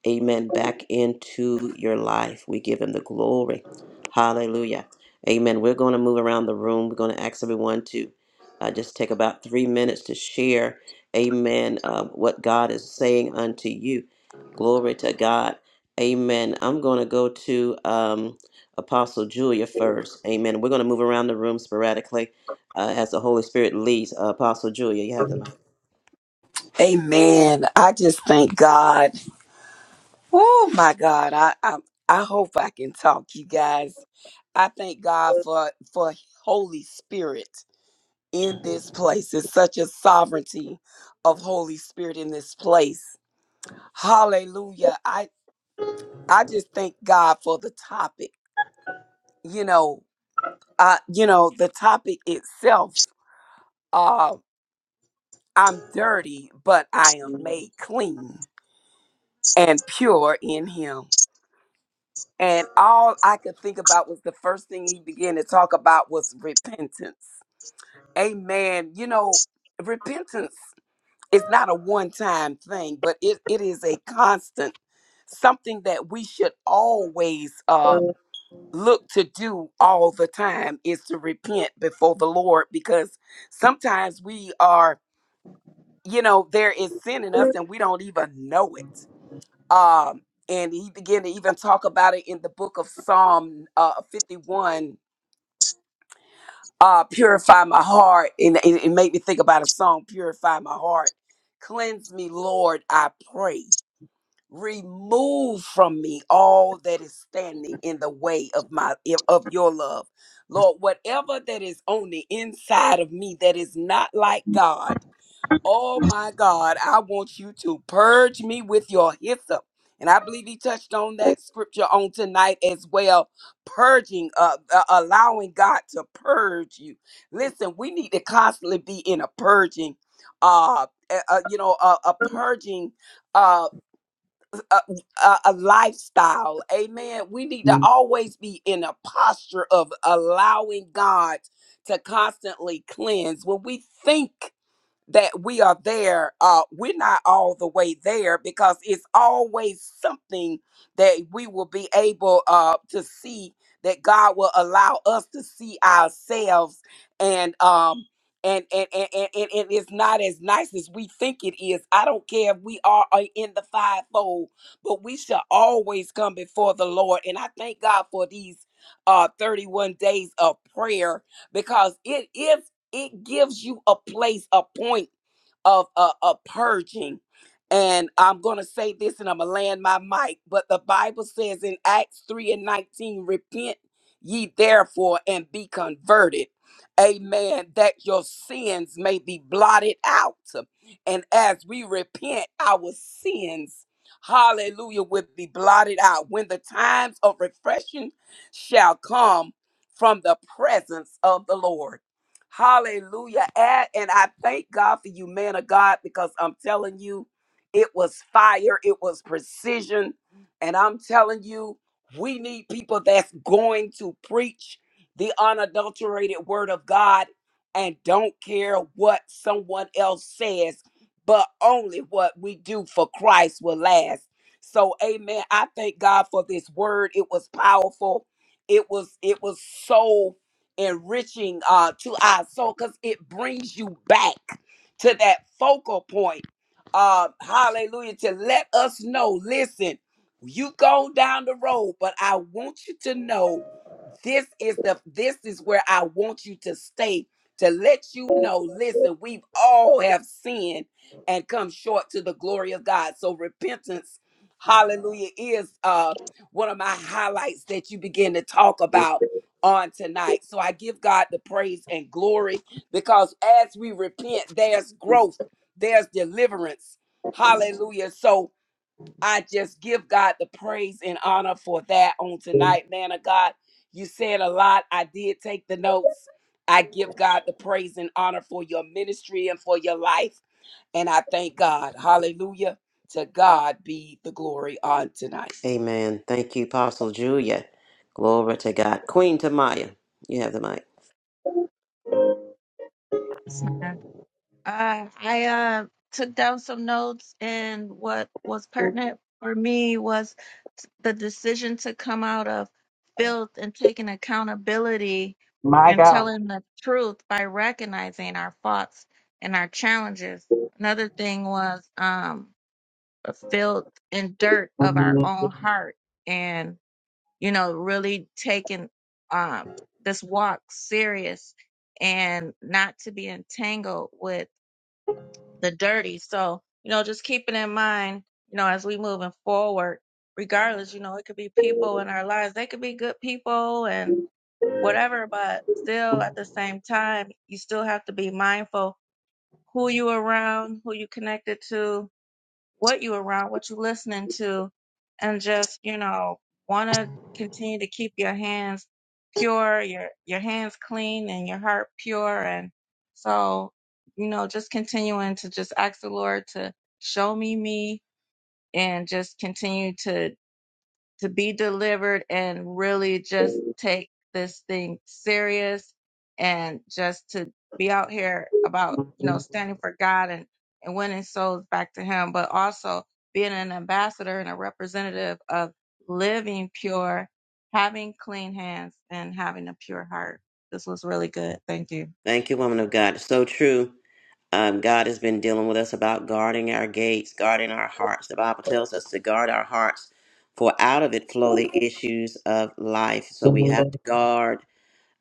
amen, back into your life. We give him the glory. Hallelujah. Amen. We're going to move around the room. We're going to ask everyone to uh, just take about three minutes to share, amen, uh, what God is saying unto you. Glory to God. Amen. I'm going to go to um, Apostle Julia first. Amen. We're going to move around the room sporadically uh, as the Holy Spirit leads. Uh, Apostle Julia, you have the mic.
Amen. I just thank God. Oh my God. I, I I hope I can talk, you guys. I thank God for for Holy Spirit in this place. It's such a sovereignty of Holy Spirit in this place. Hallelujah. I I just thank God for the topic. You know, uh, you know, the topic itself, uh, I'm dirty, but I am made clean. and pure in him. And all I could think about was the first thing he began to talk about was repentance. Amen. You know, repentance is not a one time thing, but it, it is a constant, something that we should always uh, look to do all the time is to repent before the Lord because sometimes we are, you know, there is sin in us and we don't even know it um, and he began to even talk about it in the book of Psalm uh, 51, uh, purify my heart. And it, it made me think about a song, Purify My Heart. Cleanse me, Lord, I pray. Remove from me all that is standing in the way of my of your love. Lord, whatever that is on the inside of me that is not like God. Oh my God, I want you to purge me with your hyssop. And I believe he touched on that scripture on tonight as well. Purging, uh, uh, allowing God to purge you. Listen, we need to constantly be in a purging, uh, uh, uh, you know, a, a purging, uh, a, a, a lifestyle. Amen. We need to always be in a posture of allowing God to constantly cleanse. When we think that we are there uh we're not all the way there because it's always something that we will be able uh to see that god will allow us to see ourselves and um and and, and, and, and and it's not as nice as we think it is. I don't care if we are uh, in the fivefold, but we shall always come before the Lord. And I thank God for these uh 31 days of prayer because it is it gives you a place, a point of a, a purging. And I'm going to say this and I'm going to land my mic, but the Bible says in Acts 3 and 19, repent ye therefore and be converted. Amen. That your sins may be blotted out. And as we repent, our sins, hallelujah, will be blotted out. When the times of refreshing shall come from the presence of the Lord. Hallelujah. And, and I thank God for you, man of God, because I'm telling you, it was fire, it was precision. And I'm telling you, we need people that's going to preach the unadulterated word of God and don't care what someone else says, but only what we do for Christ will last. So amen. I thank God for this word. It was powerful. It was it was so enriching uh, to our soul because it brings you back to that focal point. Uh, hallelujah. To let us know, listen, you go down the road, but I want you to know this is the this is where I want you to stay to let you know, listen, we've all have sinned and come short to the glory of God. So repentance, hallelujah, is uh one of my highlights that you begin to talk about on tonight. So I give God the praise and glory because as we repent, there's growth, there's deliverance. Hallelujah. So I just give God the praise and honor for that on tonight, man of God. You said a lot. I did take the notes. I give God the praise and honor for your ministry and for your life. And I thank God. Hallelujah. To God be the glory on tonight.
Amen. Thank you, Apostle Julia. Glory to God. Queen Tamaya, you have the mic.
Uh, I uh, took down some notes, and what was pertinent for me was t- the decision to come out of filth and taking accountability
My
and
God.
telling the truth by recognizing our faults and our challenges. Another thing was um, the filth and dirt of our own heart, and you know, really taking um, this walk serious and not to be entangled with the dirty. So, you know, just keeping in mind, you know, as we moving forward, regardless, you know, it could be people in our lives. They could be good people and whatever, but still at the same time, you still have to be mindful who you around, who you connected to, what you around, what you listening to, and just, you know, want to continue to keep your hands pure, your, your hands clean and your heart pure. And so, you know, just continuing to just ask the Lord to show me me and just continue to to be delivered and really just take this thing serious and just to be out here about, you know, standing for God and, and winning souls back to Him, but also being an ambassador and a representative of living pure, having clean hands, and having a pure heart. This was really good. Thank you.
Thank you, woman of God. It's so true. Um, God has been dealing with us about guarding our gates, guarding our hearts. The Bible tells us to guard our hearts, for out of it flow the issues of life. So we have to guard,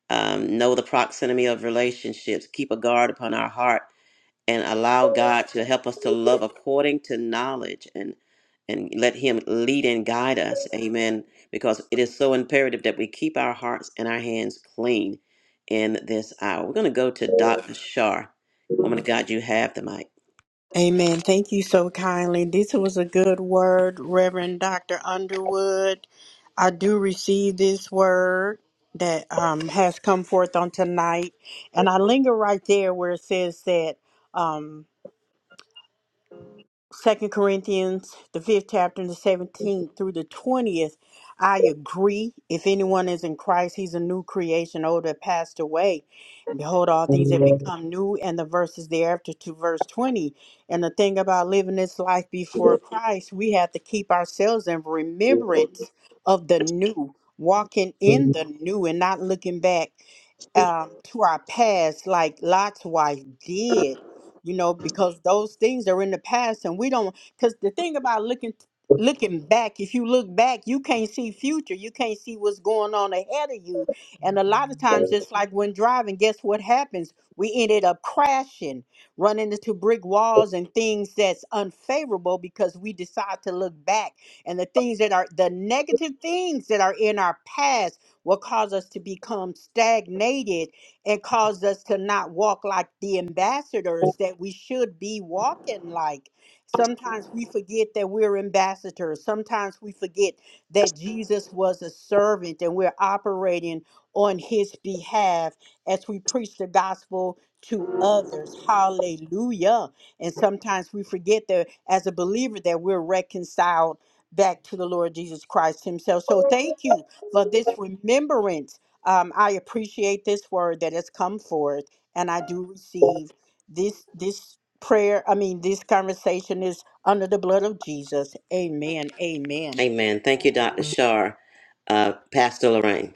um, know the proximity of relationships, keep a guard upon our heart and allow God to help us to love according to knowledge and and let him lead and guide us. Amen. Because it is so imperative that we keep our hearts and our hands clean in this hour. We're going to go to Dr. Shar. Woman of God, you have the mic.
Amen. Thank you so kindly. This was a good word, Reverend Dr. Underwood. I do receive this word that um, has come forth on tonight. And I linger right there where it says that. Um, Second Corinthians, the fifth chapter, and the seventeenth through the twentieth. I agree. If anyone is in Christ, he's a new creation, old that passed away. Behold, all things have become new, and the verses thereafter to verse twenty. And the thing about living this life before Christ, we have to keep ourselves in remembrance of the new, walking in the new and not looking back um, to our past, like Lot's wife did, you know, because those things are in the past, and we don't. Because the thing about looking looking back, if you look back, you can't see future, you can't see what's going on ahead of you, and a lot of times, just like when driving, guess what happens? We ended up crashing, running into brick walls and things that's unfavorable because we decide to look back, and the things that are the negative things that are in our past will cause us to become stagnated and cause us to not walk like the ambassadors that we should be walking like. Sometimes we forget that we're ambassadors. Sometimes we forget that Jesus was a servant and we're operating on his behalf as we preach the gospel to others. Hallelujah. And sometimes we forget that as a believer that we're reconciled back to the Lord Jesus Christ himself. So thank you for this remembrance. Um, I appreciate this word that has come forth, and I do receive this this prayer. I mean, this conversation is under the blood of Jesus. Amen. Amen.
Amen. Thank you, Dr. Shar. Uh, Pastor Lorraine.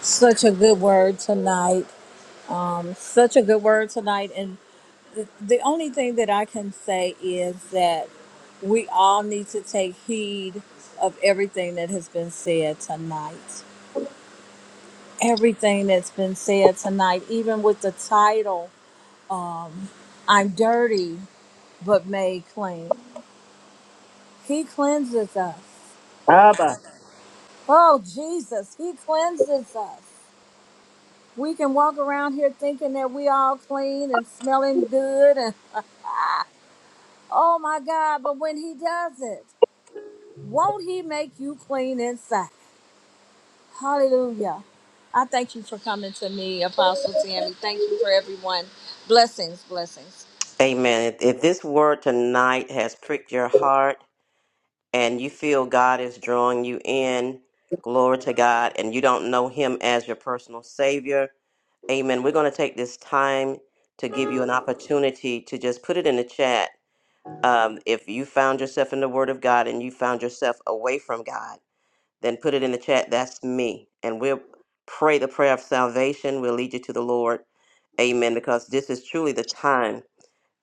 Such a good word tonight. Um, such a good word tonight. And the only thing that I can say is that we all need to take heed of everything that has been said tonight. Everything that's been said tonight, even with the title, I'm dirty but made clean. He cleanses us.
Abba,
Oh, Jesus, He cleanses us. We can walk around here thinking that we all clean and smelling good and oh my God, but when he does it, won't he make you clean inside? Hallelujah. I thank you for coming to me, Apostle Tammy. Thank you for everyone. Blessings, blessings.
Amen. If, if this word tonight has pricked your heart and you feel God is drawing you in, glory to God, and you don't know him as your personal savior, Amen. We're going to take this time to give you an opportunity to just put it in the chat. Um, if you found yourself in the Word of God and you found yourself away from God, then put it in the chat. That's me. And we'll pray the prayer of salvation. We'll lead you to the Lord. Amen. Because this is truly the time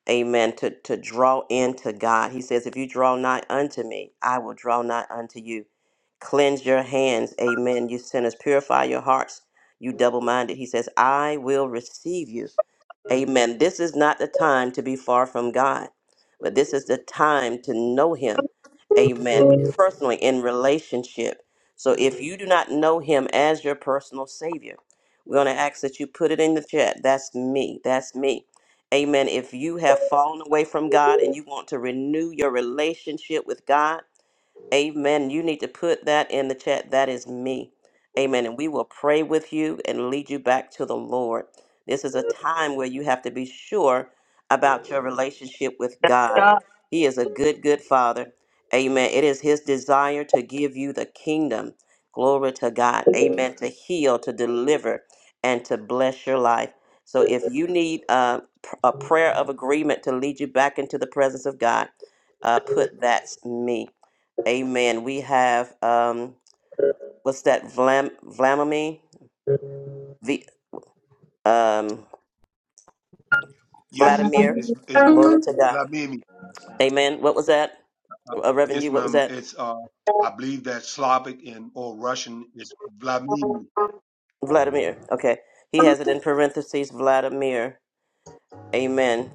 amen to, to draw into god he says if you draw nigh unto me i will draw nigh unto you cleanse your hands amen you sinners purify your hearts you double-minded he says i will receive you Amen. This is not the time to be far from God, but this is the time to know Him. Amen. Personally, in relationship. So if you do not know Him as your personal Savior, we're going to ask that you put it in the chat. That's me. That's me. Amen. If you have fallen away from God and you want to renew your relationship with God, Amen. You need to put that in the chat. That is me. Amen. And we will pray with you and lead you back to the Lord. This is a time where you have to be sure about your relationship with God. He is a good, good Father. Amen. It is His desire to give you the kingdom. Glory to God. Amen. To heal, to deliver, and to bless your life. So if you need uh, pr- a prayer of agreement to lead you back into the presence of God, uh, put that's me. Amen. We have um, what's that? Vlam, Vladimir, v, um,
Yes, it, it-
Vladimir.
it's it's Bla-
Glory to
it's
God.
Blamini.
Amen. What was that? Uh, Reverend,
Yes,
you. What was
ma'am.
that?
It's uh, I believe that Slavic and or Russian is Blamini
Vladimir. Okay. He has it in parentheses. Vladimir. Amen.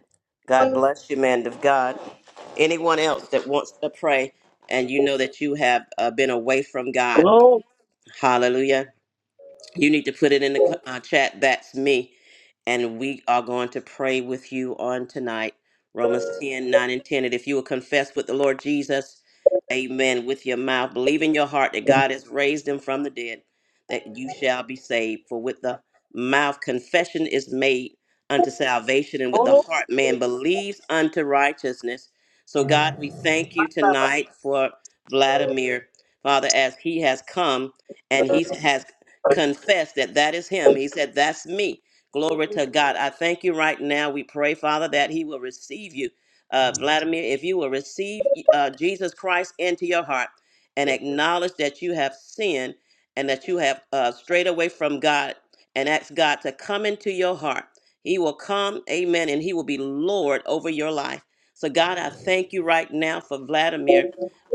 God bless you, man of God. Anyone else that wants to pray, and you know that you have uh, been away from God.
glory,
Hallelujah. you need to put it in the cl- uh, chat. That's me. And we are going to pray with you on tonight. Romans 10 9 and 10. And if you will confess with the Lord Jesus, amen, with your mouth, believe in your heart that God has raised him from the dead, that you shall be saved. For with the mouth confession is made unto salvation, and with the heart man believes unto righteousness. So, God, we thank you tonight for Vladimir, Father, as he has come and he has confess that that is him. He said, That's me. Glory to God. I thank you right now. We pray, Father, that he will receive you. Uh, Vladimir, if you will receive uh, Jesus Christ into your heart and acknowledge that you have sinned and that you have uh, strayed away from God and ask God to come into your heart, he will come, amen, and he will be Lord over your life. So, God, I thank you right now for Vladimir.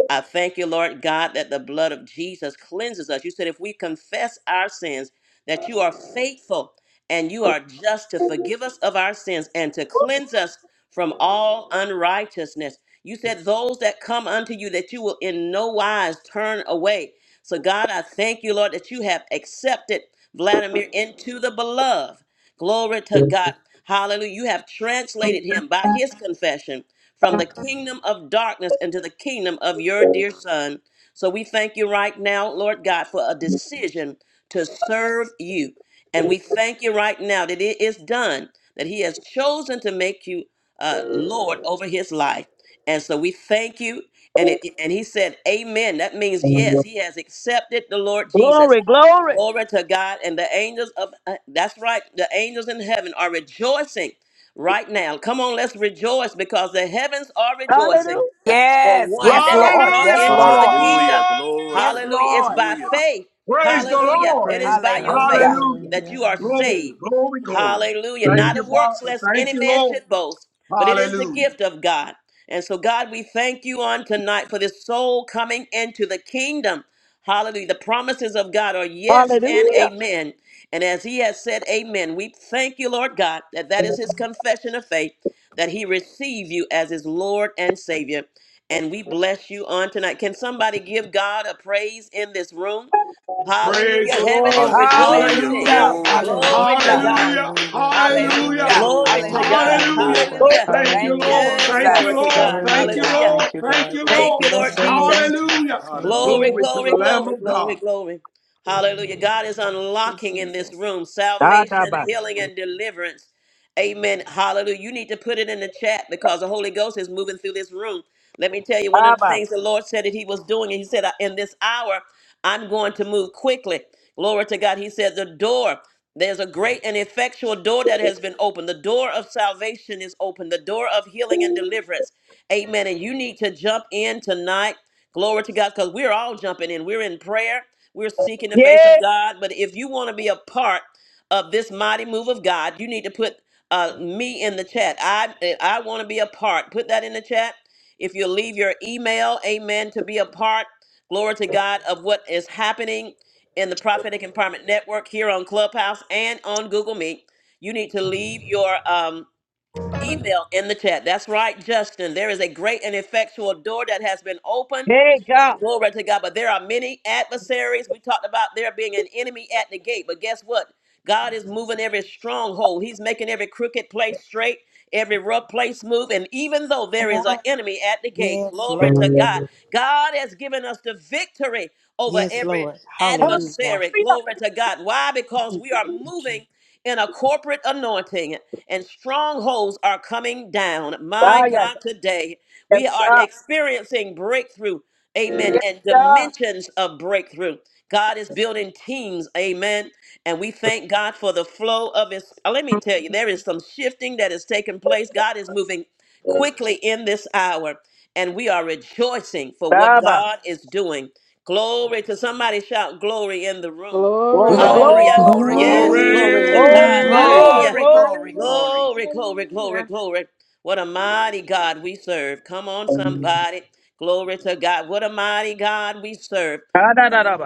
I thank you, Lord God, that the blood of Jesus cleanses us. You said if we confess our sins, that you are faithful and you are just to forgive us of our sins and to cleanse us from all unrighteousness. You said those that come unto you that you will in no wise turn away. So God, I thank you, Lord, that you have accepted Vladimir into the beloved. Glory to God. Hallelujah. You have translated him by his confession from the kingdom of darkness into the kingdom of your dear son. So we thank you right now, Lord God, for a decision to serve you. And we thank you right now that it is done, that he has chosen to make you uh, Lord over his life. And so we thank you. And, it, and he said, Amen. That means yes, he has accepted the Lord Jesus
glory, glory.
Glory to God and the angels of uh, that's right, the angels in heaven are rejoicing right now. Come on, let's rejoice because the heavens are rejoicing for
Yes.
one
Yes,
that has
Lord.
come
Hallelujah!
Yes,
into the
Lord.
kingdom.
Yes,
Hallelujah. It's
Lord.
by faith.
Praise the
Hallelujah.
Lord.
It is
Praise
by your
God.
faith
Hallelujah.
Hallelujah.
that
Hallelujah.
you are
Glory,
saved.
glory, glory.
Hallelujah.
Thank
Not
you,
of works,
Father.
lest
Thank
any
you,
man
Lord.
should boast, but it is the
Hallelujah.
gift of God. And so, God, we thank you on tonight for this soul coming into the kingdom. Hallelujah. The promises of God are yes and
Hallelujah.
amen. And as he has said amen, we thank you, Lord God, that that is his confession of faith, that he receive you as his Lord and Savior and we bless you on tonight. Can somebody give God a praise in this room?
Praise
Hallelujah.
the
Heaven is
Lord.
Hallelujah.
rejoicing.
Hallelujah.
Hallelujah.
Glory to
Glory to
Hallelujah.
Hallelujah.
God.
God.
Hallelujah.
Hallelujah. Thank
Thank
you,
Hallelujah.
you,
Lord.
Hallelujah.
Lord.
Glory
God.
to
Glory
Thank
to
you,
God.
Hallelujah.
your name,
Hallelujah.
Lord
God.
God.
Hallelujah.
Thank you,
Thank you,
Hallelujah.
Lord.
Yes,
Thank you,
glory
Hallelujah,
Jesus.
to
Lord.
Lord.
Thank
God.
Jesus.
Thank
you,
you,
Hallelujah.
Hallelujah.
God.
Lord.
Thank you,
Thank
Thank
you,
God.
you,
Lord
Thank
Thank
Lord.
God.
you,
you,
Bless
Lord
your
God.
name.
Jesus.
Hallelujah.
Thank you,
Hallelujah.
Glory,
Lord.
Glory to
glory,
the Lamb
glory,
of God.
glory, glory. Hallelujah. God is
Thank
unlocking
you,
in this
Jesus.
room salvation,
Abba,
healing, and deliverance. Amen. Hallelujah. You need to put it in the chat because the Holy Ghost is moving through this room. Let me tell you, one of the
Abba.
things the Lord said that He was doing, and He said, "I- In this hour, I'm going to move quickly. Glory to God. He said, The door, there's a great and effectual door that has been opened. The door of salvation is open, the door of healing and deliverance. Amen. And you need to jump in tonight. Glory to God, because we're all jumping in. We're in prayer, we're seeking the face
Yeah,
of God. But if you want to be a part, of this mighty move of God, you need to put uh, me in the chat. I I want to be a part. Put that in the chat. If you leave your email, amen, to be a part, glory to God, of what is happening in the Prophetic Empowerment Network here on Clubhouse and on Google Meet, you need to leave your um, email in the chat. That's right, Justin. There is a great and effectual door that has been opened
hey, God.
Glory to God. But there are many adversaries. We talked about there being an enemy at the gate. But guess what? God is moving every stronghold. He's making every crooked place straight, every rough place smooth. And even though
Come
there is
on.
an enemy at the gate,
Yes,
glory
Lord.
to God. God has given us the victory over
Yes,
every
Lord.
Hallelujah.
Hallelujah.
adversary.
Ah,
Glory to God. Why? Because
Mm,
we are
Thank you, Jesus.
moving in a corporate anointing and strongholds are coming down. My
yeah,
God, today
yeah,
we are
yeah,
experiencing breakthrough amen, and
yeah.
dimensions of breakthrough. God is building teams, amen. And we thank God for the flow of His. uh, Let me tell you, there is some shifting that is taking place. God is moving quickly in this hour, and we are rejoicing for what
Abba,
God is doing. Glory to somebody shout glory in the room.
glory,
Glory,
Glory.
Hallelujah.
glory,
glory,
Yes,
glory.
glory to
Glory,
Hallelujah.
God.
glory,
Glory.
hallelujah.
glory, glory,
Hallelujah.
Glory, glory,
Hallelujah,
glory.
Glory, glory, glory,
hallelujah.
glory. What a mighty God we serve. Come on, somebody. Glory to God. What a mighty God we serve.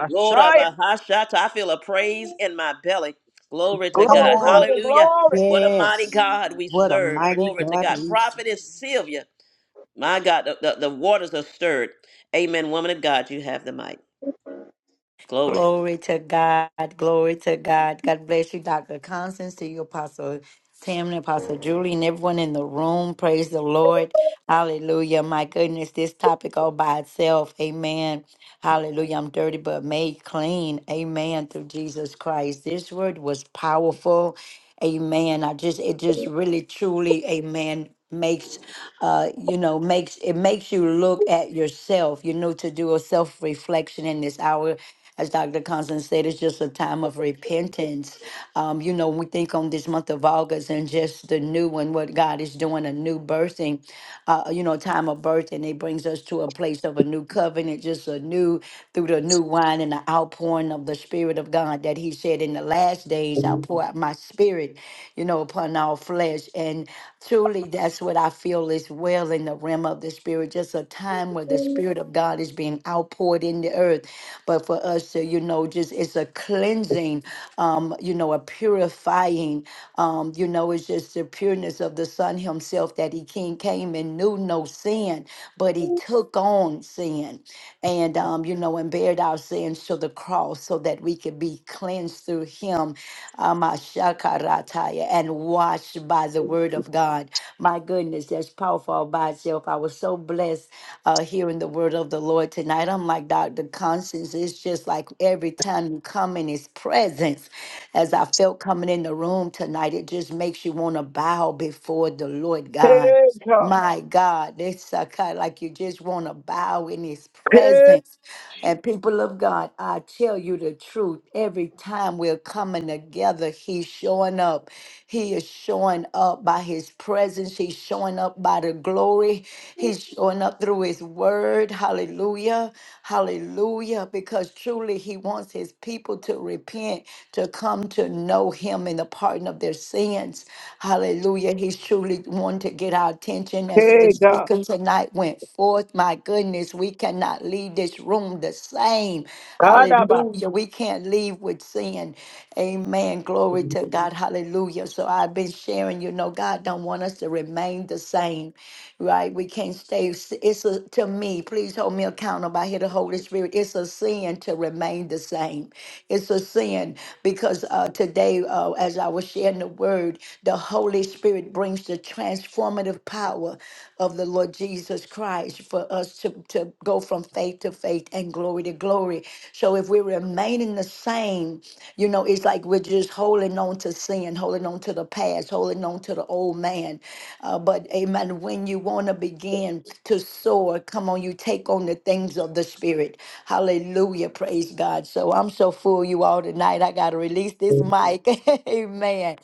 Lord of Bahashata, I feel a praise in my belly. Glory to
Come
glory,
God.
on.
glory,
Hallelujah.
glory.
What a mighty
Yes.
God we
What a
serve.
mighty
Glory to
God
God.
we
Prophetess Sylvia. My God, the, the, the waters are stirred. Amen. Woman of God, you have the mic. Glory.
Glory to God. Glory to God. God bless you, Dr. Constance, to you, Apostle Tammy, Apostle Julie, and everyone in the room. Praise the Lord. Hallelujah. My goodness, this topic all by itself. Amen. Hallelujah. I'm dirty but made clean. Amen. Through Jesus Christ. This word was powerful. Amen. I just it just really truly, amen, makes uh you know makes it makes you look at yourself you know to do a self reflection in this hour as Dr. Constance said, it's just a time of repentance. Um, you know, when we think on this month of August and just the new and what God is doing, a new birthing, uh, you know, time of birth, and it brings us to a place of a new covenant, just a new, through the new wine and the outpouring of the Spirit of God that He said, In the last days, I'll pour out my Spirit, you know, upon all flesh. And truly, that's what I feel is well in the realm of the Spirit, just a time where the Spirit of God is being outpoured in the earth but for us to, you know, just it's a cleansing, um, you know, a purifying, um, you know, it's just the pureness of the Son Himself that He came, came and knew no sin, but He took on sin and, um, you know, and bared our sins to the cross so that we could be cleansed through Him, um, Ashakarataya, and washed by the Word of God. My goodness, that's powerful all by itself. I was so blessed uh, hearing the word of the Lord tonight. I'm like Dr. Constance. It's just like every time you come in His presence, as I felt coming in the room tonight, it just makes you want to bow before the Lord God.
Hey, God.
My God, it's a kind like you just want to bow in His
Hey,
presence. And people of God, I tell you the truth. Every time we're coming together, He's showing up. He is showing up by his presence. He's showing up by the glory. He's showing up through his word. Hallelujah. Hallelujah. Because truly he wants his people to repent, to come to know him in the pardon of their sins. Hallelujah. He's truly wanting to get our attention as the
hey,
speaker tonight went forth. My goodness, we cannot leave this room the same.
God.
Hallelujah. We can't leave with sin. Amen. Glory to God. Hallelujah. So I've been sharing, you know, God don't want us to remain the same right? We can't stay. s- It's a, to me, please hold me accountable. I hear the Holy Spirit. It's a sin to remain the same. It's a sin because uh, today, uh, as I was sharing the word, the Holy Spirit brings the transformative power of the Lord Jesus Christ for us to, to go from faith to faith and glory to glory. So if we're remaining the same, you know, it's like we're just holding on to sin, holding on to the past, holding on to the old man uh, but amen, when you want to begin to soar, come on, you take on the things of the Spirit. Hallelujah. Praise God. So I'm so full, you all, tonight. I got to release this mic. amen.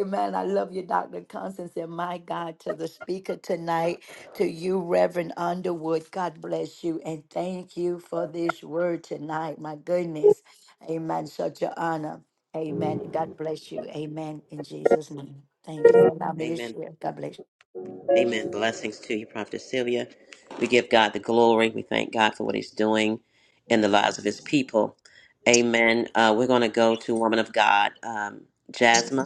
Amen. I love you, Dr. Constance, and my God, to the speaker tonight, to you, Reverend Underwood. God bless you, and thank you for this word tonight. My goodness. Amen. Such an honor. Amen. God bless you. Amen. In Jesus' name. Thank you for allowing me to
Amen.
share. God bless you.
Amen. Blessings to you, Prophetess Sylvia. We give God the glory. We thank God for what he's doing in the lives of his people. Amen. Uh, we're going to go to Woman of God, um, Jasmine.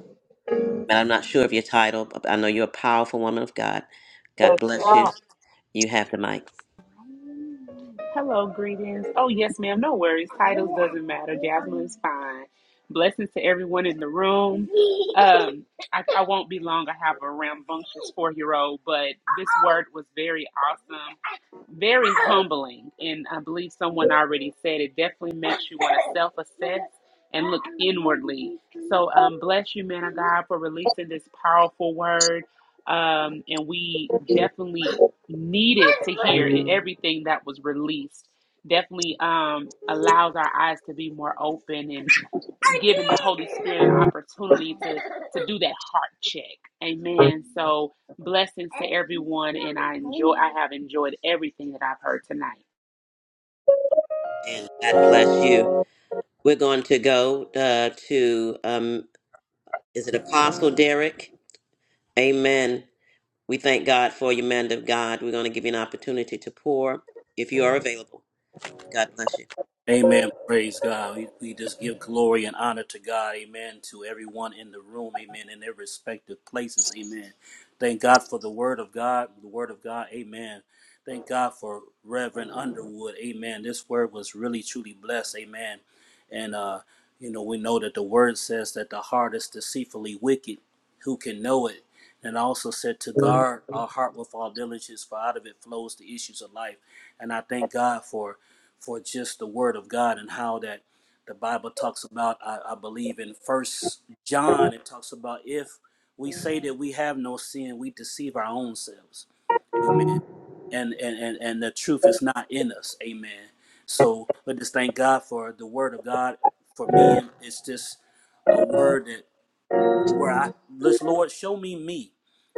but I'm not sure of your title. But I know you're a powerful woman of God. God bless you. You have the mic.
Hello, greetings. Oh, yes, ma'am. No worries. Titles doesn't matter. Jasmine is fine. Blessings to everyone in the room. Um, I, I won't be long. I have a rambunctious four year old, but this word was very awesome very humbling. And I believe someone already said it definitely makes you want to self assess and look inwardly. So, um, bless you, man of God, for releasing this powerful word. Um, and we definitely needed to hear it- everything that was released. Definitely um, allows our eyes to be more open and giving the Holy Spirit an opportunity to, to do that heart check. Amen. So, Blessings to everyone, and I enjoy. I have enjoyed everything that I've heard tonight.
And God bless you. We're going to go uh, to, um, is it Apostle Derek? Amen. We thank God for you, man of God. We're going to give you an opportunity to pour if you are available. God bless you.
Amen. Praise God. We, we just give glory and honor to God. Amen. To everyone in the room. Amen. In their respective places. Amen. Thank God for the word of God. The word of God. Amen. Thank God for Reverend Underwood. Amen. This word was really, truly blessed. Amen. And, uh, you know, we know that the word says that the heart is deceitfully wicked who can know it. And also said to guard our heart with all diligence, for out of it flows the issues of life. And I thank God for for just the word of God and how that the Bible talks about. I, I believe in First John, it talks about if we say that we have no sin, we deceive our own selves. Amen. And and and, and the truth is not in us. Amen. So, but just thank God for the word of God. For me, it's just a word that where I this Lord show me me,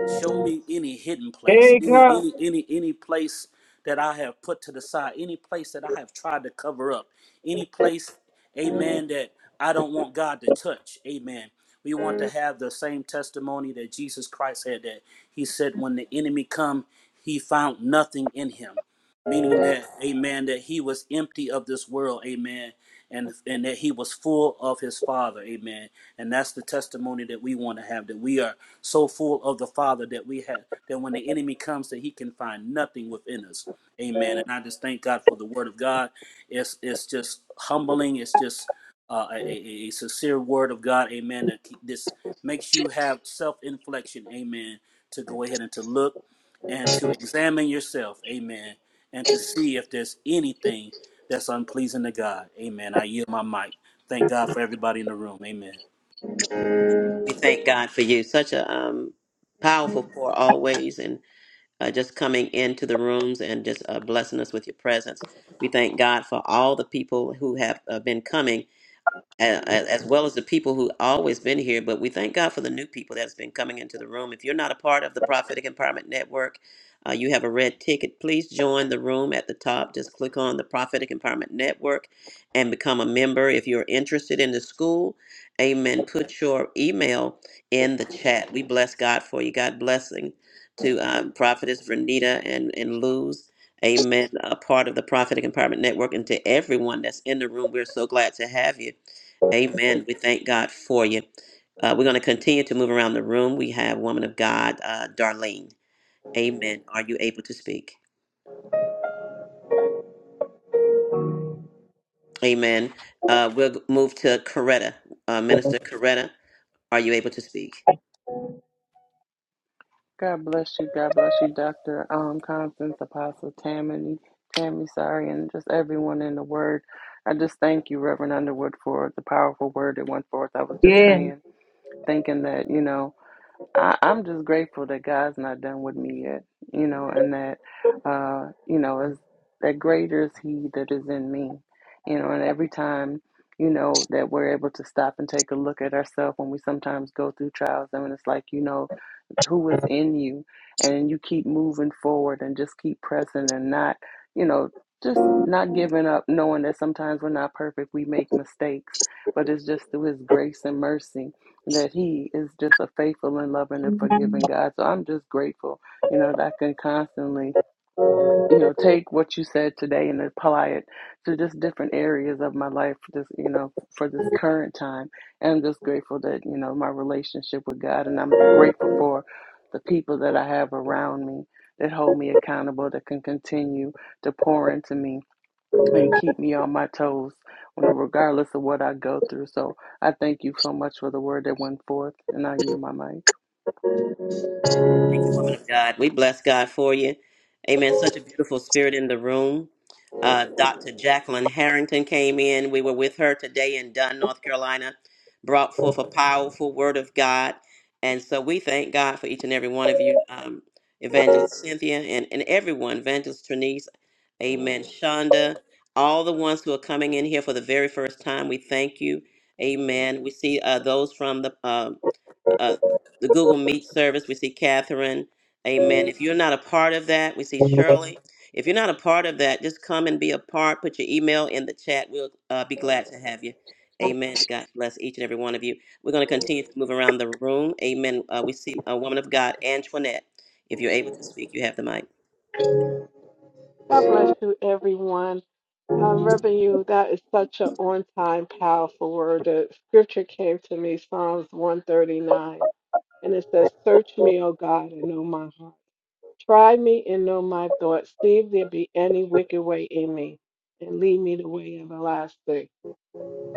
show me any hidden place,
Hey,
any
God.
any any any place that I have put to the side, any place that I have tried to cover up, any place, Amen, that I don't want God to touch, Amen. We want to have the same testimony that Jesus Christ had that He said, when the enemy come, He found nothing in Him meaning that amen that he was empty of this world amen and and that he was full of his father amen and that's the testimony that we want to have that we are so full of the father that we have that when the enemy comes that he can find nothing within us amen and i just thank god for the word of god it's it's just humbling it's just uh, a, a, a sincere word of god amen that keep- this makes you have self-inflection amen to go ahead and to look and to examine yourself, amen, and to see if there's anything that's unpleasing to God, amen. I yield my mic. Thank God for everybody in the room, amen.
We thank God for you. Such a um, powerful pour always and uh, just coming into the rooms and just uh, blessing us with your presence. We thank God for all the people who have uh, been coming a- a- as well as the people who always been here but we thank god for the new people that's been coming into the room if you're not a part of the prophetic empowerment network uh, you have a red ticket please join the room at the top just click on the prophetic empowerment network and become a member if you're interested in the school amen put your email in the chat we bless god for you god blessing to um, prophetess vernita and and luz amen a part of the prophetic empowerment network and to everyone that's in the room we're so glad to have you Amen. We thank God for you. Uh, we're going to continue to move around the room. We have woman of God, uh, Darlene. Amen. Are you able to speak? Amen. Uh, we'll move to Coretta. Uh, Minister Coretta, are you able to speak?
God bless you. God bless you, Dr. Um, Constance, Apostle Tammany, Tammy, sorry, and just everyone in the Word. I just thank you, Reverend Underwood, for the powerful word that went forth. I was just saying, thinking that, you know. I, I'm just grateful that God's not done with me yet, you know, and that, uh, you know, is that greater is He that is in me, you know, and every time, you know, that we're able to stop and take a look at ourselves when we sometimes go through trials, and mean, it's like, you know, who is in you, and you keep moving forward and just keep pressing and not, you know, just not giving up, knowing that sometimes we're not perfect, we make mistakes, but it's just through His grace and mercy that he is just a faithful and loving and forgiving God. So I'm just grateful, you know, that I can constantly, you know, take what you said today and apply it to just different areas of my life, just, you know, for this current time. And I'm just grateful that, you know, my relationship with God and I'm grateful for the people that I have around me that hold me accountable, that can continue to pour into me and keep me on my toes when regardless of what I go through. So I thank you so much for the word that went forth and I yield my mic.
Thank you, woman of God. We bless God for you. Amen. Such a beautiful spirit in the room. Uh, Dr. Jacqueline Harrington came in. We were with her today in Dunn, North Carolina, brought forth a powerful word of God. And so we thank God for each and every one of you, um, Evangelist Cynthia and, and everyone, Evangelist Trinice, Amen, Shonda, all the ones who are coming in here for the very first time. We thank you. Amen. We see uh, those from the um uh, the Google Meet service. We see Catherine. Amen. If you're not a part of that, we see Shirley. If you're not a part of that, just come and be a part. Put your email in the chat. We'll uh, be glad to have you. Amen. God bless each and every one of you. We're going to continue to move around the room. Amen. Uh, we see a woman of God, Antoinette. If you're able to speak, you have the mic.
God bless you, everyone. Um, Reverend, you, that is such an on time, powerful word. The scripture came to me, Psalms 139, and it says, Search me, O God, and know my heart. Try me and know my thoughts. See if there be any wicked way in me, and lead me the way everlasting.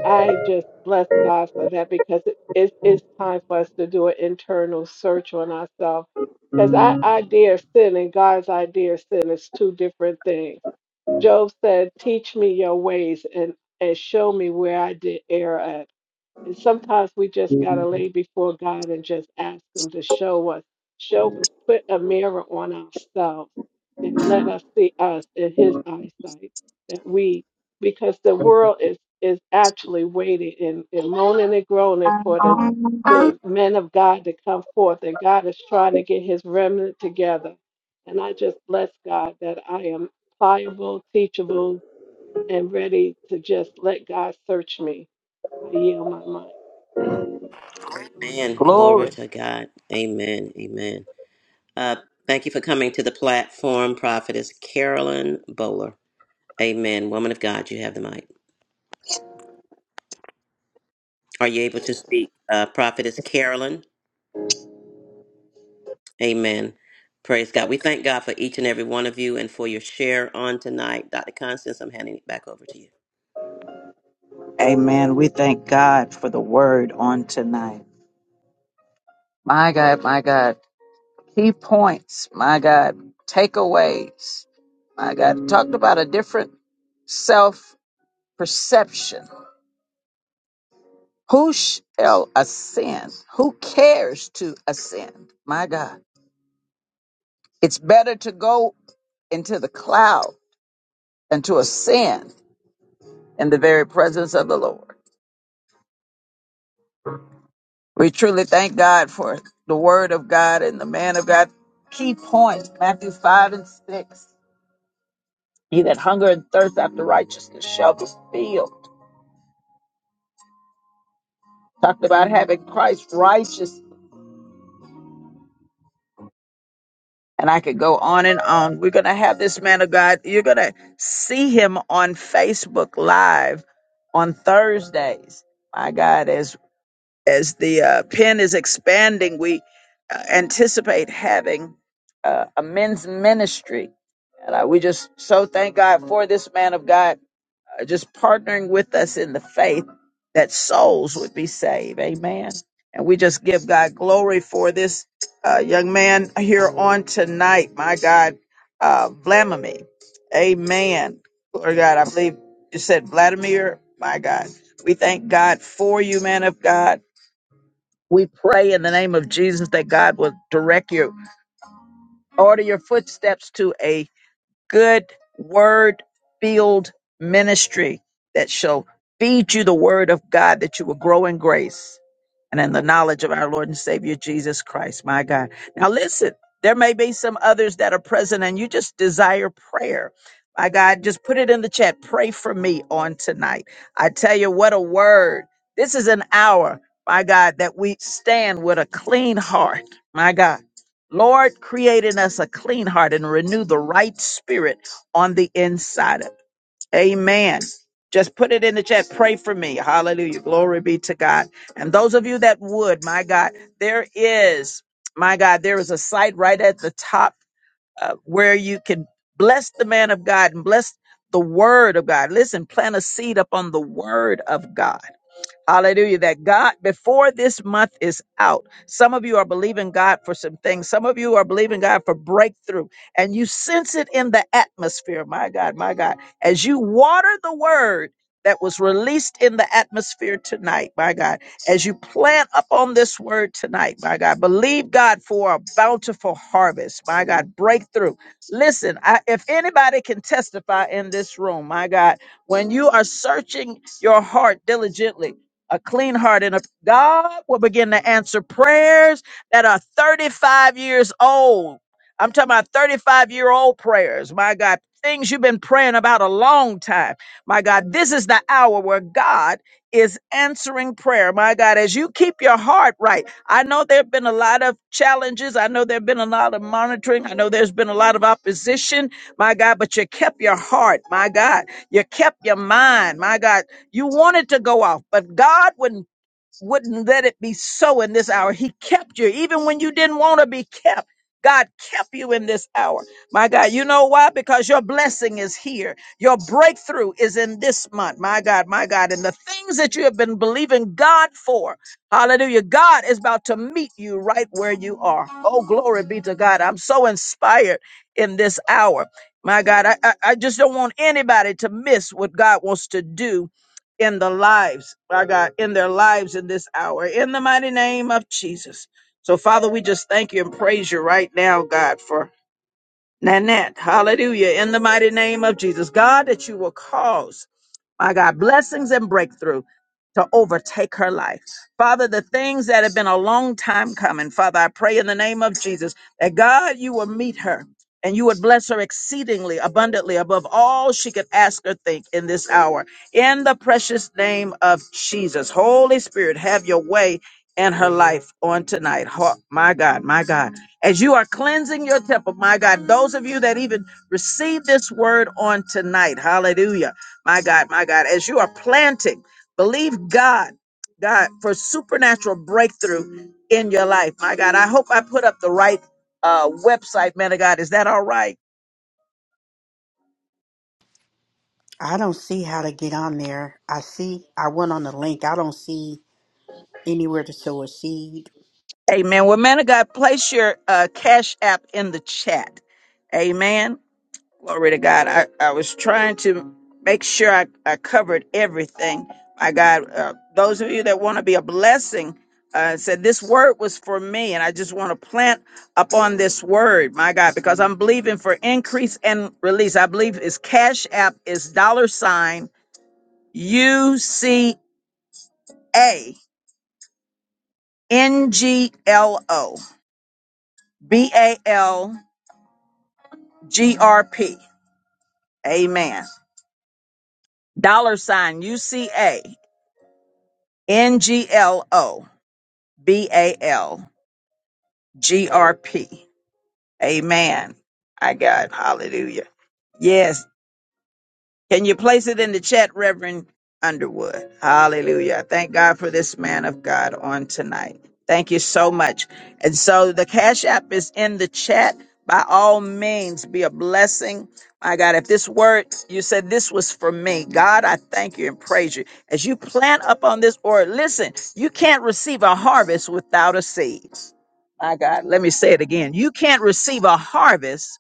I just bless God for that because it, it, it's time for us to do an internal search on ourselves. Because our idea of sin and God's idea of sin is two different things. Job said, Teach me your ways and, and show me where I did err at. And sometimes we just got to lay before God and just ask Him to show us, show, put a mirror on ourselves and let us see us in His eyesight. That we, because the world is is actually waiting and, and moaning and groaning for the the men of God to come forth, and God is trying to get His remnant together. And I just bless God that I am pliable, teachable, and ready to just let God search me. I yield my mind.
Amen. Glory
Glory.
to God. Amen. Amen. Uh, thank you for coming to the platform, Prophetess Carolyn Bowler. Amen. Woman of God, you have the mic. Are you able to speak? Uh, Prophetess Carolyn. Amen. Praise God. We thank God for each and every one of you and for your share on tonight. Dr. Constance, I'm handing it back over to you.
Amen. We thank God for the word on tonight. My God, my God. Key points, my God. Takeaways, my God. Talked about a different self perception. Who shall ascend? Who cares to ascend? My God. It's better to go into the cloud than to ascend in the very presence of the Lord. We truly thank God for the word of God and the man of God. Key points, Matthew 5 and 6. He that hunger and thirst after righteousness shall be filled. Talked about having Christ righteous. And I could go on and on. We're going to have this man of God. You're going to see him on Facebook Live on Thursdays. My God, as as the uh, pen is expanding, we uh, anticipate having uh, a men's ministry And I, we just so thank God for this man of God uh, just partnering with us in the faith that souls would be saved. Amen. And we just give God glory for this uh, young man here on tonight. My God, uh, Vladimir. Amen. Lord God, I believe you said Vladimir. My God, we thank God for you, man of God. We pray in the name of Jesus that God will direct you, order your footsteps to a good word filled ministry that shall feed you the word of God that you will grow in grace and in the knowledge of our Lord and Savior Jesus Christ, my God. Now, listen, there may be some others that are present and you just desire prayer. My God, just put it in the chat. Pray for me on tonight. I tell you, what a word. This is an hour, my God, that we stand with a clean heart, my God Lord, create in us a clean heart and renew the right spirit on the inside of. Amen. Just put it in the chat. Pray for me. Hallelujah. Glory be to God. And those of you that would, my God, there is, my God, there is a site right at the top uh, where you can bless the man of God and bless the word of God. Listen, plant a seed upon the word of God Hallelujah. That God, before this month is out, some of you are believing God for some things. Some of you are believing God for breakthrough, and you sense it in the atmosphere. My God, my God. As you water the word that was released in the atmosphere tonight, my God, as you plant up on this word tonight, my God, believe God for a bountiful harvest, my God, breakthrough. Listen, I, if anybody can testify in this room, my God, when you are searching your heart diligently, a clean heart and a God will begin to answer prayers that are 35 years old. I'm talking about 35 year old prayers. My God, things you've been praying about a long time. My God, this is the hour where God is answering prayer. My God, as you keep your heart right, I know there have been a lot of challenges. I know there have been a lot of monitoring. I know there's been a lot of opposition. My God, but you kept your heart. My God, you kept your mind. My God, you wanted to go off, but God wouldn't wouldn't let it be so in this hour. He kept you even when you didn't want to be kept. God kept you in this hour. My God, you know why? Because your blessing is here. Your breakthrough is in this month. My God, my God. And the things that you have been believing God for, hallelujah, God is about to meet you right where you are. Oh, glory be to God. I'm so inspired in this hour. My God, I, I, I just don't want anybody to miss what God wants to do in the lives, my God, in their lives in this hour, in the mighty name of Jesus. So, Father, we just thank you and praise you right now, God, for Nanette. Hallelujah. In the mighty name of Jesus. God, that you will cause, my God, blessings and breakthrough to overtake her life. Father, the things that have been a long time coming, Father, I pray in the name of Jesus that God, you will meet her and you would bless her exceedingly abundantly above all she could ask or think in this hour. In the precious name of Jesus. Holy Spirit, have your way in her life on tonight. Ho- My God, my God. As you are cleansing your temple, my God, those of you that even receive this word on tonight, hallelujah. My God, my God, as you are planting. Believe God, God, for supernatural breakthrough in your life. My God, I hope I put up the right uh, website, man of God. Is that all right?
I don't see how to get on there. I see, I went on the link. I don't see anywhere to sow a seed.
Amen. Well, man of God, place your uh, cash app in the chat. Amen. Glory to God. I, I was trying to make sure I, I covered everything. My God, uh, those of you that want to be a blessing, uh, said this word was for me, and I just want to plant upon this word, my God, because I'm believing for increase and release. I believe is Cash App is dollar sign U C A N G L O B A L G R P. Amen. Dollar sign U C A N G L O. B A L G R P. Amen. I got hallelujah. Yes. Can you place it in the chat, Reverend Underwood? Hallelujah. I Thank God for this man of God on tonight. Thank you so much. And so the Cash App is in the chat. By all means, be a blessing. My God, if this word you said this was for me, God, I thank you and praise you. As you plant up on this word, listen, you can't receive a harvest without a seed. My God, let me say it again. You can't receive a harvest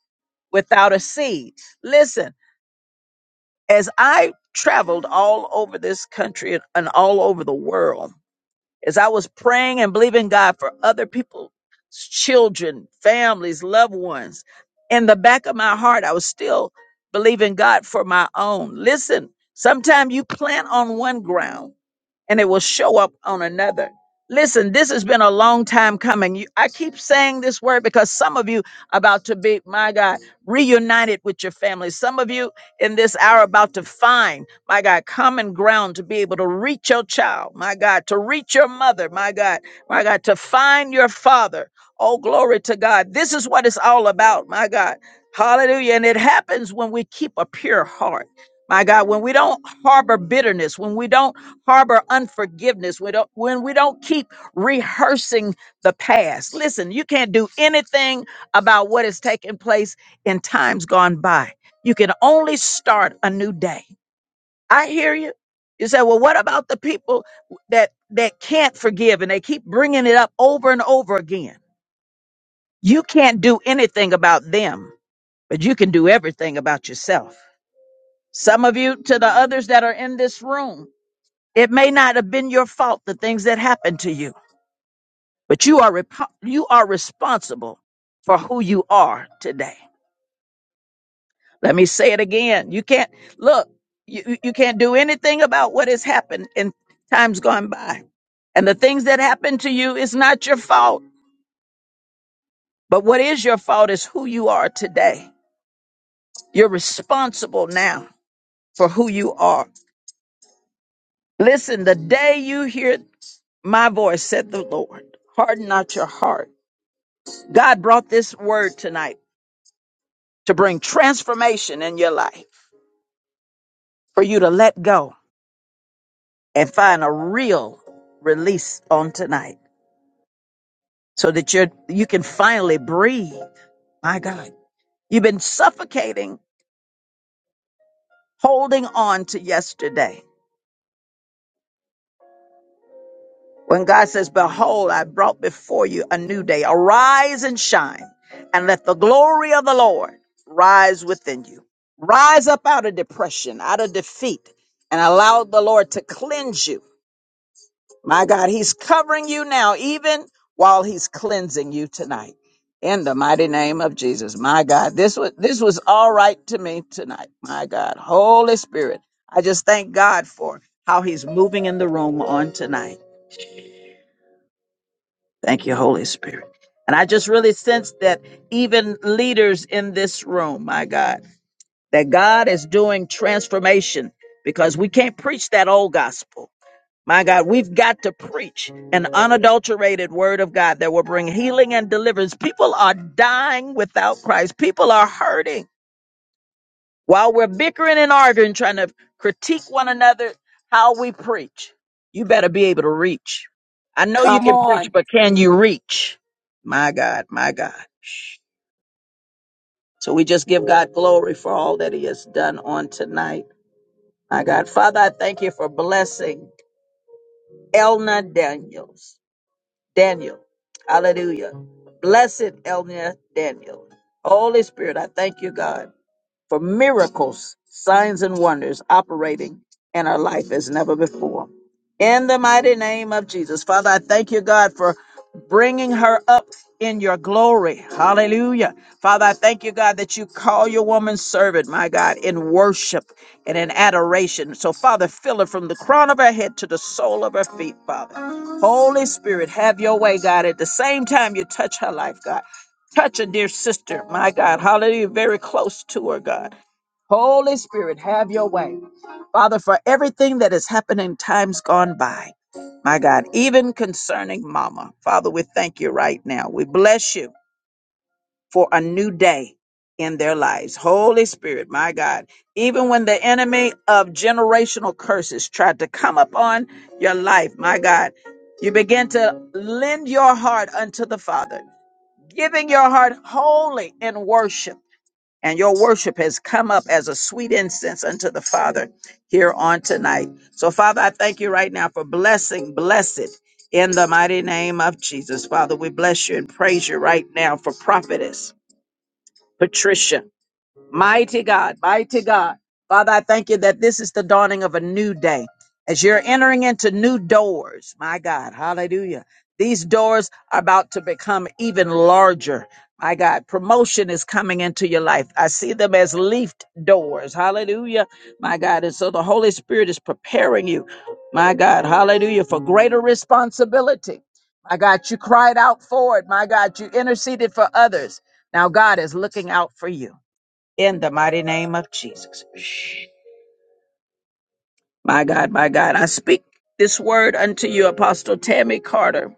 without a seed. Listen, as I traveled all over this country and all over the world, as I was praying and believing God for other people's children, families, loved ones, in the back of my heart, I was still believing God for my own. Listen, sometimes you plant on one ground and it will show up on another. Listen, this has been a long time coming. You, I keep saying this word because some of you about to be, my God, reunited with your family. Some of you in this hour about to find, my God, common ground to be able to reach your child, my God, to reach your mother, my God, my God, to find your father. Oh, glory to God. This is what it's all about, my God. Hallelujah. And it happens when we keep a pure heart. My God, when we don't harbor bitterness, when we don't harbor unforgiveness, we don't, when we don't keep rehearsing the past. Listen, you can't do anything about what has taken place in times gone by. You can only start a new day. I hear you. You say, well, what about the people that that can't forgive and they keep bringing it up over and over again? You can't do anything about them, but you can do everything about yourself. Some of you to the others that are in this room, it may not have been your fault, the things that happened to you, but you are, rep- you are responsible for who you are today. Let me say it again. You can't, look, you, you you can't do anything about what has happened in times gone by. And the things that happened to you is not your fault, but what is your fault is who you are today. You're responsible now for who you are. Listen, the day you hear my voice, said the Lord, harden not your heart. God brought this word tonight to bring transformation in your life, for you to let go and find a real release on tonight so that you you can finally breathe. My God, you've been suffocating holding on to yesterday. When God says, "Behold, I brought before you a new day. Arise and shine, and let the glory of the Lord rise within you. Rise up out of depression, out of defeat, and allow the Lord to cleanse you." My God, He's covering you now, even while He's cleansing you tonight. In the mighty name of Jesus, my God, this was this was all right to me tonight. My God, Holy Spirit, I just thank God for how He's moving in the room on tonight. Thank you, Holy Spirit. And I just really sense that even leaders in this room, my God, that God is doing transformation because we can't preach that old gospel. My God, we've got to preach an unadulterated word of God that will bring healing and deliverance. People are dying without Christ. People are hurting while we're bickering and arguing, trying to critique one another. How we preach, you better be able to reach. I know you
Come
can preach,
on.
but can you reach? My God, my God. So we just give God glory for all that He has done on tonight. My God, Father, I thank you for blessing Elna Daniels. Daniel. Hallelujah. Blessed Elnia Daniel. Holy Spirit, I thank you, God, for miracles, signs, and wonders operating in our life as never before. In the mighty name of Jesus. Father, I thank you, God, for bringing her up in your glory. Hallelujah. Father, I thank you, God, that you call your woman servant, my God, in worship and in adoration. So, Father, fill her from the crown of her head to the sole of her feet, Father. Holy Spirit, have your way, God. At the same time, you touch her life, God. Touch a dear sister, my God. Hallelujah. Very close to her, God. Holy Spirit, have your way. Father, for everything that has happened in times gone by, my God, even concerning Mama, Father, we thank you right now. We bless you for a new day in their lives. Holy Spirit, my God, even when the enemy of generational curses tried to come upon your life, my God, you begin to lend your heart unto the Father, giving your heart wholly in worship. And your worship has come up as a sweet incense unto the Father here on tonight. So, Father, I thank you right now for blessing, blessed in the mighty name of Jesus. Father, we bless you and praise you right now for prophetess. Patricia. Mighty God, mighty God. Father, I thank you that this is the dawning of a new day. As you're entering into new doors, my God, hallelujah. These doors are about to become even larger. My God, promotion is coming into your life. I see them as leafed doors. Hallelujah. My God. And so the Holy Spirit is preparing you, my God, hallelujah, for greater responsibility. My God, you cried out for it. My God, you interceded for others. Now God is looking out for you in the mighty name of Jesus. My God, my God, I speak this word unto you, Apostle Tammy Carter.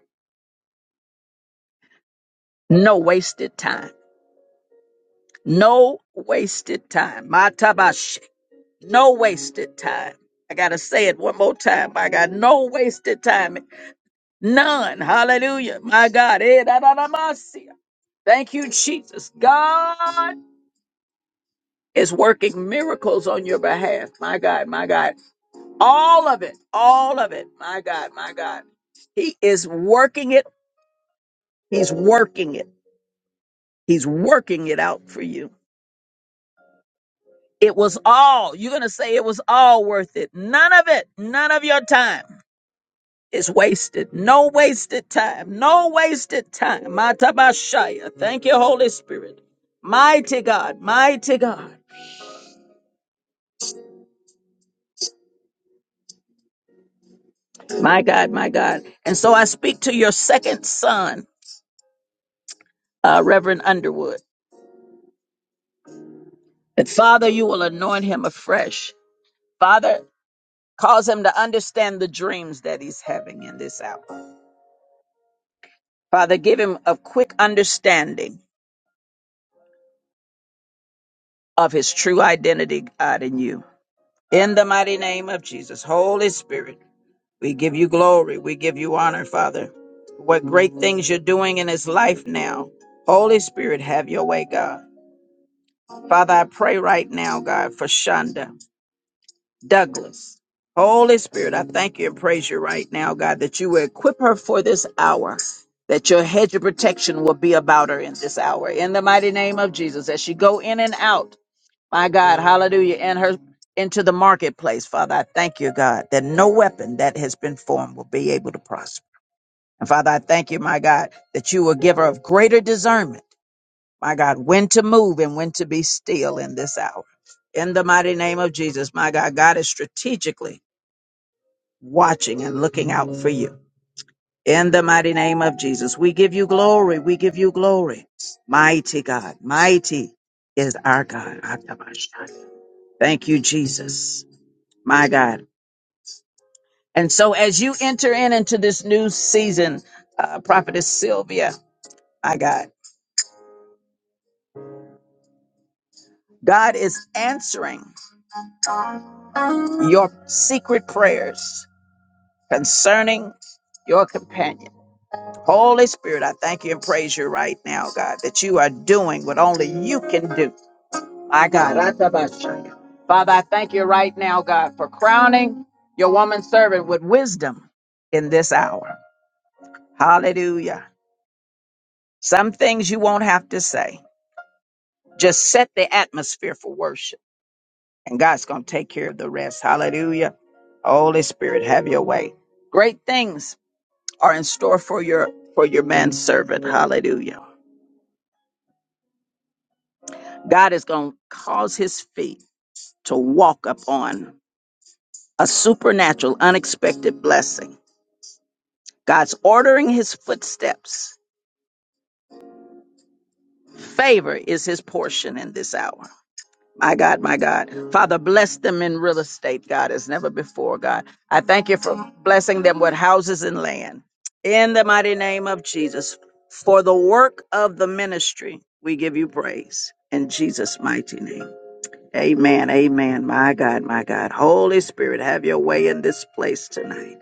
No wasted time. No wasted time. My tabash. No wasted time. I got to say it one more time. My God, no wasted time. None. Hallelujah. My God. Eh, da, da, da, ma, si. Thank you, Jesus. God is working miracles on your behalf. My God, my God. All of it. All of it. My God, my God. He is working it He's working it. He's working it out for you. It was all, you're going to say it was all worth it. None of it, none of your time is wasted. No wasted time. No wasted time. Matabashaya. Thank you, Holy Spirit. Mighty God, mighty God, my God, my God. And so I speak to your second son, uh, Reverend Underwood, that Father, you will anoint him afresh. Father, cause him to understand the dreams that he's having in this hour. Father, give him a quick understanding of his true identity, God, in you. In the mighty name of Jesus, Holy Spirit, we give you glory. We give you honor, Father. What great things you're doing in his life now. Holy Spirit, have your way, God. Father, I pray right now, God, for Shonda Douglas. Holy Spirit, I thank you and praise you right now, God, that you will equip her for this hour that your hedge of protection will be about her in this hour. In the mighty name of Jesus, as she go in and out, My God, hallelujah. And her into the marketplace, Father. I thank you, God, that no weapon that has been formed will be able to prosper. And Father, I thank you, my God, that you will give her of greater discernment, my God, when to move and when to be still in this hour. In the mighty name of Jesus, my God, God is strategically watching and looking out for you. In the mighty name of Jesus, we give you glory. We give you glory. Mighty God, mighty is our God. Thank you, Jesus. My God. And so as you enter in into this new season, uh, Prophetess Sylvia, my God, God is answering your secret prayers concerning your companion. Holy Spirit, I thank you and praise you right now, God, that you are doing what only you can do. My God, Atabashaya. Father, I thank you right now, God, for crowning your woman servant with wisdom in this hour. Hallelujah. Some things you won't have to say Just set the atmosphere for worship, and God's going to take care of the rest. Hallelujah. Holy Spirit, have your way. Great things are in store for your for your manservant. Hallelujah. God is going to cause his feet to walk upon a supernatural, unexpected blessing. God's ordering his footsteps. Favor is his portion in this hour. My God, my God. Father, bless them in real estate, God, as never before, God. I thank you for blessing them with houses and land. In the mighty name of Jesus, for the work of the ministry, we give you praise. In Jesus' mighty name. Amen, amen. My God, my God. Holy Spirit, have your way in this place tonight.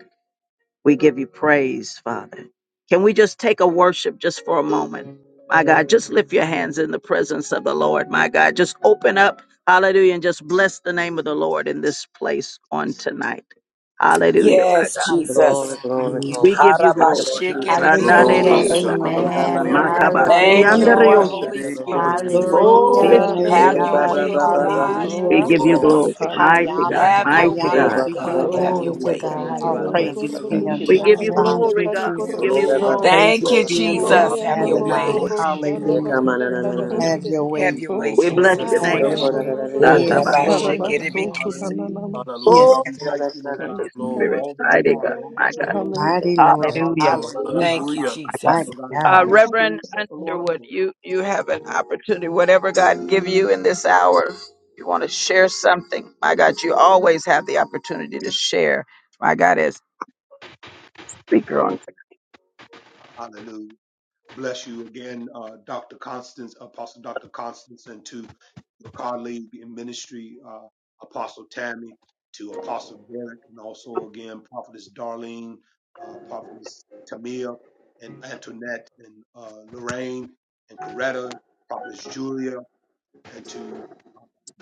We give you praise, Father. Can we just take a worship just for a moment? My God, just lift your hands in the presence of the Lord. My God, just open up, hallelujah, and just bless the name of the Lord in this place on tonight. Hallelujah.
Yes,
Hallelujah.
Jesus.
Glory, glory,
Thank you,
glory.
Jesus.
Thank you, Lord Jesus.
We bless
Glory
Hallelujah.
your
to
name
God,
right
Hallelujah.
Eh,
Hallelujah.
now,
ba,
Harabashikiribiandarusukoye.
ba,
Amen.
hallelujah,
Haya
ba,
My,
na
Lord.
Lord.
Glory
ba,
to
ba, sa,
gorgo
God.
ta,
Thank you,
ra, ra,
shana
Lord
Hallelujah.
ra,
Bless
Hallelujah.
gorgo.
the
ra,
Hallelujah.
Holy
ra,
name,
ra, ra,
Lord
Spirit.
ra.
Jesus.
Glory
Hallelujah.
be to
Glory,
Haya
your
Thank
na
Hallelujah.
you,
name,
Have
Lord.
Eh,
Thank
gorgo
your
you,
ba,
God.
ba,
way,
tano
ba,
oh
ba,
Jesus.
ba,
gorgo
ha,
God, in
so,
shana
Glory
Hallelujah.
ko,
this
to
ta,
gorgo.
glory
God.
ba,
to
place.
High honor.
Hallelujah.
Have your
High
you,
way,
honor
Glory,
oh
to
glory to
God.
you,
Have
God.
Glory
your
to
Hallelujah.
way.
God.
Thank you,
All
Haya
God.
Lord.
na
Hallelujah.
praises
hallelujah,
be
Lord.
Thank
gorgo
you,
unto
We,
you,
Lord.
shana
Thank
gorgo
Father.
you,
We
tano
give you
gorgo
Thank
Jesus.
you,
glory,
All
naya.
God.
Thank
praises
you,
be unto you,
Thank
Jesus.
you,
Haya
Have
na
your
Lord
hallelujah,
Jesus.
Adonai.
way.
gorgo
Thank
Lord Jesus.
you,
shana
Father,
Hallelujah.
we
Jesus.
thank
gorgo
you,
tano
Mm.
Hallelujah.
Have
gorgo
your
Hallelujah.
God.
God.
naya.
Have
We
way.
your
bless
Oh,
way,
your
glory
Have your
Jesus.
to
Have
way,
Haya
God.
name.
na
Lord.
your way.
gorgo
Oh,
In the name
shana
Yes,
Rabbi
Lord.
gorgo
Hallelujah.
naya.
Shekeribikise.
of- Hallelujah,
Yes, God.
Thank you, God.
glory to
all that you are, Lord.
Hallelujah.
God,
Mighty Lord.
you,
thank you
Lord.
Hallelujah.
about
Thank you,
power,
Hallelujah.
Jesus.
oh
Mighty
by
uh,
God.
your spirit.
Reverend
of-
Underwood, you you have an opportunity. Whatever God give you in this hour, you want to share something. My God, you always have the opportunity to share. My God is
Hallelujah. Bless you again, uh, Dr. Constance, Apostle Dr. Constance, and to your colleague in ministry, uh, Apostle Tammy, to Apostle Derek, and also again, Prophetess Darlene, uh, Prophetess Tamia, and Antoinette, and uh, Lorraine, and Coretta, Prophetess Julia, and to.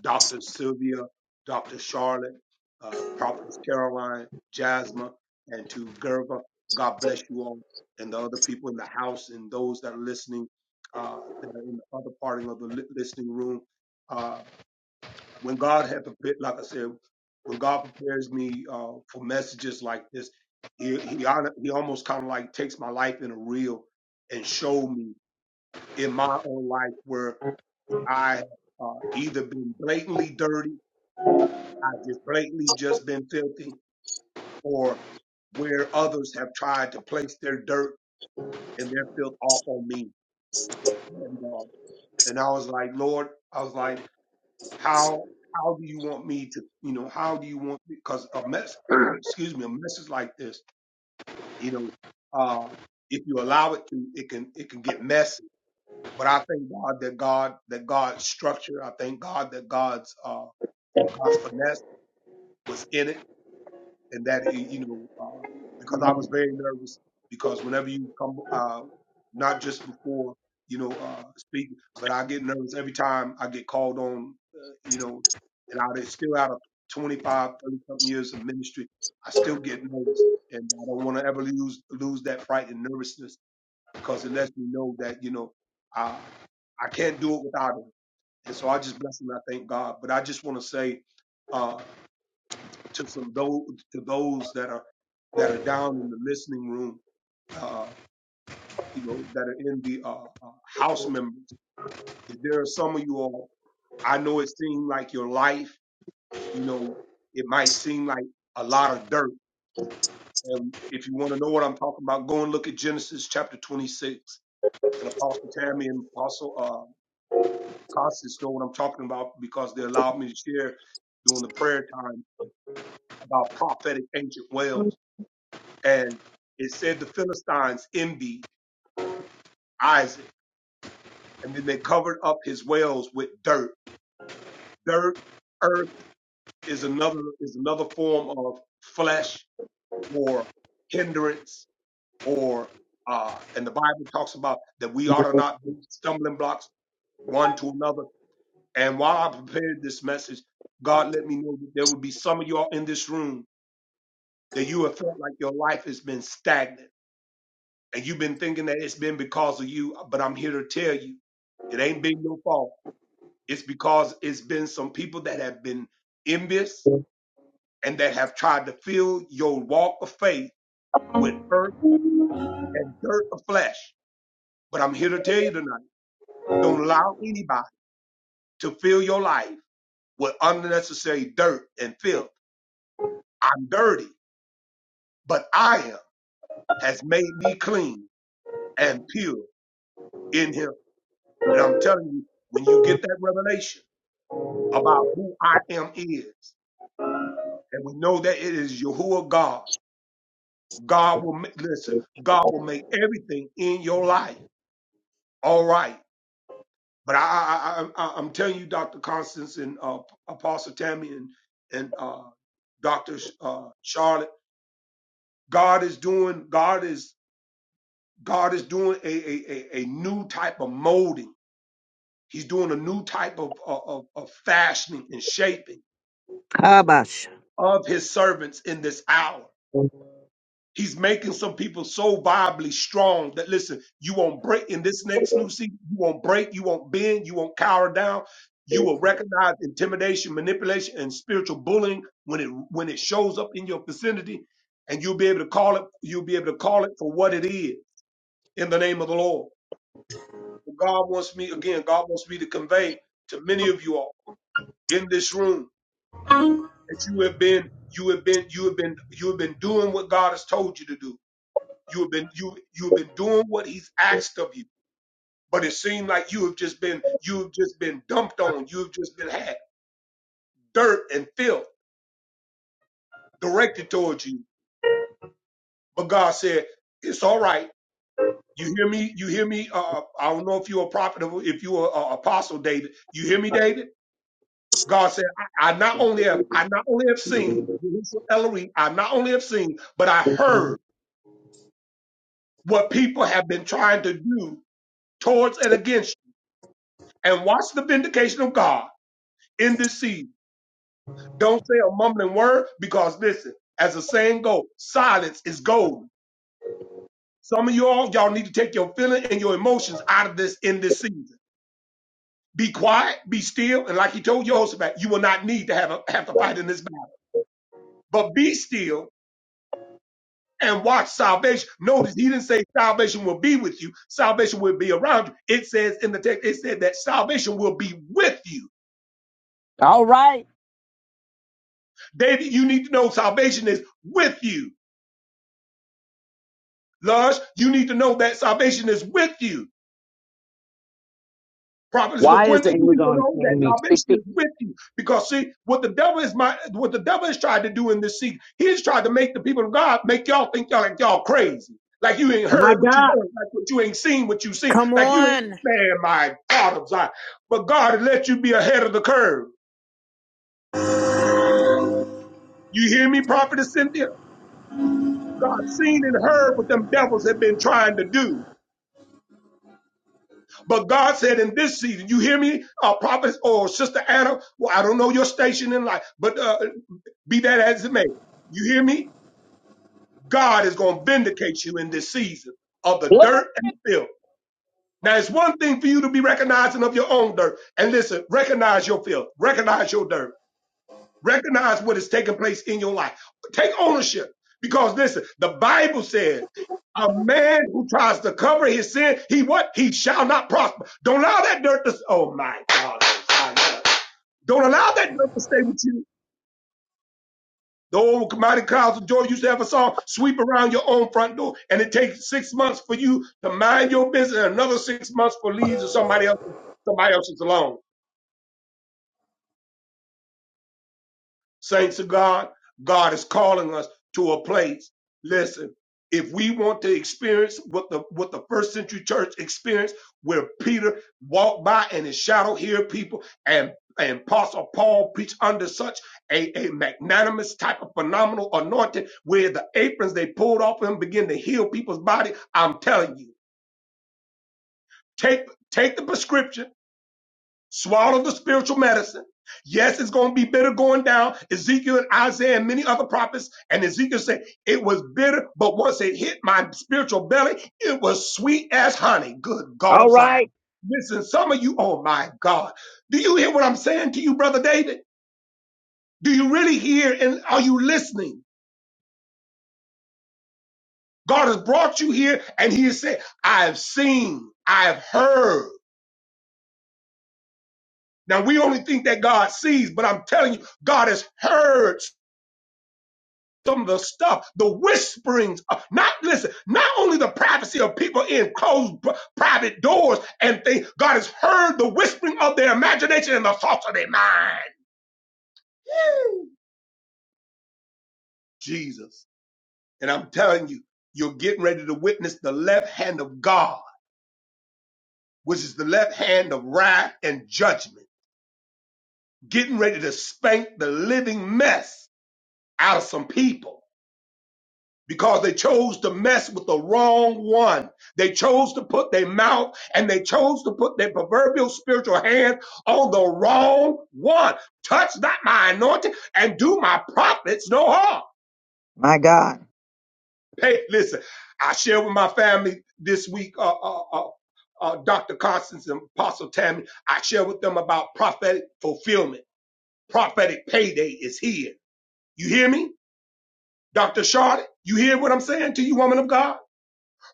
Dr. Sylvia, Dr. Charlotte, uh, Prophetess Caroline, Jasmine, and to Gerva. God bless you all and the other people in the house and those that are listening uh, that are in the other parting of the li- listening room. Uh, when God had prepared, like I said, when God prepares me uh, for messages like this, he he, hon- he almost kind of like takes my life in a reel and show me in my own life where I have uh, either been blatantly dirty I've just blatantly just been filthy, or where others have tried to place their dirt and their filth off on me. And, uh, and I was like, Lord, I was like, how how do you want me to, you know, how do you want me? because a mess, excuse me, a message like this, you know, uh, if you allow it to, it can it can get messy. But I thank God that God that God's structure, I thank God that God's uh, God's finesse was in it and that y- you know uh, because I was very nervous because whenever you come uh, not just before you know uh, speaking, but I get nervous every time I get called on uh, you know and I was still out of twenty-five, thirty something years of ministry I still get nervous and I don't want to ever lose lose that fright and nervousness because it lets me know that you know I I can't do it without it and so I just bless and I thank God but I just want to say uh, to some those to those that are that are down in the listening room, uh, you know, that are in the uh, uh, house members. That there are some of you all. I know it seemed like your life, you know, it might seem like a lot of dirt. And if you want to know what I'm talking about, go and look at Genesis chapter 26. And Apostle Tammy and Apostle uh, Constance know what I'm talking about because they allowed me to share during the prayer time about prophetic ancient wells And it said the Philistines envied Isaac, and then they covered up his wells with dirt. Dirt, earth is another is another form of flesh or hindrance or uh, and the Bible talks about that we ought to not be stumbling blocks one to another. And while I prepared this message, God let me know that there would be some of y'all in this room that you have felt like your life has been stagnant and you've been thinking that it's been because of you, but I'm here to tell you it ain't been your fault. It's because it's been some people that have been envious and that have tried to fill your walk of faith with earth and dirt of flesh. But I'm here to tell you tonight don't allow anybody to fill your life with unnecessary dirt and filth. I'm dirty, but I am has made me clean and pure in him. And I'm telling you, when you get that revelation, about who I am is. And we know that it is Yahuwah God. God will make, listen, God will make everything in your life all right. But I, I, I, I- I'm telling you, Dr. Constance and uh, Apostle Tammy and, and uh, Dr. Sh- Uh, Charlotte, God is doing, God is, God is doing a, a, a, a new type of molding. He's doing a new type of, of, of of fashioning and shaping of his servants in this hour. He's making some people so viably strong that listen, you won't break in this next new season, you won't break, you won't bend, you won't cower down. You will recognize intimidation, manipulation, and spiritual bullying when it when it shows up in your vicinity, and you'll be able to call it, you'll be able to call it for what it is in the name of the Lord. God wants me, again, God wants me to convey to many of you all in this room that you have been, you have been, you have been, you have been doing what God has told you to do You have been you you have been doing what he's asked of you, but it seemed like you have just been you have just been dumped on. You have just been had dirt and filth directed towards you. But God said, "It's all right." You hear me? You hear me? Uh, uh, I don't know if you're a prophet, or if you're an apostle, David. You hear me, David? God said, I, I not only have I not only have seen Yahushua Ellery, I not only have seen, but I heard what people have been trying to do towards and against you. And watch the vindication of God in this season. Don't say a mumbling word because listen, as the saying goes, silence is golden. Some of y'all, y'all need to take your feeling and your emotions out of this in this season. Be quiet, be still, and like he told Jehoshaphat, you will not need to have a, have to fight in this battle. But be still and watch salvation. Notice he didn't say salvation will be with you. Salvation will be around you. It says in the text, it said that salvation will be with you.
all right.
David, you need to know salvation is with you. Lush, you need to know that salvation is with you. Prophetess
Why is
LaQuinta,
the
you need to
Amazon
know that
paying me
salvation
sixty?
is with you. Because see, what the devil is my what the devil has tried to do in this season, he's tried to make the people of God make y'all think y'all like y'all crazy. Like you ain't
My
heard what you
God.
heard, like what you ain't seen what you seen,
Come
like you ain't
on.
man, my God of Zion. But God let you be ahead of the curve. You hear me, Prophetess Cynthia? God seen and heard what them devils have been trying to do. But God said in this season, you hear me, uh, prophet or sister Anna, well, I don't know your station in life, but uh, be that as it may, you hear me? God is going to vindicate you in this season of the dirt and the filth. Now, it's one thing for you to be recognizing of your own dirt. And listen, recognize your filth, recognize your dirt. Recognize what is taking place in your life. Take ownership. Because listen, the Bible says a man who tries to cover his sin, he what? He shall not prosper. Don't allow that dirt to, oh my God. Don't allow that dirt. The old mighty clouds of joy used to have a song, sweep around your own front door. And it takes six months for you to mind your business and another six months for leaves or somebody else, somebody else's alone. Saints of God, God is calling us to a place. Listen, if we want to experience what the what the first century church experienced, where Peter walked by and his shadow healed people, and and Apostle Paul preached under such a, a magnanimous type of phenomenal anointing, where the aprons they pulled off him begin to heal people's body. I'm telling you, take take the prescription Swallow the spiritual medicine. Yes, it's going to be bitter going down. Ezekiel and Isaiah and many other prophets. And Ezekiel said, it was bitter, but once it hit my spiritual belly, it was sweet as honey. Good God
All
of Zion.
right.
Listen, some of you, oh my God. Do you hear what I'm saying to you, Brother David? Do you really hear and are you listening? God has brought you here and he has said, I have seen, I have heard. Now we only think that God sees, but I'm telling you, God has heard some of the stuff, the whisperings, of, not listen, not only the privacy of people in closed pr- private doors and things, God has heard the whispering of their imagination and the thoughts of their mind. Woo! Jesus. And I'm telling you, you're getting ready to witness the left hand of God, which is the left hand of wrath and judgment, getting ready to spank the living mess out of some people because they chose to mess with the wrong one. They chose to put their mouth and they chose to put their proverbial spiritual hand on the wrong one. Touch not my anointing and do my prophets no harm.
My God.
Hey, listen, I shared with my family this week, uh, uh, uh, uh, Dr. Constance and Apostle Tammy, I shared with them about prophetic fulfillment. Prophetic payday is here. You hear me? Dr. Charlotte, you hear what I'm saying to you, woman of God?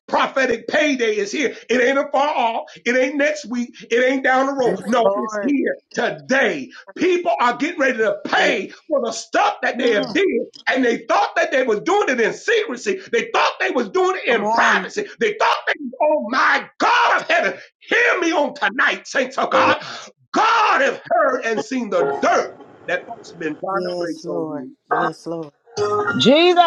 Prophetic payday is here. It ain't a far off. It ain't next week. It ain't down the
Yes,
road. No, it's
Lord.
here today. People are getting ready to pay for the stuff that they have
Mm,
did. And they thought that they was doing it in secrecy. They thought they was doing it
Come
in
on.
privacy. They thought they, oh my God, heaven, hear me on tonight, saints of God. God have heard and seen the dirt that folks have been
Yes, Lord. Yes, Lord.
Jesus.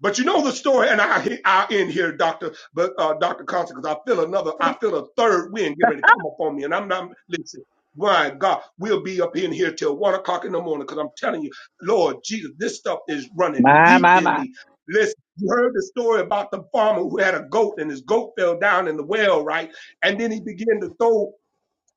But you know the story, and I I end here, Doctor, but uh, Doctor Constant, because I feel another, I feel a third wind getting ready to come up on me, and I'm not listen. My God, we'll be up in here till one o'clock in the morning, because I'm telling you, Lord Jesus, this stuff is running
My,
deep
my,
in
my.
me. Listen, you heard the story about the farmer who had a goat, and his goat fell down in the well, right? And then he began to throw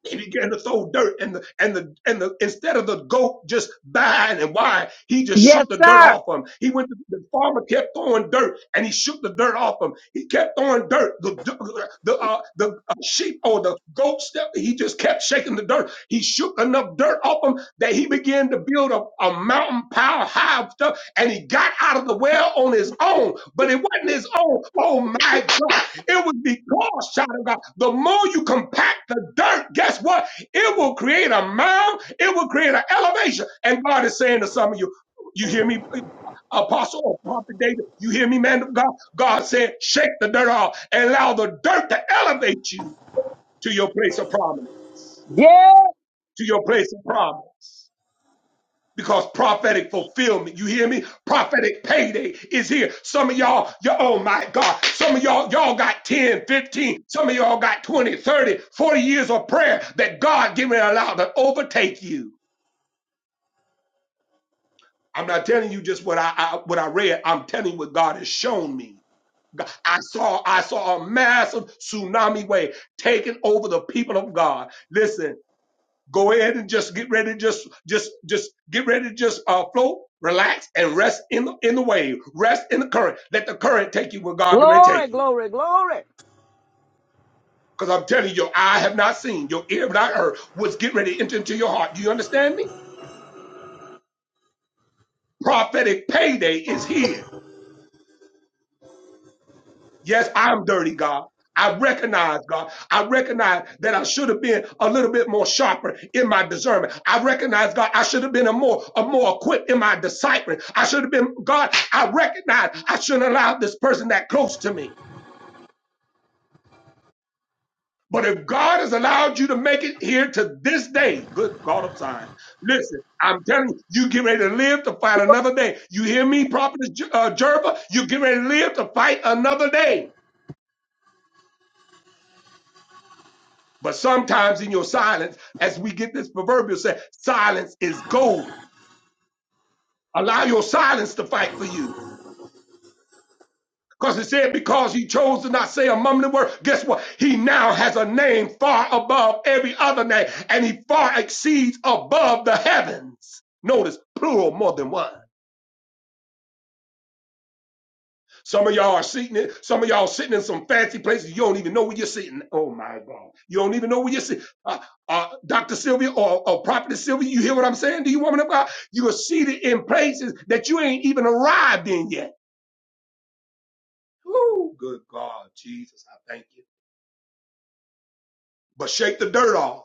he began to throw dirt and the and the and the instead of the goat just dying and why he just
Yes,
shook the dirt
sir.
off him. He went to, the farmer kept throwing dirt and he shook the dirt off him. He kept throwing dirt. The the uh, the uh, sheep or the goat step he just kept shaking the dirt. He shook enough dirt off him that he began to build a, a mountain pile high of stuff and he got out of the well on his own, but it wasn't his own. Oh my God. It was because, child of God, the more you compact the dirt, guess what? It will create a mound, it will create an elevation. And God is saying to some of you, you hear me, Apostle or Prophet David, you hear me, man of God? God said, shake the dirt off and allow the dirt to elevate you to your place of prominence,
Yeah.
to your place of prominence. because prophetic fulfillment, you hear me? Prophetic payday is here. Some of y'all, you, all oh my God, some of y'all, y'all got 10, 15. some of y'all got 20, 30, forty years of prayer that God giving allowed to overtake you. I'm not telling you just what I, I what I read. I'm telling you what God has shown me. God- I saw I saw a massive tsunami wave taking over the people of God. Listen, Go ahead and just get ready to just just just get ready to just uh float, relax, and rest in the in the wave. Rest in the current. Let the current take you where God can
Glory,
take you.
glory, glory.
Because I'm telling you, your eye have not seen, your ear have not heard what's getting ready to enter into your heart. Do you understand me? Prophetic payday is here. Yes, I'm dirty, God. I recognize, God. I recognize that I should have been a little bit more sharper in my discernment. I recognize, God, I should have been a more, a more equipped in my discipling. I should have been, God, I recognize I shouldn't allow this person that close to me. But if God has allowed you to make it here to this day, good God of Zion, listen, I'm telling you, you get ready to live to fight another day. You hear me, Prophet uh, Jerva? You get ready to live to fight another day. But sometimes in your silence, as we get this proverbial say, silence is golden. Allow your silence to fight for you. Because it said, because he chose to not say a mumbling word, guess what? He now has a name far above every other name, and he far exceeds above the heavens. Notice plural more than one. Some of y'all are sitting in, some of y'all sitting in some fancy places. You don't even know where you're sitting. Oh my God. You don't even know where you're sitting. Uh, uh, Dr. Sylvia or, or Prophet Sylvia, you hear what I'm saying? Do you woman of God? You are seated in places that you ain't even arrived in yet. Oh, good God, Jesus, I thank you. But shake the dirt off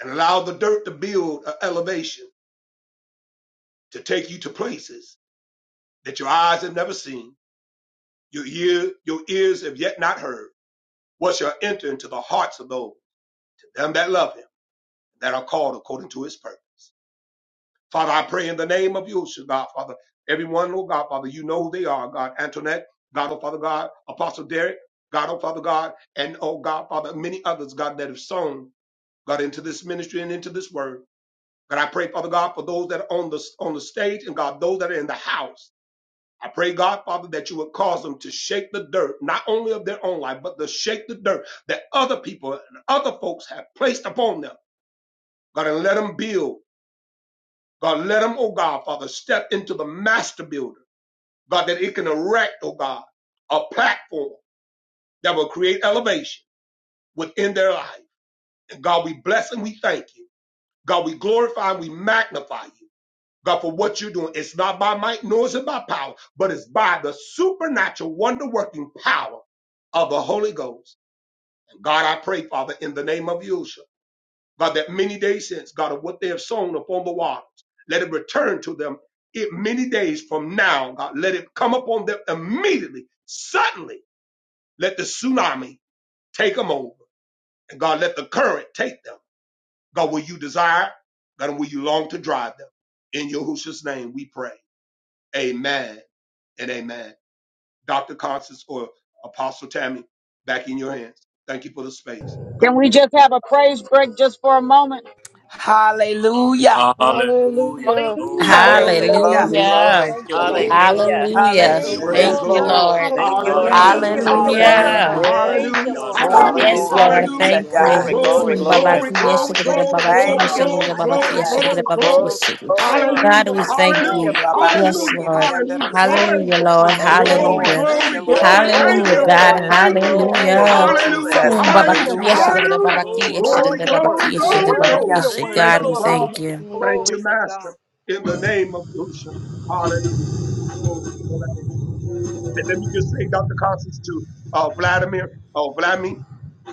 and allow the dirt to build an elevation to take you to places that your eyes have never seen, your ear, your ears have yet not heard. What shall enter into the hearts of those them that love him that are called according to his purpose. Father, I pray in the name of Yeshua, God, Father. Everyone, Lord God, Father, you know who they are, God. Antoinette, God, oh Father, God. Apostle Derek, God, oh Father, God. And, oh God, Father, many others, God, that have sown, God, into this ministry and into this word. God, I pray, Father God, for those that are on the, on the stage and, God, those that are in the house. I pray, God, Father, that you would cause them to shake the dirt, not only of their own life, but to shake the dirt that other people and other folks have placed upon them. God, and let them build. God, let them, oh God, Father, step into the master builder. God, that it can erect, oh God, a platform that will create elevation within their life. And God, we bless and we thank you. God, we glorify and we magnify you. God, for what you're doing. It's not by might, nor is it by power, but it's by the supernatural, wonder working power of the Holy Ghost. And God, I pray, Father, in the name of Yeshua. God, that many days since, God, of what they have sown upon the waters, let it return to them it many days from now, God, let it come upon them immediately, suddenly. Let the tsunami take them over. And God, let the current take them. God, will you desire? God, and will you long to drive them? In Yahushua's name we pray. Amen and amen. Dr. Constance or Apostle Tammy, back in your hands. Thank you for the space. God bless you.
Hallelujah.
Hallelujah.
Hallelujah.
Thank
Glory
Hallelujah.
Hallelujah.
glory,
to God.
Hallelujah.
Hallelujah.
glory.
Thank
you,
you,
Thank
Lord.
Lord.
you,
Thank
Lord.
Hallelujah.
you,
Thank you
Thank
Hallelujah.
for
you,
your
Thank
Jesus.
you,
word.
Praise
Hallelujah.
Yes,
Thank
Lord
the
you,
Jesus.
Lord.
God.
Lord.
Lord.
Thank you,
Hallelujah.
Lord
Thank
Thank
you,
Hallelujah.
Thank
you,
you
Hallelujah,
Jesus.
for
Lord.
your
Bless
Lord
your
word,
Hallelujah.
Jesus.
name,
Hallelujah.
God.
Yes,
wonderful.
Thank you,
Hallelujah.
God,
Lord
Jesus.
we give
God.
you
Oh,
the
Hallelujah.
whole
Yes,
Hallelujah.
glory
Lord.
Hallelujah.
be
Hallelujah.
to
Thank
Hallelujah.
praise.
God.
Glory,
Thank
you.
you,
glory,
Glory,
Zoom,
Thank
glory.
Hallelujah.
you,
glory,
babaki,
Jesus, for
yes,
Father.
glory,
shikadada,
glory,
strengthening it. In
babaki,
glory,
The
Thank
yes,
you,
Most
glory,
Lord
shikadada,
High,
babaki,
glory,
Hallelujah.
I
yes,
am
Jesus.
a
shikadada,
glory,
thief.
babaki,
glory.
yes,
Glory,
shikadada.
glory.
Hallelujah.
Thank you
God,
for
we
Hallelujah, Lord.
thank
strengthening
Oh,
your
you.
Hallelujah.
Thank,
Rabbi
people,
Yes,
Lord
Hallelujah.
God.
Lord.
Hallelujah.
Shekeriandaruse.
Thank
Hallelujah,
you,
Hallelujah.
Lord.
thank
Father,
you,
Thank
in the
Lord.
you,
Glory,
name of
Lord.
Hallelujah.
Thank
Thank
you,
glory,
you.
Jesus.
Lord.
glory.
Thank
Yes,
you,
Glory
Thank
Hallelujah,
you,
Lord
to
Lord.
God.
God.
God.
yes.
Thank you,
Hallelujah.
Lord.
Hallelujah.
Thank
Glory,
Thank
you,
Thank
you,
you,
Hallelujah.
Lord.
Lord.
glory.
Hallelujah.
Jesus.
Thank
Boom,
you, Lord.
Hallelujah.
Hallelujah,
babaki, yes,
Hallelujah.
Thank
Jesus.
shikadada,
Thank
you,
you,
Hallelujah.
babaki,
Lord.
Lord
yes,
God.
Glory,
Lord,
shikadada,
you're
glory,
babaki,
Thank
worthy.
yes,
you,
You're
shikadada,
glory,
Lord.
babaki,
worthy.
glory.
yes,
Hallelujah.
You're
Thank
Thank
shikadada.
worthy.
you,
God,
you,
we
Lord God.
Father.
thank
Hallelujah.
you.
Praise
Thank
the
you,
Glory to
Master.
God.
In the name of Yusha. Hallelujah. Glory to the Lamb. And let me just say, Dr. Constance, to uh, Vladimir, uh, Vladimir,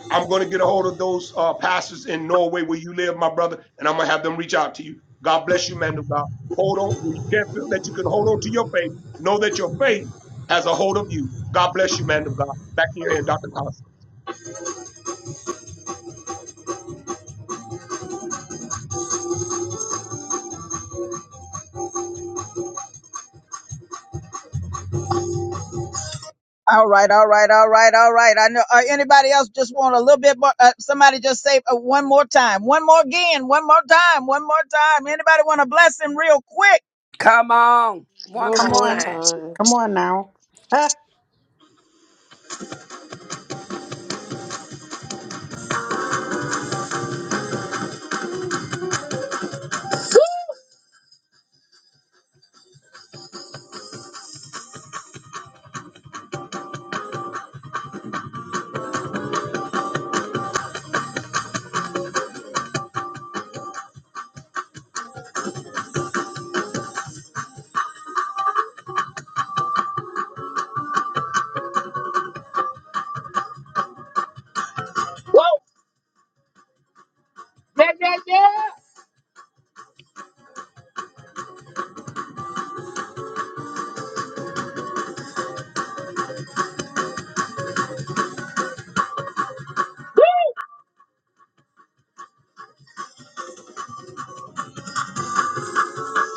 I'm going to get a hold of those uh, pastors in Norway where you live, my brother, and I'm going to have them reach out to you. God bless you, man of God. Hold on. When you can't feel that you can hold on to your faith, know that your faith has a hold of you. God bless you, man of God. Back in your hand, Dr. Constance.
All right. I know else just, uh,
Come on. One
One
Come
more
more
on.
time.
time.
Come on now.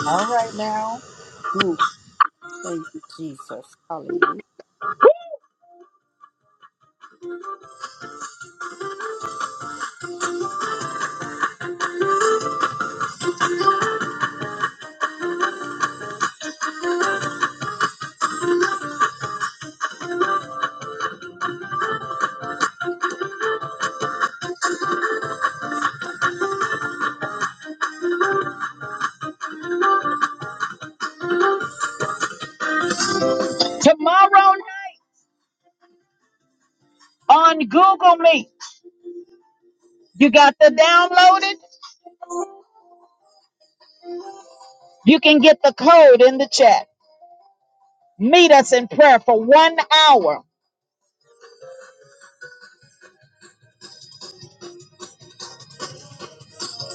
All right now. Mm, Thank you, Jesus. hallelujah!
you got the downloaded. You can get the code in the chat. Meet us in prayer for one hour.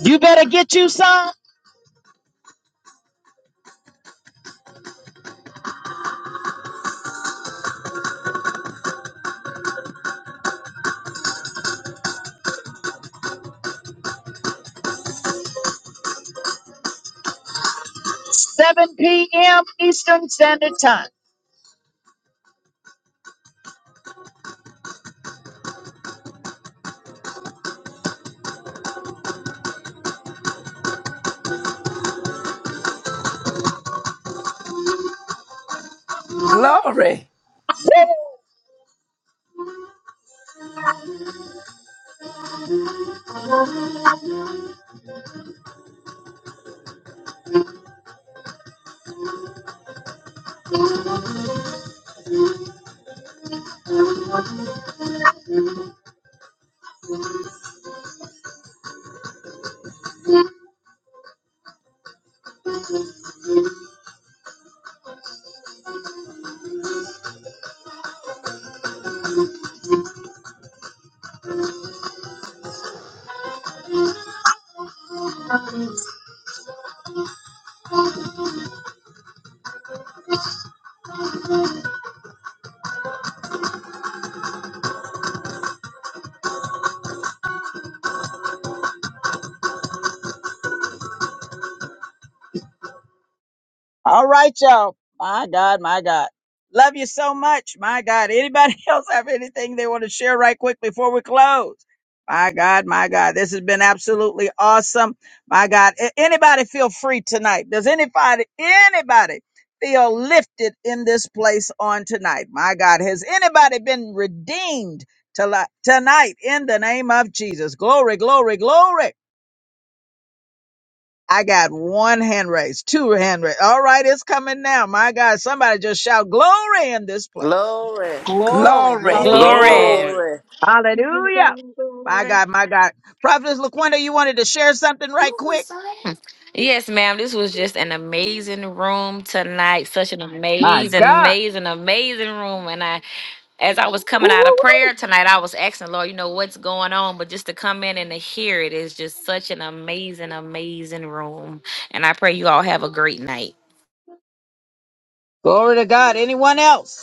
You better get you some.
Glory.
All right, y'all. My God, my God. Love you so much. My God. Anybody else have anything they want to share right quick before we close? My God, my God. This has been absolutely awesome. My God. A- Anybody feel free tonight? Does anybody, anybody feel lifted in this place on tonight? My God. Has anybody been redeemed to li- tonight in the name of Jesus? Glory, glory, glory. I got one hand raised, two hand raised. All right, it's coming now. My God, somebody just shout glory.
Glory,
Glory.
Glory.
Glory to
Hallelujah.
God.
Glory.
Glory.
glory.
My God, Prophetess LaQuinta, you wanted to share something right quick?
Yes, ma'am. This was just an amazing room tonight. Such an amazing, amazing, amazing room. And I, as I was coming out of prayer tonight, I was asking Lord, you know what's going on, but just to come in and to hear it is just such an amazing, amazing room. And I pray you all have a great night.
Glory to God. Anyone else?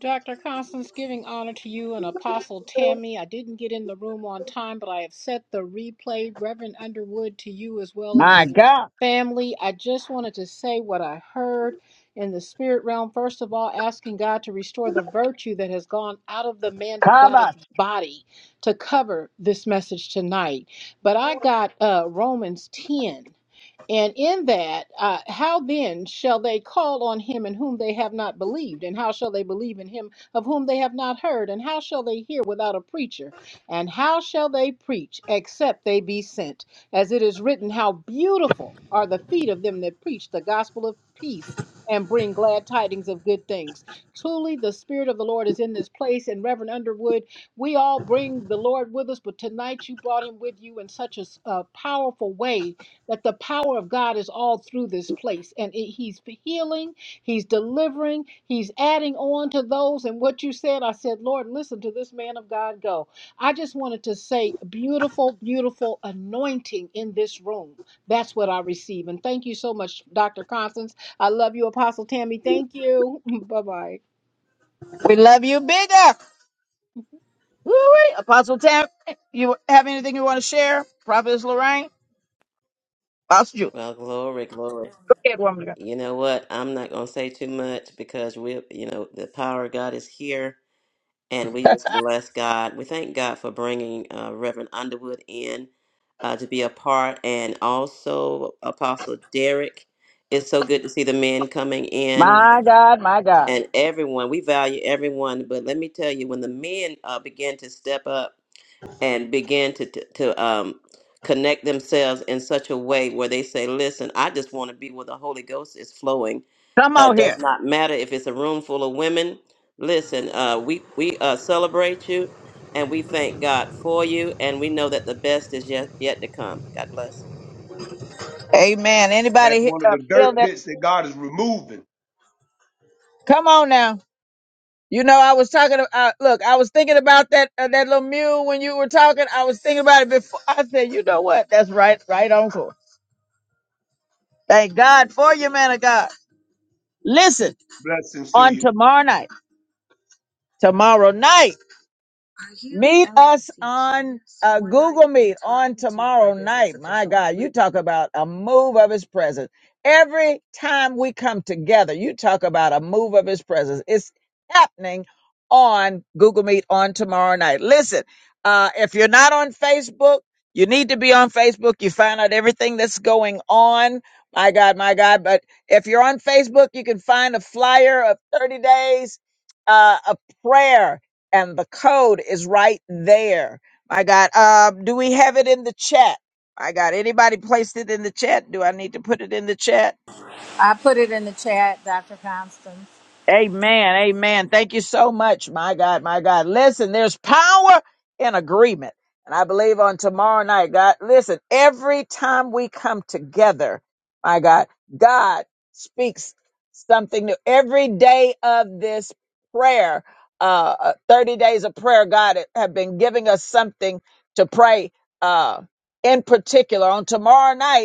Dr. Constance, giving honor to you and Apostle Tammy. I didn't get in the room on time, but I have set the replay, Reverend Underwood, to you as well and
My
your
God.
family. I just wanted to say what I heard in the spirit realm. First of all, asking God to restore the virtue that has gone out of the man of God's
Kaba,
body to cover this message tonight. But I got uh, Romans 10. And in that, uh, how then shall they call on him in whom they have not believed? And how shall they believe in him of whom they have not heard? And how shall they hear without a preacher? And how shall they preach except they be sent? As it is written, how beautiful are the feet of them that preach the gospel of peace and bring glad tidings of good things. Truly, the Spirit of the Lord is in this place. And Reverend Underwood, we all bring the Lord with us, but tonight you brought him with you in such a s- a powerful way that the power of God is all through this place. And it, He's healing, He's delivering, He's adding on to those. And what you said, I said, Lord, listen to this man of God go. I just wanted to say, beautiful, beautiful anointing in this room. That's what I receive. And thank you so much, Dr. Constance. I love you, Apostle Tammy. Thank you. bye bye.
we love you bigger. Woo-wee. Apostle Tam, you have anything you want to share? Prophet,
Well, glory, glory. You know what? I'm not going to say too much because we, you know, the power of God is here and we just bless God. We thank God for bringing uh, Reverend Underwood in uh, to be a part and also Apostle Derek. It's so good to see the men coming in
my God.
and everyone. We value everyone, but let me tell you, when the men uh, begin to step up and begin to, to, to um, connect themselves in such a way where they say, listen, I just want to be where the Holy Ghost is flowing
Come
uh,
on here.
does not matter if it's a room full of women. Listen, uh, we we uh, celebrate you, and we thank God for you, and we know that the best is yet yet to come. God bless.
Amen.
That's
Anybody he-
one of
uh,
the
feel
dirt
that?
pits that God is removing.
Come on now. You know, I was talking. About, look, I was thinking about that uh, that little mule when you were talking. I was thinking about it before. I said, you know what? That's right, right, Uncle. Thank God for you, man of God. Listen,
Blessings to
on
you.
tomorrow night, tomorrow night. Meet us on uh, Google Meet on tomorrow night. My God, you talk about a move of His presence. Every time we come together, you talk about a move of His presence. It's happening on Google Meet on tomorrow night. Listen, uh, if you're not on Facebook, you need to be on Facebook. You find out everything that's going on. My God, my God. But if you're on Facebook, you can find a flyer of 30 days uh, of prayer and the code is right there. My God, um, do we have it in the chat? I got anybody placed it in the chat? Do I need to put it in the chat?
I put it in the chat, Dr. Constance.
Amen. Amen. Thank you so much. My God, my God. Listen, there's power in agreement. And I believe on tomorrow night, God, listen, every time we come together, my God, God speaks something new. Every day of this prayer, uh, uh, 30 days of prayer, God have been giving us something to pray, uh, in particular on tomorrow night.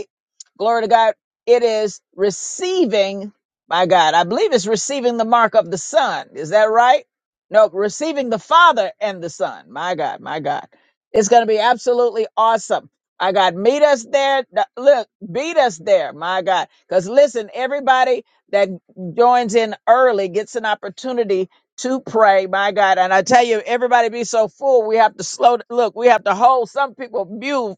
Glory to God. It is receiving, my God, I believe it's receiving the mark of the Son. Is that right? No, receiving the Father and the Son. My God, my God. It's going to be absolutely awesome. My God, meet us there. Th- Look, beat us there, my God. Because listen, everybody that joins in early gets an opportunity to pray, my God. And I tell you, everybody be so full, we have to slow. Look, we have to hold some people mute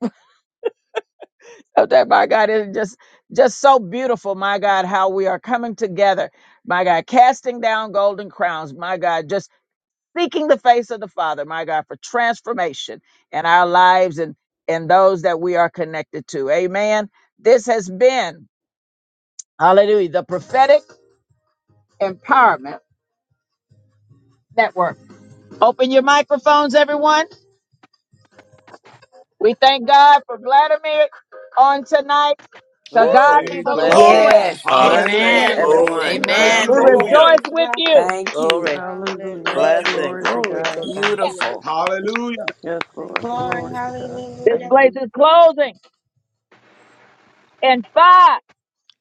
Oh, that, my God. is just just so beautiful, my God, how we are coming together, my God, casting down golden crowns, my God, just seeking the face of the Father, my God, for transformation in our lives and and those that we are connected to. Amen. This has been, hallelujah, the prophetic empowerment network. Open your microphones, everyone. We thank God for Vladimir on tonight. To
Woo!
God be
Blessings,
Praise
the
the Lord.
glory.
blessings,
Hallelujah.
Yes, yes, yes,
blessings,
Yeah.
Hallelujah.
Amen.
yes.
Glory,
Thank
Glory to
you,
glory,
everyone.
God.
Thank
glory,
you,
Amen.
We
glory,
Blessings,
Lord.
Hallelujah.
Glory.
rejoice
glory.
with you.
Thank you.
glory,
Hallelujah.
Thank
Hallelujah,
you, Lord
Glory
blessings.
to
God.
hallelujah,
Glory
God.
to God.
Hallelujah.
hallelujah.
Beautiful.
Hallelujah.
Yes,
Thank
Lord.
you,
Glory
Jesus.
to God.
This
Hallelujah.
Thank
place
you.
is closing. In five,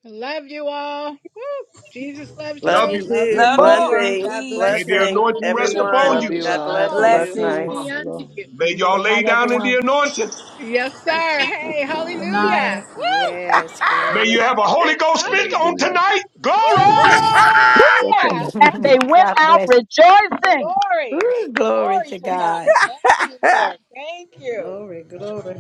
I Love you all. Woo! Jesus loves
Love
Love
you.
you
you.
Love you
too.
Love
four,
you.
more.
Blessings,
God
May
bless
Peace.
you.
the
Have a
blessings,
good
anointing rest
week.
upon
everyone.
Love
you.
Shalom,
you
God
all. Have a
bless
shalom.
blessed
you.
Peace
night.
be
Blessings.
unto
Shalom.
you.
May y'all
Good
lay
night,
down in the
everyone.
anointing.
Yes, sir. Hey,
Good
Glory.
hallelujah.
night.
Woo!
Yes,
May
glory,
you have a Holy Ghost fit
Hallelujah.
on
Hallelujah.
tonight. Glory!
Glory.
Woo!
Chapter number
Hallelujah.
15.
God bless.
Glory.
Glory
Glory
to
to God.
God.
Thank you, Lord. Thank you.
glory, glory.